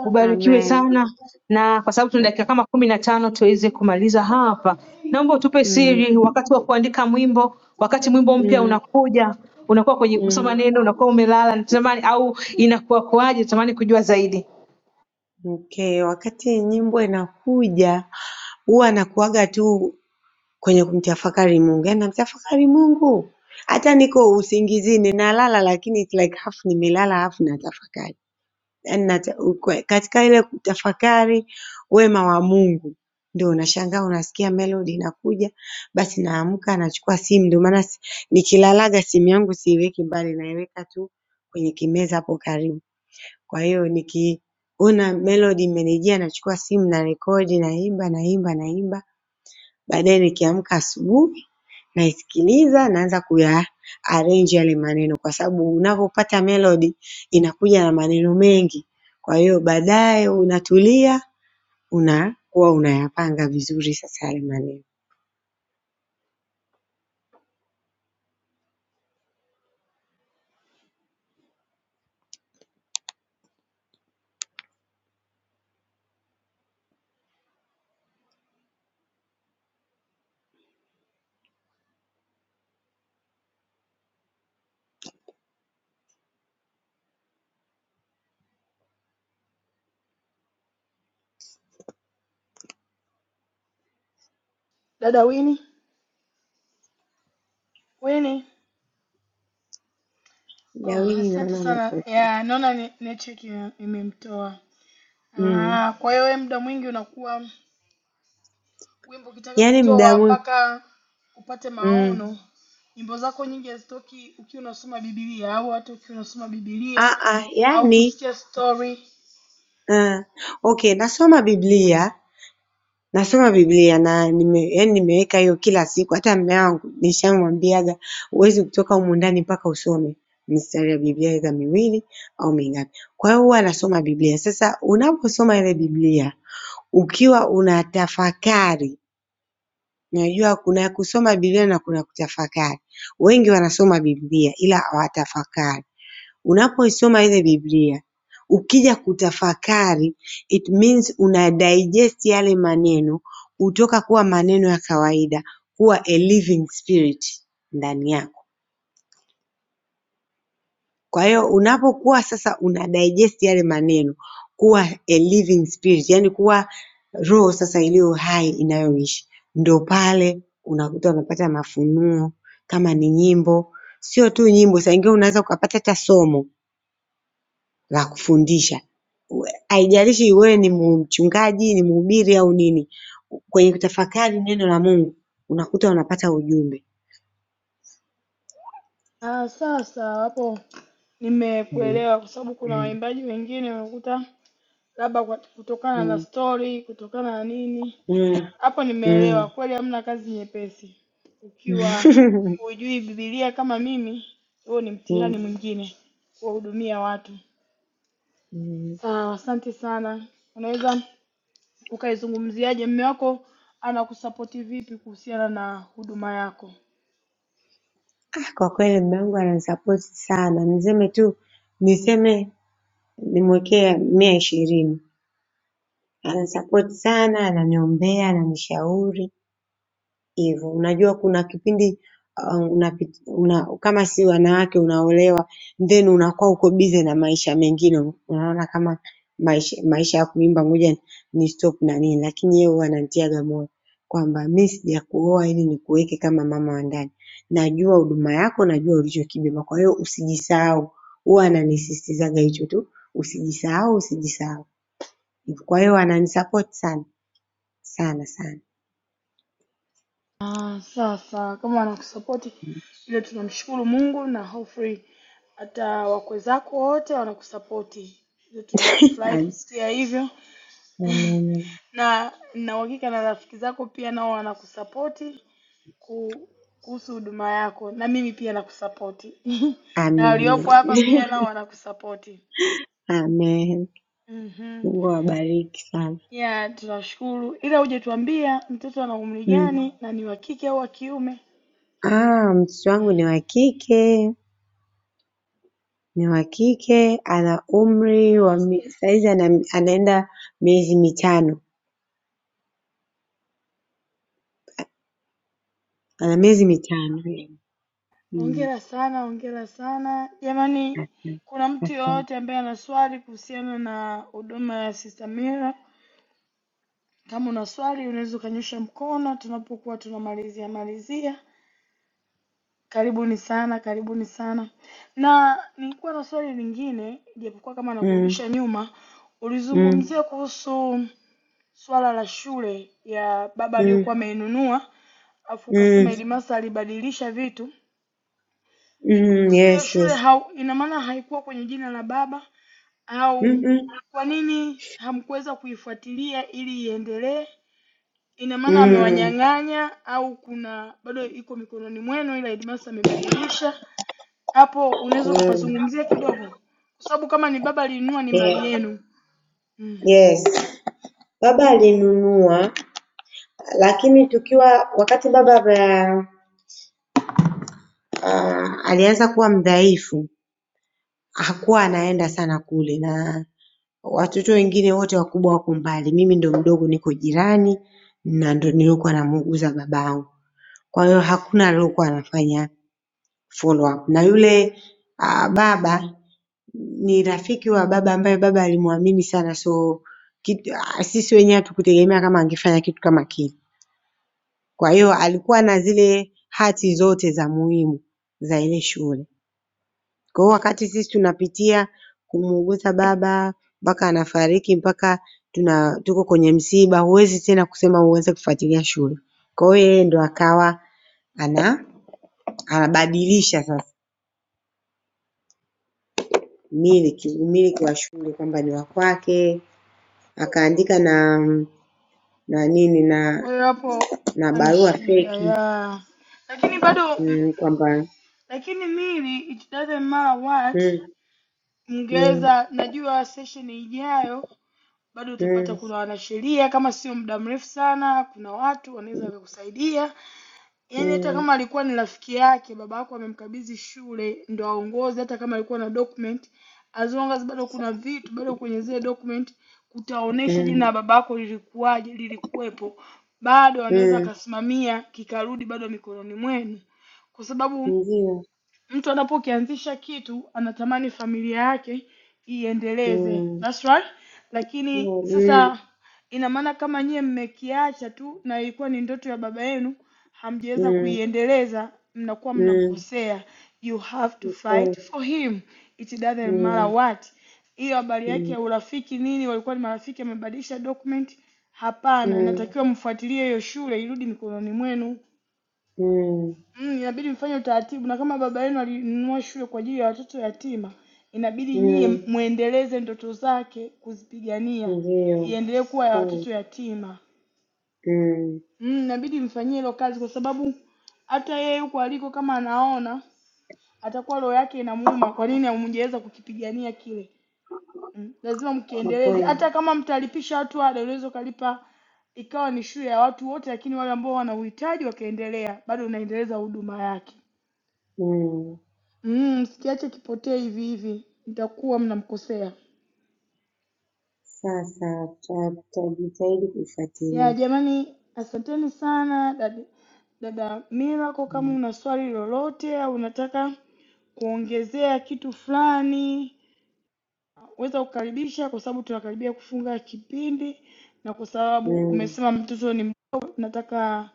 Speaker 3: ubarikiwe
Speaker 7: Amen.
Speaker 3: sana. Na kwa sababu tuna dakika kama kumi na tano tuweze kumaliza hapa, naomba utupe
Speaker 7: Mm,
Speaker 3: siri wakati wa kuandika mwimbo, wakati mwimbo mpya
Speaker 7: mm,
Speaker 3: unakuja unakuwa kwenye
Speaker 7: mm.
Speaker 3: kusoma neno unakuwa umelala natamani au inakuwa kuaje? Natamani kujua zaidi.
Speaker 7: Okay, wakati nyimbo inakuja huwa nakuwaga tu kwenye kumtafakari Mungu, yaani namtafakari Mungu hata niko usingizini nalala, lakini it's like half nimelala half natafakari, yaani nata, ukwe- katika ile kutafakari wema wa Mungu ndio unashangaa unasikia melody inakuja, basi naamka nachukua simu. Ndio maana si- nikilalaga simu yangu siiweki mbali, naiweka tu kwenye kimeza hapo karibu. Kwa hiyo nikiona melody imenijia nachukua simu narekodi naimba naimba naimba baadaye nikiamka asubuhi naisikiliza naanza kuyaarrange yale maneno kwa sababu unavyopata melody inakuja na maneno mengi kwa hiyo baadaye unatulia unakuwa unayapanga vizuri sasa yale maneno.
Speaker 1: Dada Wini, Wini. Oh,
Speaker 7: Dawini naona
Speaker 1: asante sana.
Speaker 7: amepo
Speaker 1: Ya, naona ne- network ime- imemtoa.
Speaker 7: mm.
Speaker 1: Ah, kwa hiyo wewe muda mwingi unakuwa wimbo ukitaka
Speaker 7: Yaani mda
Speaker 1: kutoa
Speaker 7: mwingi
Speaker 1: mpaka upate
Speaker 7: mm.
Speaker 1: maono. Nyimbo zako nyingi hazitoki ukiwa unasoma Biblia au hata ukiwa unasoma Biblia
Speaker 7: Ah, ah,
Speaker 1: au
Speaker 7: yaani
Speaker 1: kusikia story.
Speaker 7: ah. Okay, nasoma Biblia Nasoma Biblia na nime yaani nimeweka hiyo kila siku hata mume wangu nishamwambiaga huwezi kutoka humu ndani mpaka usome mistari ya Biblia aidha miwili au mingapi. Kwa hiyo huwa nasoma Biblia. Sasa unaposoma ile Biblia ukiwa unatafakari, unajua kuna kusoma Biblia na kuna kutafakari. Wengi wanasoma Biblia ila hawatafakari. Unapoisoma ile Biblia ukija kutafakari it means una digest yale maneno kutoka kuwa maneno ya kawaida kuwa a living spirit ndani yako. Kwa hiyo unapokuwa sasa una digest yale maneno kuwa a living spirit yaani kuwa roho sasa iliyo hai inayoishi ndo pale unakuta unapata mafunuo kama ni nyimbo sio tu nyimbo saa ingine unaweza ukapata hata somo. la kufundisha. Haijalishi wewe ni mchungaji, ni mhubiri au nini, kwenye kutafakari neno la Mungu unakuta unapata ujumbe.
Speaker 1: Ah, sawa sawa hapo
Speaker 7: Mm,
Speaker 1: nimekuelewa kwa sababu kuna
Speaker 7: mm,
Speaker 1: waimbaji wengine unakuta labda kwa- kutokana na
Speaker 7: mm,
Speaker 1: story, kutokana na nini
Speaker 7: mm,
Speaker 1: Hapo
Speaker 7: mm.
Speaker 1: nimeelewa kweli, hamna kazi nyepesi. Ukiwa hujui Biblia kama mimi, huo ni
Speaker 7: Mm,
Speaker 1: mtihani mwingine, kuwahudumia watu.
Speaker 7: mm.
Speaker 1: Sawa, asante sana. Unaweza ukaizungumziaje, mme wako anakusapoti vipi kuhusiana na huduma yako?
Speaker 7: Ah, Kwa kweli mume wangu ananisapoti sana, niseme tu niseme nimwekee mia ishirini. Ananisapoti sana, ananiombea, ananishauri hivyo. Unajua kuna kipindi uh, unapi- una, kama si wanawake unaolewa then unakuwa uko busy na maisha mengine, unaona kama maisha, maisha ya kuimba ngoja ni stop na nini, lakini yeye huwa ananitiaga moyo kwamba mimi sijakuoa ili nikuweke kama mama wa ndani, najua huduma yako, najua ulichokibeba, kwa hiyo usijisahau. Huwa ananisisitizaga hicho tu, usijisahau, usijisahau. Kwa hiyo ananisupport sana sana sana.
Speaker 1: Ah, sawa sawa, kama anakusapoti ile, tunamshukuru Mungu na hopefully hata wakwe zako wote wanakusapoti, ile tunafurahi
Speaker 7: Am-
Speaker 1: kusikia hivyo. na na uhakika na rafiki zako pia nao wanakusapoti ku- kuhusu huduma yako na mimi pia nakusapoti na
Speaker 7: Amina.
Speaker 1: waliopo hapa pia nao wanakusapoti
Speaker 7: Amen.
Speaker 1: mm
Speaker 7: Mungu awabariki sana.
Speaker 1: ya tunashukuru ila uje tuambia mtoto ana umri
Speaker 7: Mm.
Speaker 1: gani na ni wa kike au wa kiume
Speaker 7: Ah, mtoto wangu ni wa kike, ni wa kike, ana umri
Speaker 1: Wow.
Speaker 7: wa mi- saizi ana, anaenda miezi mitano, ana miezi mitano. Mm.
Speaker 1: Hongera sana, hongera sana. Jamani,
Speaker 7: Asante.
Speaker 1: kuna mtu
Speaker 7: Asante.
Speaker 1: yoyote ambaye ana swali kuhusiana na huduma ya Sister Mira? Kama una swali unaweza ukanyosha mkono tunapokuwa tunamalizia malizia. Karibuni sana, karibuni sana. Na nilikuwa na swali lingine, japokuwa kama
Speaker 7: Mm.
Speaker 1: nakurudisha nyuma,
Speaker 7: Mm.
Speaker 1: ulizungumzia kuhusu swala la shule ya baba
Speaker 7: Mm.
Speaker 1: aliyokuwa ameinunua, afu
Speaker 7: Mm.
Speaker 1: ukasema Elimasa alibadilisha vitu. Vipi
Speaker 7: Mm.
Speaker 1: kuhusu ile
Speaker 7: Yes,
Speaker 1: shule
Speaker 7: yes.
Speaker 1: hau, ina maana haikuwa kwenye jina la baba au
Speaker 7: Mm -mm.
Speaker 1: kwa nini hamkuweza kuifuatilia ili iendelee? Ina maana
Speaker 7: Mm.
Speaker 1: amewanyang'anya au kuna bado iko mikononi mwenu ila Elimasa amebadilisha? hapo unaweza
Speaker 7: Mm.
Speaker 1: ukapazungumzia kidogo, kwa sababu kama ni baba alinunua ni mali
Speaker 7: Yeah.
Speaker 1: yenu mm.
Speaker 7: Yes. Baba alinunua lakini tukiwa wakati baba ame- ah, alianza kuwa mdhaifu hakuwa anaenda sana kule na watoto wengine wote wakubwa wako mbali. Mimi ndo mdogo niko jirani na ndo nilikuwa namuuguza babangu. Kwa hiyo hakuna aliyekuwa anafanya follow up. Na yule uh, baba ni rafiki wa baba ambaye baba alimwamini sana so kitu, ah, sisi wenyewe hatukutegemea kama angefanya kitu kama kile. Kwa hiyo alikuwa na zile hati zote za muhimu za ile shule. Kwa hiyo wakati sisi tunapitia kumuuguza baba mpaka anafariki mpaka tuna tuko kwenye msiba, huwezi tena kusema uweze kufuatilia shule. Kwa hiyo yeye ndo akawa ana anabadilisha sasa umiliki umiliki wa shule kwamba ni wa kwake, akaandika na na nini na
Speaker 1: Kwa hiyo hapo
Speaker 7: na
Speaker 1: ni
Speaker 7: barua
Speaker 1: shida
Speaker 7: feki
Speaker 1: ya, lakini bado mm,
Speaker 7: mm, kwamba
Speaker 1: lakini mili it doesn't matter what,
Speaker 7: mm, mm,
Speaker 1: mngeweza najua session ijayo bado utapata
Speaker 7: mm,
Speaker 1: kuna wanasheria, kama sio muda mrefu sana, kuna watu wanaweza wakakusaidia Yaani hata
Speaker 7: mm,
Speaker 1: kama alikuwa ni rafiki yake, baba yako amemkabidhi shule ndo aongoze, hata kama alikuwa na document, as long as bado kuna vitu bado kwenye zile document kutaonesha
Speaker 7: mm,
Speaker 1: jina la baba yako lilikuwaje, lilikuwepo, bado anaweza
Speaker 7: mm,
Speaker 1: akasimamia kikarudi bado mikononi mwenu, kwa sababu
Speaker 7: ndio
Speaker 1: mtu anapokianzisha kitu anatamani familia yake iendeleze
Speaker 7: mm,
Speaker 1: that's right lakini
Speaker 7: ndio, mm, mm,
Speaker 1: sasa ina maana kama nyie mmekiacha tu na ilikuwa ni ndoto ya baba yenu hamjaweza
Speaker 7: mm. mm,
Speaker 1: kuiendeleza mnakuwa
Speaker 7: mm,
Speaker 1: mnamkosea you have to
Speaker 7: Mm,
Speaker 1: fight for him it doesn't matter
Speaker 7: mm,
Speaker 1: what hiyo habari yake
Speaker 7: mm,
Speaker 1: ya urafiki nini walikuwa ni marafiki amebadilisha document hapana natakiwa mfuatilie hiyo shule irudi mikononi mwenu
Speaker 7: mm,
Speaker 1: Mm, inabidi mfanye utaratibu na kama baba yenu alinunua shule kwa ajili ya watoto yatima, inabidi nyie
Speaker 7: mm,
Speaker 1: muendeleze ndoto zake kuzipigania
Speaker 7: Ndiyo
Speaker 1: iendelee kuwa ya
Speaker 7: kweli.
Speaker 1: watoto yatima.
Speaker 7: Mm,
Speaker 1: Mm, inabidi mfanyie hilo kazi kwa sababu hata yeye huko aliko kama anaona atakuwa roho yake inamuuma, kwa nini hamjaweza kukipigania kile? Mm, lazima
Speaker 7: kwa
Speaker 1: mkiendeleze,
Speaker 7: kweli
Speaker 1: hata kama mtalipisha watu ada, unaweza ukalipa ikawa ni shule ya watu wote, lakini wale ambao wana uhitaji wakaendelea, bado unaendeleza huduma yake.
Speaker 7: Mm.
Speaker 1: Mm, msikiache kipotee hivi hivi, mtakuwa mnamkosea.
Speaker 7: sasa ta- tutajitahidi
Speaker 1: Ya
Speaker 7: kuifuatilia
Speaker 1: jamani, asanteni sana dada, dada Milako. Kama
Speaker 7: Mm,
Speaker 1: una swali lolote au unataka kuongezea kitu fulani, weza kukaribisha, kwa sababu tunakaribia kufunga kipindi, na kwa sababu
Speaker 7: mm,
Speaker 1: umesema mtoto ni mdogo, nataka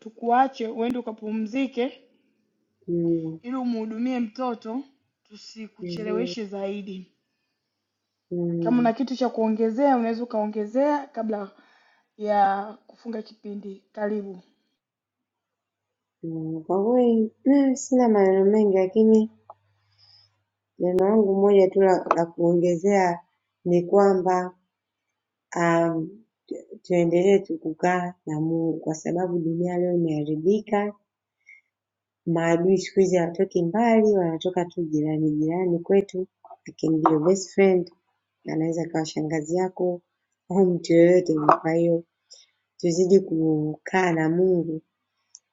Speaker 1: tukuache uende ukapumzike,
Speaker 7: mm,
Speaker 1: ili umhudumie mtoto,
Speaker 7: Ndiyo.
Speaker 1: tusikucheleweshe zaidi. Kama
Speaker 7: Mm,
Speaker 1: una kitu cha kuongezea unaweza ukaongezea kabla ya kufunga kipindi. Karibu.
Speaker 7: mm. kwa kweli mm, sina maneno mengi lakini neno langu moja tu la la kuongezea ni kwamba um, tuendelee tu kukaa na Mungu kwa sababu dunia leo imeharibika Maadui siku hizi hawatoki mbali wanatoka tu jirani jirani kwetu lakini ndio best friend anaweza akawa shangazi yako au mtu yeyote yule kwa hiyo tuzidi kukaa na Mungu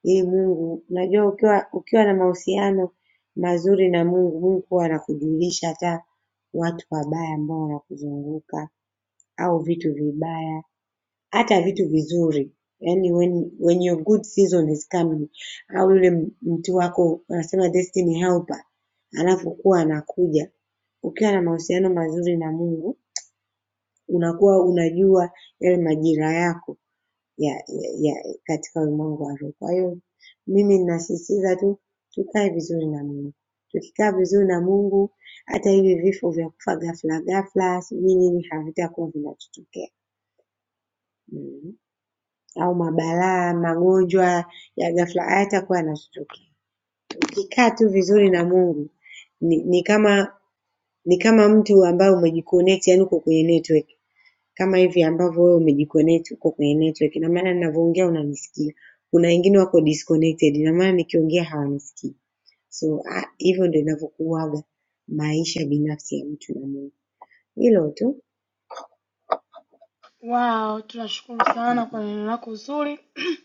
Speaker 7: ili Mungu unajua ukiwa ukiwa na mahusiano mazuri na Mungu Mungu huwa anakujulisha hata watu wabaya ambao wanakuzunguka au vitu vibaya hata vitu vizuri yani when, when your good season is coming au yule mtu wako wanasema destiny helper anapokuwa anakuja ukiwa na mahusiano mazuri na mungu unakuwa unajua yale majira yako ya, ya, ya katika ulimwengu wa roho kwa hiyo mimi ninasisitiza tu tukae vizuri na mungu tukikaa vizuri na mungu hata hivi vifo vya kufa ghafla ghafla sijui nini havitakuwa vinatutokea mm. au mabalaa, magonjwa ya ghafla hayatakuwa yanastuka. Ukikaa tu vizuri na Mungu ni, ni kama ni kama mtu ambaye umejiconnect, yani uko kwenye network kama hivi ambavyo wewe umejiconnect uko kwenye network. Ina maana ninavyoongea unanisikia, kuna wengine wako disconnected, ina maana nikiongea hawanisikii. So ah, hivyo ndio inavyokuwaga maisha binafsi ya mtu na Mungu, hilo tu.
Speaker 1: Wow, tunashukuru sana kwa neno lako zuri.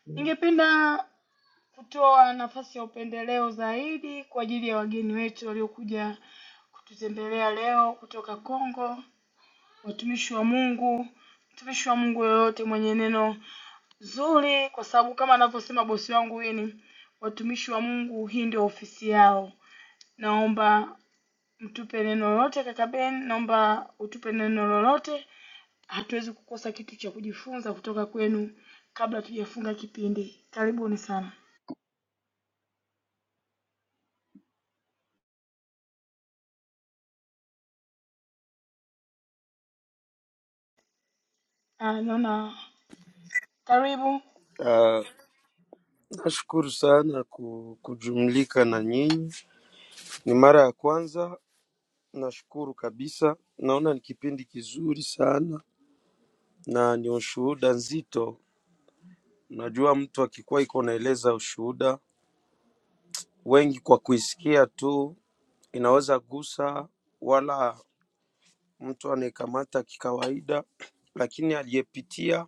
Speaker 1: Ningependa kutoa nafasi ya upendeleo zaidi kwa ajili ya wageni wetu waliokuja kututembelea leo kutoka Kongo, watumishi wa Mungu, mtumishi wa Mungu yoyote mwenye neno zuri, kwa sababu kama anavyosema bosi wangu Wini, watumishi wa Mungu hii ndio ofisi yao. Naomba mtupe neno lolote kaka Ben, naomba utupe neno lolote. Hatuwezi kukosa kitu cha kujifunza kutoka kwenu kabla tujafunga kipindi. Karibuni sana. Ah, naona karibu.
Speaker 9: Ah, Nashukuru sana ku- kujumlika na nyinyi, ni mara ya kwanza. Nashukuru kabisa, naona ni kipindi kizuri sana na ni ushuhuda nzito. Najua mtu akikuwa iko naeleza ushuhuda, wengi kwa kuisikia tu inaweza gusa wala mtu anayekamata kikawaida, lakini aliyepitia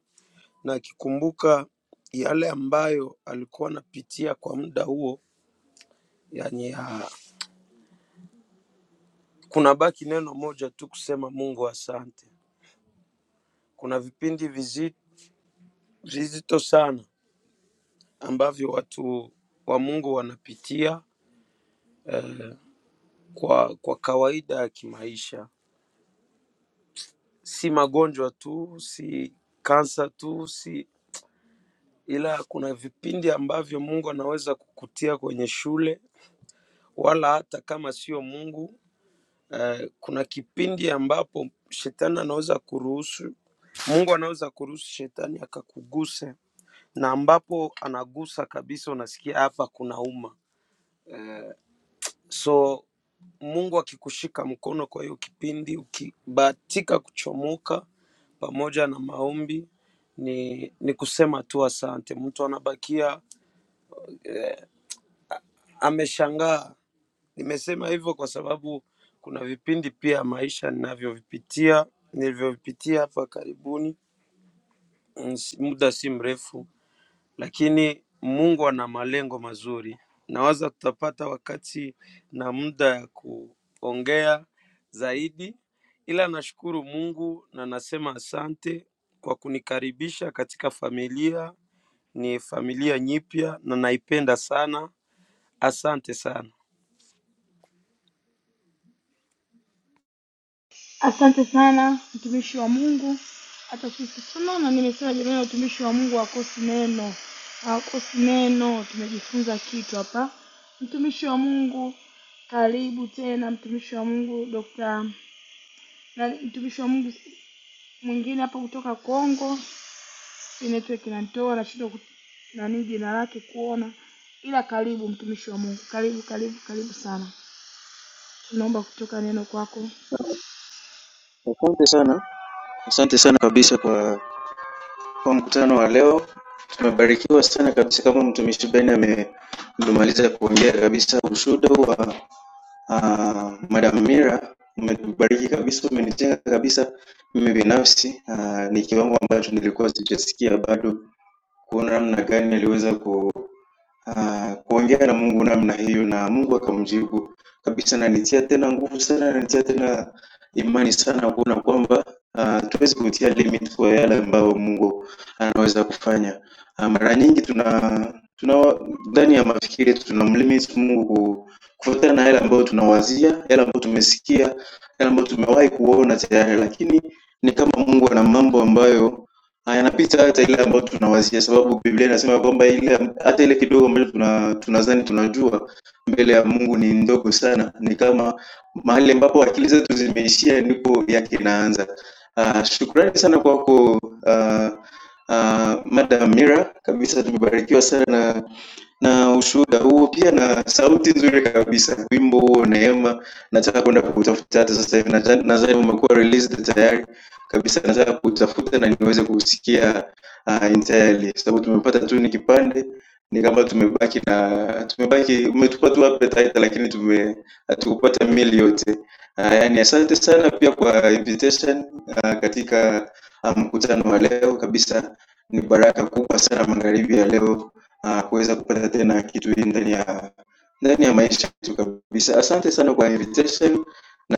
Speaker 9: na akikumbuka yale ambayo alikuwa anapitia kwa muda huo, yani ya, kuna baki neno moja tu kusema Mungu asante. Kuna vipindi vizi- vizito sana ambavyo watu wa Mungu wanapitia kwa, kwa kawaida ya kimaisha, si magonjwa tu, si kansa tu, si ila kuna vipindi ambavyo Mungu anaweza kukutia kwenye shule wala hata kama sio Mungu. Eh, Kuna kipindi ambapo shetani anaweza kuruhusu, Mungu anaweza kuruhusu shetani akakuguse, na ambapo anagusa kabisa, unasikia hapa kunauma. So Mungu akikushika mkono kwa hiyo kipindi, ukibahatika kuchomoka pamoja na maombi, ni, ni kusema tu asante. Mtu anabakia ameshangaa Nimesema hivyo kwa sababu kuna vipindi pia maisha ninavyovipitia nilivyovipitia hapa karibuni mm, si- muda si mrefu, lakini Mungu ana malengo mazuri. Nawaza tutapata wakati na muda ya kuongea zaidi, ila nashukuru Mungu na nasema asante kwa kunikaribisha katika familia. Ni familia nyipya na naipenda sana. Asante sana,
Speaker 1: Asante sana mtumishi wa Mungu. Hata sisi tunaona, nimesema jamani, utumishi wa Mungu hakosi neno, hakosi neno. Tumejifunza kitu hapa. Mtumishi wa Mungu, karibu tena, mtumishi wa Mungu Dr. na mtumishi wa Mungu mwingine hapa kutoka Kongo hii network inanitoa nashindwa ku- nani jina lake kuona, ila karibu mtumishi wa Mungu, karibu karibu karibu sana, tunaomba kutoka neno kwako
Speaker 8: kwa, kwa mkutano wa leo. Tumebarikiwa sana kabisa, kama mtumishi Ben ame- amemaliza kuongea kabisa ushuhuda wa Uh, Madam Mira umenibariki kabisa, umenijenga kabisa mimi binafsi. Ah, ni kiwango ambacho nilikuwa sijasikia bado, kuona namna gani aliweza ku ah, kuongea na Mungu namna hiyo, na Mungu akamjibu kabisa, na nitia tena nguvu sana, nanitia tena imani sana, kuona kwamba uh, tuwezi kutia limit kwa yale ambayo Mungu anaweza kufanya. Uh, mara nyingi tuna tuna ndani ya mafikiri yetu tunamlimit Mungu ku- kufuatana na yale ambayo tunawazia, yale ambayo tumesikia, yale ambayo tumewahi kuona tayari, lakini ni kama Mungu ana mambo ambayo Ah, Yanapita hata ile ambayo tunawazia sababu Biblia inasema kwamba ile hata ile kidogo ambacho tuna tunadhani tunajua mbele ya Mungu ni ndogo sana. Ni kama mahali ambapo akili zetu zimeishia ndipo yake inaanza. Ah, shukrani sana kwako, ah, ah, Madam Mira, kabisa tumebarikiwa sana na na ushuhuda huo pia na sauti nzuri kabisa. Wimbo huo Neema nataka kwenda kuutafuta hata sasa hivi, nadhani nadhani umekuwa released tayari kabisa nataka kutafuta na niweze kusikia uh, entirely sababu tumepata tu ni kipande ni kama tumebaki na tumebaki umetupa tu appetizer lakini tume hatukupata meal yote uh, yani asante sana pia kwa invitation uh, katika uh, mkutano wa leo kabisa ni baraka kubwa sana magharibi ya leo uh, kuweza kupata tena kitu hii ndani ya ndani ya maisha yetu kabisa asante sana kwa invitation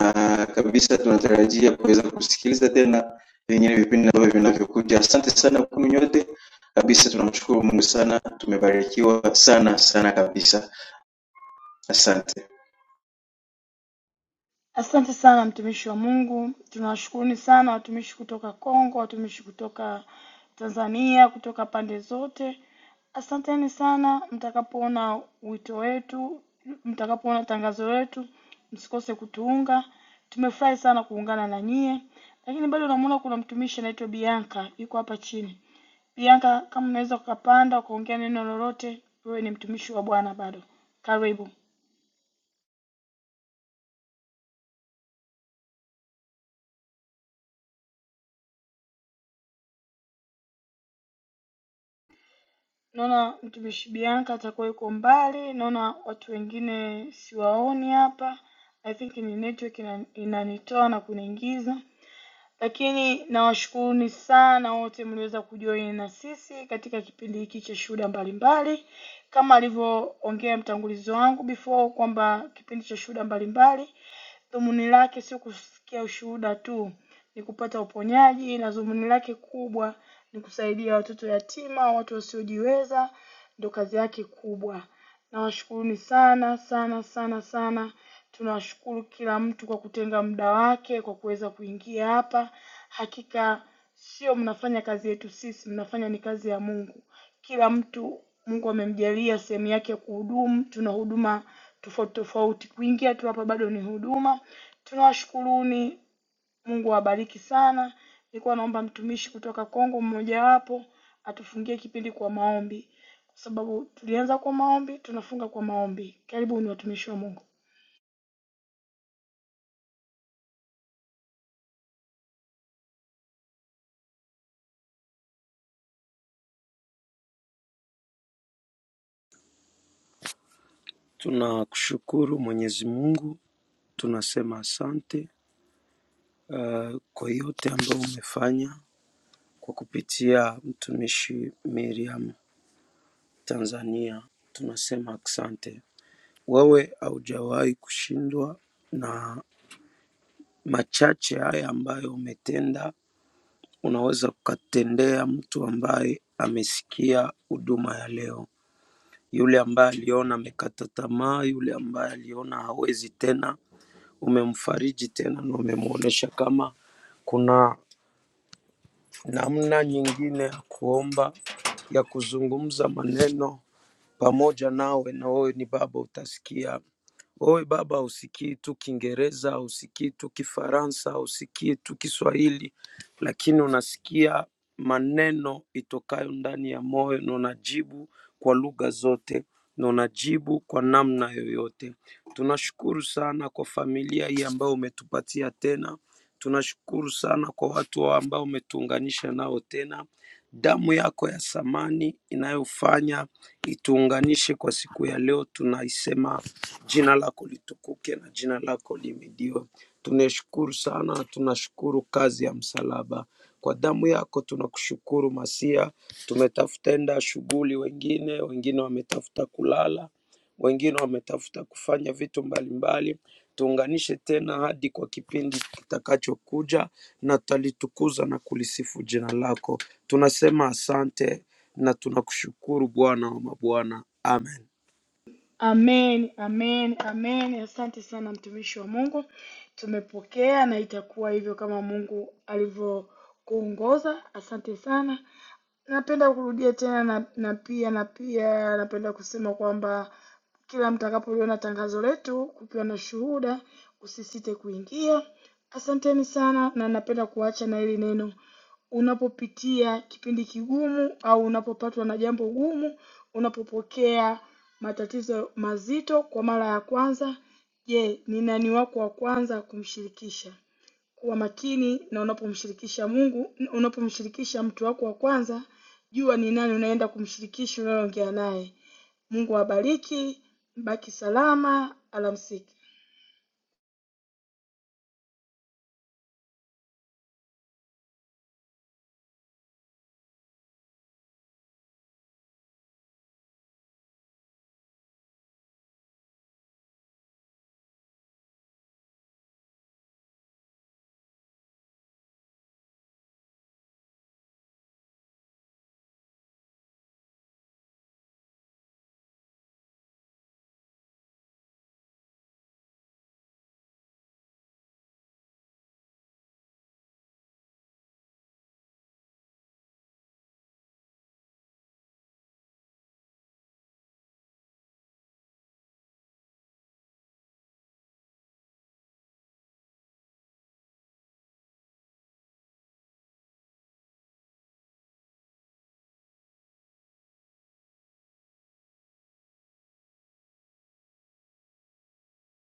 Speaker 8: na kabisa tunatarajia kuweza kusikiliza tena vingine vipindi ambavyo vinavyokuja. Asante sana kwenu nyote kabisa, tunamshukuru Mungu sana, tumebarikiwa sana sana kabisa, asante.
Speaker 1: Asante sana mtumishi wa Mungu, tunawashukuruni sana watumishi kutoka Kongo, watumishi kutoka Tanzania, kutoka pande zote. Asanteni sana. Mtakapoona wito wetu, mtakapoona tangazo letu, msikose kutuunga. Tumefurahi sana kuungana na nyie, lakini bado namuona kuna mtumishi anaitwa Bianca yuko hapa chini. Bianca, kama unaweza ukapanda ukaongea neno lolote, wewe ni mtumishi wa Bwana bado, karibu. Naona mtumishi Bianca atakuwa yuko mbali, naona watu wengine siwaoni hapa. I think ni network ina- inanitoa na kuniingiza, lakini nawashukuruni sana wote mliweza kujoin na sisi katika kipindi hiki cha shuhuda mbalimbali, kama alivyoongea mtangulizi wangu before kwamba kipindi cha shuhuda mbalimbali Dhumuni lake sio kusikia ushuhuda tu, ni kupata uponyaji, na dhumuni lake kubwa ni kusaidia watoto yatima, watu wasiojiweza, ndio kazi yake kubwa. Nawashukuruni sana sana sana sana. Tunawashukuru kila mtu kwa kutenga muda wake kwa kuweza kuingia hapa. Hakika sio mnafanya kazi yetu sisi, mnafanya ni kazi ya Mungu. Kila mtu Mungu amemjalia sehemu yake ya kuhudumu. Tuna huduma tofauti tofauti. Kuingia tu hapa bado ni huduma. Tunawashukuruni Mungu awabariki sana. Nilikuwa naomba mtumishi kutoka Kongo mmojawapo atufungie kipindi kwa maombi, kwa sababu tulianza kwa maombi, tunafunga kwa maombi. Karibuni watumishi wa Mungu.
Speaker 9: tunakushukuru Mwenyezi Mungu Tunasema asante uh, kwa yote ambayo umefanya kwa kupitia mtumishi Miriam Tanzania. Tunasema asante, wewe haujawahi kushindwa, na machache haya ambayo umetenda unaweza ukatendea mtu ambaye amesikia huduma ya leo, yule ambaye aliona amekata tamaa, yule ambaye aliona hawezi tena, umemfariji tena na umemwonyesha kama kuna namna nyingine ya kuomba ya kuzungumza maneno pamoja nawe, na wewe ni Baba utasikia. Wewe baba, husikii tu Kiingereza, husikii tu Kifaransa, husikii tu Kiswahili, lakini unasikia maneno itokayo ndani ya moyo na unajibu kwa lugha zote na unajibu kwa namna yoyote. Tunashukuru sana kwa familia hii ambayo umetupatia tena. Tunashukuru sana kwa watu hao ambao umetuunganisha nao tena. Damu yako ya samani inayofanya ituunganishe kwa siku ya leo. Tunaisema jina lako litukuke na jina lako limidiwe. Tunashukuru sana, tunashukuru kazi ya msalaba. Kwa damu yako tunakushukuru Masia. Tumetafuta enda shughuli, wengine wengine wametafuta kulala, wengine wametafuta kufanya vitu mbalimbali tuunganishe tena hadi kwa kipindi kitakachokuja, na tutalitukuza na kulisifu jina lako. Tunasema asante na tunakushukuru Bwana wa mabwana, amen.
Speaker 1: Amen, amen, amen. Asante sana mtumishi wa Mungu, tumepokea na itakuwa hivyo kama Mungu alivyokuongoza. Asante sana. Napenda kurudia tena na, na pia na pia napenda kusema kwamba kila mtakapoliona tangazo letu kukiwa na shuhuda, usisite kuingia. Asanteni sana, na napenda kuacha na hili neno unapopitia kipindi kigumu au unapopatwa na jambo gumu, unapopokea matatizo mazito kwa mara ya kwanza, je, ni nani wako wa kwanza kumshirikisha? Kuwa makini na unapomshirikisha Mungu, unapomshirikisha mtu wako wa kwanza, jua ni nani unaenda kumshirikisha unayoongea naye. Mungu awabariki, baki salama, alamsiki.